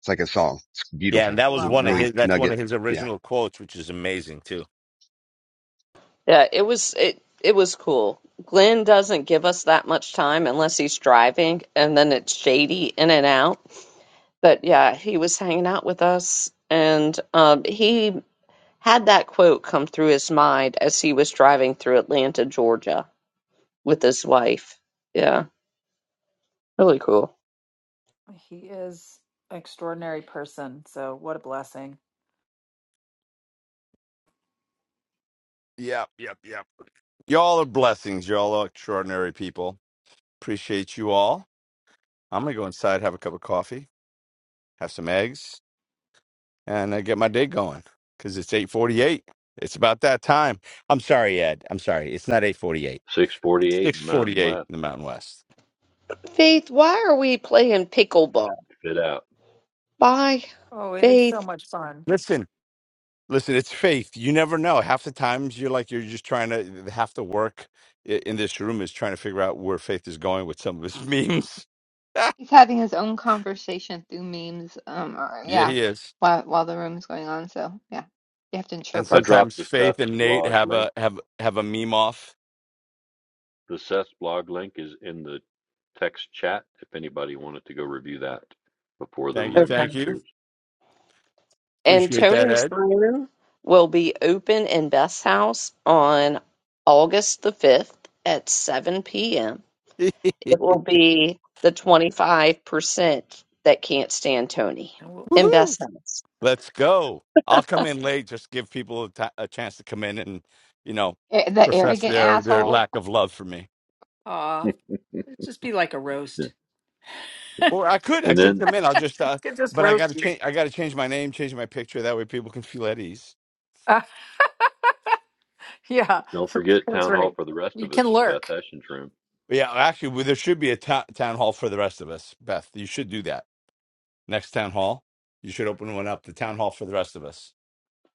S11: It's like a song. It's
S2: Yeah, and
S11: beautiful.
S2: that
S11: It's
S2: was
S11: a
S3: Love
S2: one of
S3: that.
S11: really
S2: his. That's one
S11: nugget.
S2: of his
S11: Yeah.
S2: original quotes, which is amazing too.
S1: Yeah, it was it it was cool. Glenn doesn't give us that much time unless he's driving, and then it's shady in and out. But yeah, he was hanging out with us, and um, he had that quote come through his mind as he was driving through Atlanta, Georgia, with his wife. Yeah, really cool.
S3: He is an extraordinary person. So what a blessing.
S2: Yep. Yep. Yep. Y'all are blessings. Y'all are extraordinary people. Appreciate you all. I'm gonna go inside, have a cup of coffee, have some eggs, and uh, get my day going. Cause it's 8:48. It's about that time. I'm sorry, Ed. I'm sorry. It's not 8:48. It's
S8: 648 in
S2: 6:48
S8: Mountain
S2: in
S8: West.
S2: the Mountain West.
S1: Faith, why are we playing pickleball?
S8: Fit out.
S1: Bye,
S3: Oh, it is so
S1: Faith.
S3: much fun.
S2: Listen. Listen, it's faith. You never know. Half the times you're like you're just trying to half the work i- in this room is trying to figure out where faith is going with some of his memes. yeah,
S4: He's having his own conversation through memes. Um, or yeah,
S2: he is.
S4: while while the room is going on. So yeah, you have to
S2: And
S8: I
S4: interpret
S8: dropped
S2: sometimes
S8: the Seth
S2: Faith and Nate
S8: blog
S2: have
S8: link
S2: a have have a meme off.
S8: The Seth's blog link is in the text chat if anybody wanted to go review that before the
S2: Thank you,
S8: room
S2: thank you.
S8: disappears.
S1: And
S2: Appreciate that,
S1: Tony's room will be open in Beth's house on August the 5th at 7 p.m.
S2: Ed.
S1: It will be the 25% that can't stand Tony
S3: And we'll,
S1: in Beth's
S2: Woohoo!
S1: house.
S2: Let's go. I'll come in late. Just give people a ti- a chance to come in and you know
S4: Eh, the
S2: profess
S4: arrogant
S2: their their
S4: asshole.
S2: lack of love for me.
S3: uh, it'd just be like a roast.
S2: Or I could, I
S8: And
S2: could
S8: then
S2: come in. I'll just, uh,
S3: You can just
S2: but I got to
S3: roast you.
S2: change. I got to change my name, change my picture. That way, people can feel at ease.
S3: Uh, yeah,
S8: don't forget
S3: that's
S8: town
S3: right.
S8: hall for the rest
S3: You
S8: of us,
S3: can
S8: Beth
S3: lurk.
S8: Hession's room.
S2: But yeah, actually, well, there should be a ta- town hall for the rest of us. Beth, you should do that next town hall. You should open one up, the town hall for the rest of us.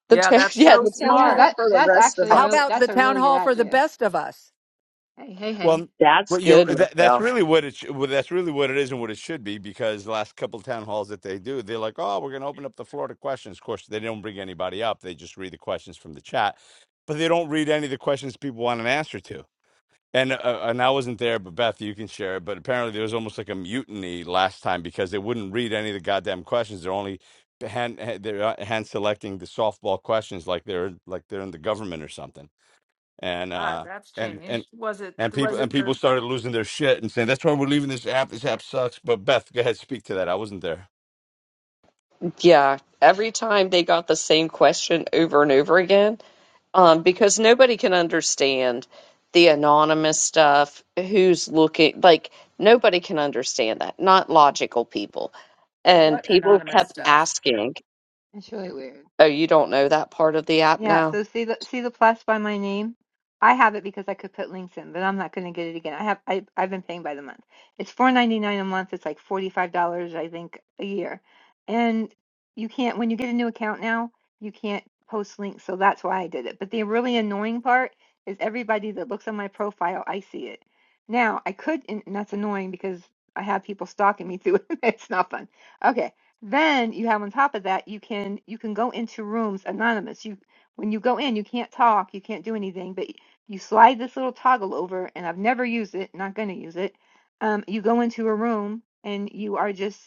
S1: The
S3: Yeah,
S1: town,
S3: that's
S1: yeah,
S3: so
S4: You,
S1: the
S4: you
S1: town
S4: know
S3: smart.
S1: hall
S4: that
S1: for the
S4: that's
S1: rest of
S4: actually a
S3: How
S1: us.
S4: really
S3: about the
S4: that's a
S3: town
S4: really good
S3: hall for the
S4: idea.
S3: best of us?
S4: Hey hey
S2: Well,
S4: hey.
S1: That's
S2: but you're
S1: good,
S2: that, that's
S1: Michelle.
S2: really what it. sh- Well, that's really what it is and what it should be because the last couple town halls that they do, they're like, oh, we're going to open up the floor to questions. Of course, they don't bring anybody up. They just read the questions from the chat, but they don't read any of the questions people want an answer to. And uh, uh, and I wasn't there, but Beth, you can share it. But apparently, there was almost like a mutiny last time because they wouldn't read any of the goddamn questions. They're only hand hand- they're uh, hand selecting the softball questions, like they're like they're in the government or something. And
S3: Ah,
S2: uh
S3: that's
S2: and
S3: changed.
S2: and
S3: Was it,
S2: and people
S3: was it
S2: and
S3: the
S2: people started losing their shit and saying that's why we're leaving this app. This app sucks. But Beth, go ahead, speak to that. I wasn't there.
S1: Yeah, every time they got the same question over and over again, um, because nobody can understand the anonymous stuff. Who's looking? Like nobody can understand that. Not logical people. And
S3: what
S1: people
S3: anonymous
S1: kept
S3: stuff?
S1: asking,
S4: That's really weird.
S1: "Oh, you don't know that part of the app
S4: Yeah,
S1: now?"
S4: so see the see the plus by my name. I have it because I could put links in, but I'm not going to get it again. I have I I've been paying by the month. It's four ninety nine a month. It's like forty five dollars I think a year, and you can't when you get a new account now you can't post links. So that's why I did it. But the really annoying part is everybody that looks on my profile, I see it. Now I could, and and that's annoying because I have people stalking me through it. It's not fun. Okay, then you have on top of that you can you can go into rooms anonymous You when you go in, you can't talk, you can't do anything, but you slide this little toggle over, and I've never used it, not going to use it. Um, you go into a room and you are just,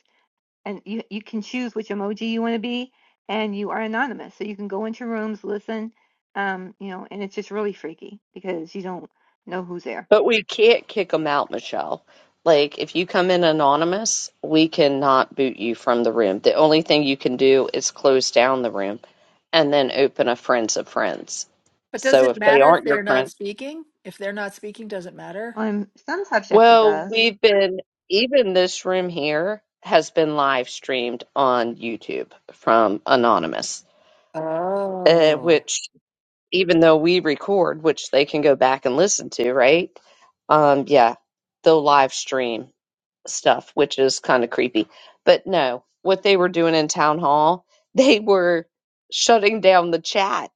S4: and you, you can choose which emoji you want to be, and you are anonymous. So you can go into rooms, listen, um, you know, and it's just really freaky because you don't know who's there.
S1: But we can't kick them out, Michelle. Like if you come in anonymous, we cannot boot you from the room. The only thing you can do is close down the room and then open a friends of friends.
S3: But does
S1: So
S3: it
S1: if they
S3: matter if
S1: aren't your
S3: they're
S1: friends.
S3: not speaking? If they're not speaking, does it matter?
S4: On some subjects, it
S1: Well,
S4: does.
S1: we've been, even this room here has been live streamed on YouTube from Anonymous, uh,
S3: Oh,
S1: which even though we record, which they can go back and listen to, right? Um, yeah, they'll live stream stuff, which is kind of creepy. But no, what they were doing in town hall, they were shutting down the chat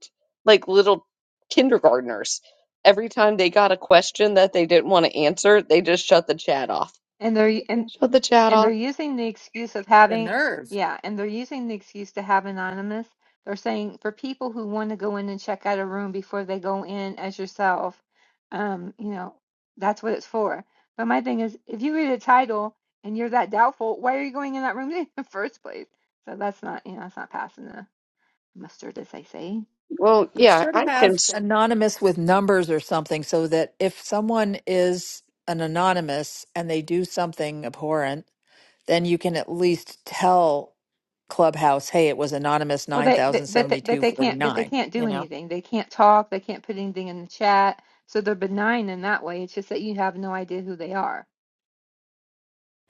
S1: like little kindergartners. Every time they got a question that they didn't want to answer, they just shut the chat off
S4: and and. there and
S1: Oh, the
S4: And
S1: chattel.
S4: they're using the excuse of
S3: the
S4: having,
S3: nerve.
S4: yeah, and they're using the excuse to have anonymous. They're saying for people who want to go in and check out a room before they go in as yourself, um, you know, that's what it's for. But my thing is, if you read a title and you're that doubtful, why are you going in that room in the first place? So that's not, you know, that's not passing the mustard, as they say.
S1: Well,
S3: They
S1: yeah,
S3: should
S1: I can.
S3: have
S1: s-
S3: anonymous with numbers or something so that if someone is an anonymous and they do something abhorrent, then you can at least tell Clubhouse, hey, it was anonymous
S4: Well, they, they but they, but they can't, but they
S3: 907249.
S4: can't
S3: You
S4: do
S3: know,
S4: anything. They can't talk. They can't put anything in the chat. So they're benign in that way. It's just that you have no idea who they are.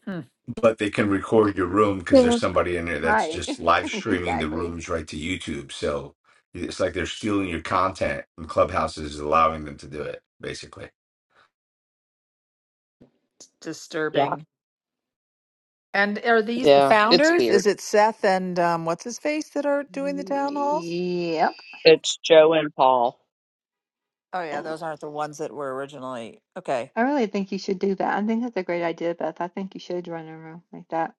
S3: hmm,
S2: But they can record your room because
S1: Yeah,
S2: there's somebody in there that's
S4: Right.
S2: just live streaming the
S4: Exactly.
S2: rooms right to YouTube. So it's like they're stealing your content, and Clubhouse is allowing them to do it, basically.
S1: yeah,
S3: disturbing. And are these the
S1: yeah, it's
S3: founders? Is
S1: weird.
S3: it Seth and um, what's his face that are doing the town halls?
S4: Yep.
S1: It's Joe and Paul
S3: Oh yeah, those aren't the ones that were originally. Okay.
S4: I really think you should do that. I think that's a great idea, Beth. I think you should run a room like that.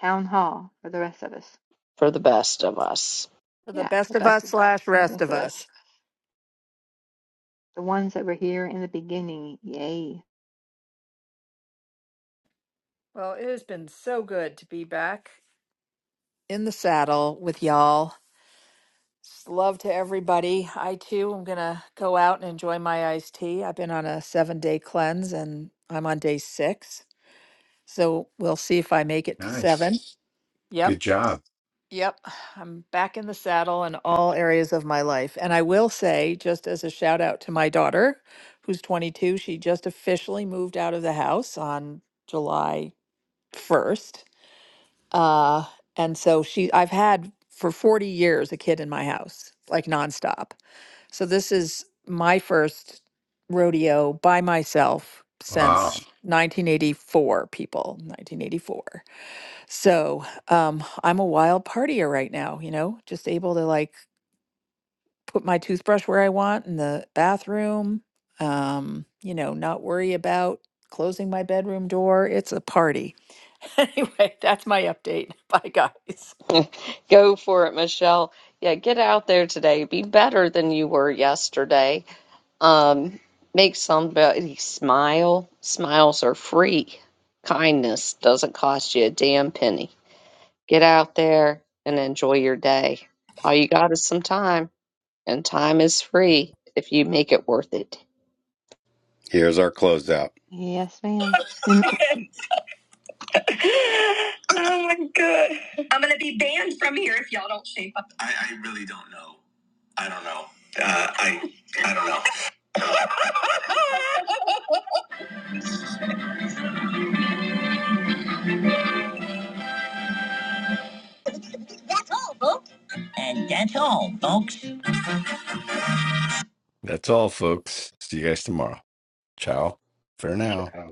S4: Town hall for the rest of us.
S1: for the best of us.
S3: The
S4: Yeah,
S3: best
S4: the
S3: of
S4: best
S3: us
S4: of
S3: slash
S4: the
S3: rest
S4: best
S3: of
S4: of us.
S3: us.
S4: The ones that were here in the beginning. Yay.
S3: Well, it has been so good to be back in the saddle with y'all. Just love to everybody. I too am gonna go out and enjoy my iced tea. I've been on a seven day cleanse and I'm on day six. So we'll see if I make it to
S2: Nice.
S3: seven. Yep.
S2: Good job.
S3: Yep, I'm back in the saddle in all areas of my life. And I will say, just as a shout out to my daughter, who's 22, she just officially moved out of the house on July 1st. Uh, and so she, I've had for 40 years a kid in my house, like nonstop. So this is my first rodeo by myself
S2: Wow.
S3: since 1984, people, 1984. So um, I'm a wild partier right now, you know, just able to like put my toothbrush where I want in the bathroom, um, you know, not worry about closing my bedroom door. It's a party. Anyway, that's my update. Bye, guys.
S1: Go for it, Michelle. Yeah, get out there today. Be better than you were yesterday. Um, make somebody smile. Smiles are free. Kindness doesn't cost you a damn penny. Get out there and enjoy your day. All you got is some time, and time is free if you make it worth it.
S7: Here's our closeout.
S4: Yes, ma'am. And
S7: I'm going to be banned from here if y'all don't shape up. I, I, I don't know. And that's all, folks.
S2: That's all, folks. See you guys tomorrow. Ciao for now.
S8: Ciao.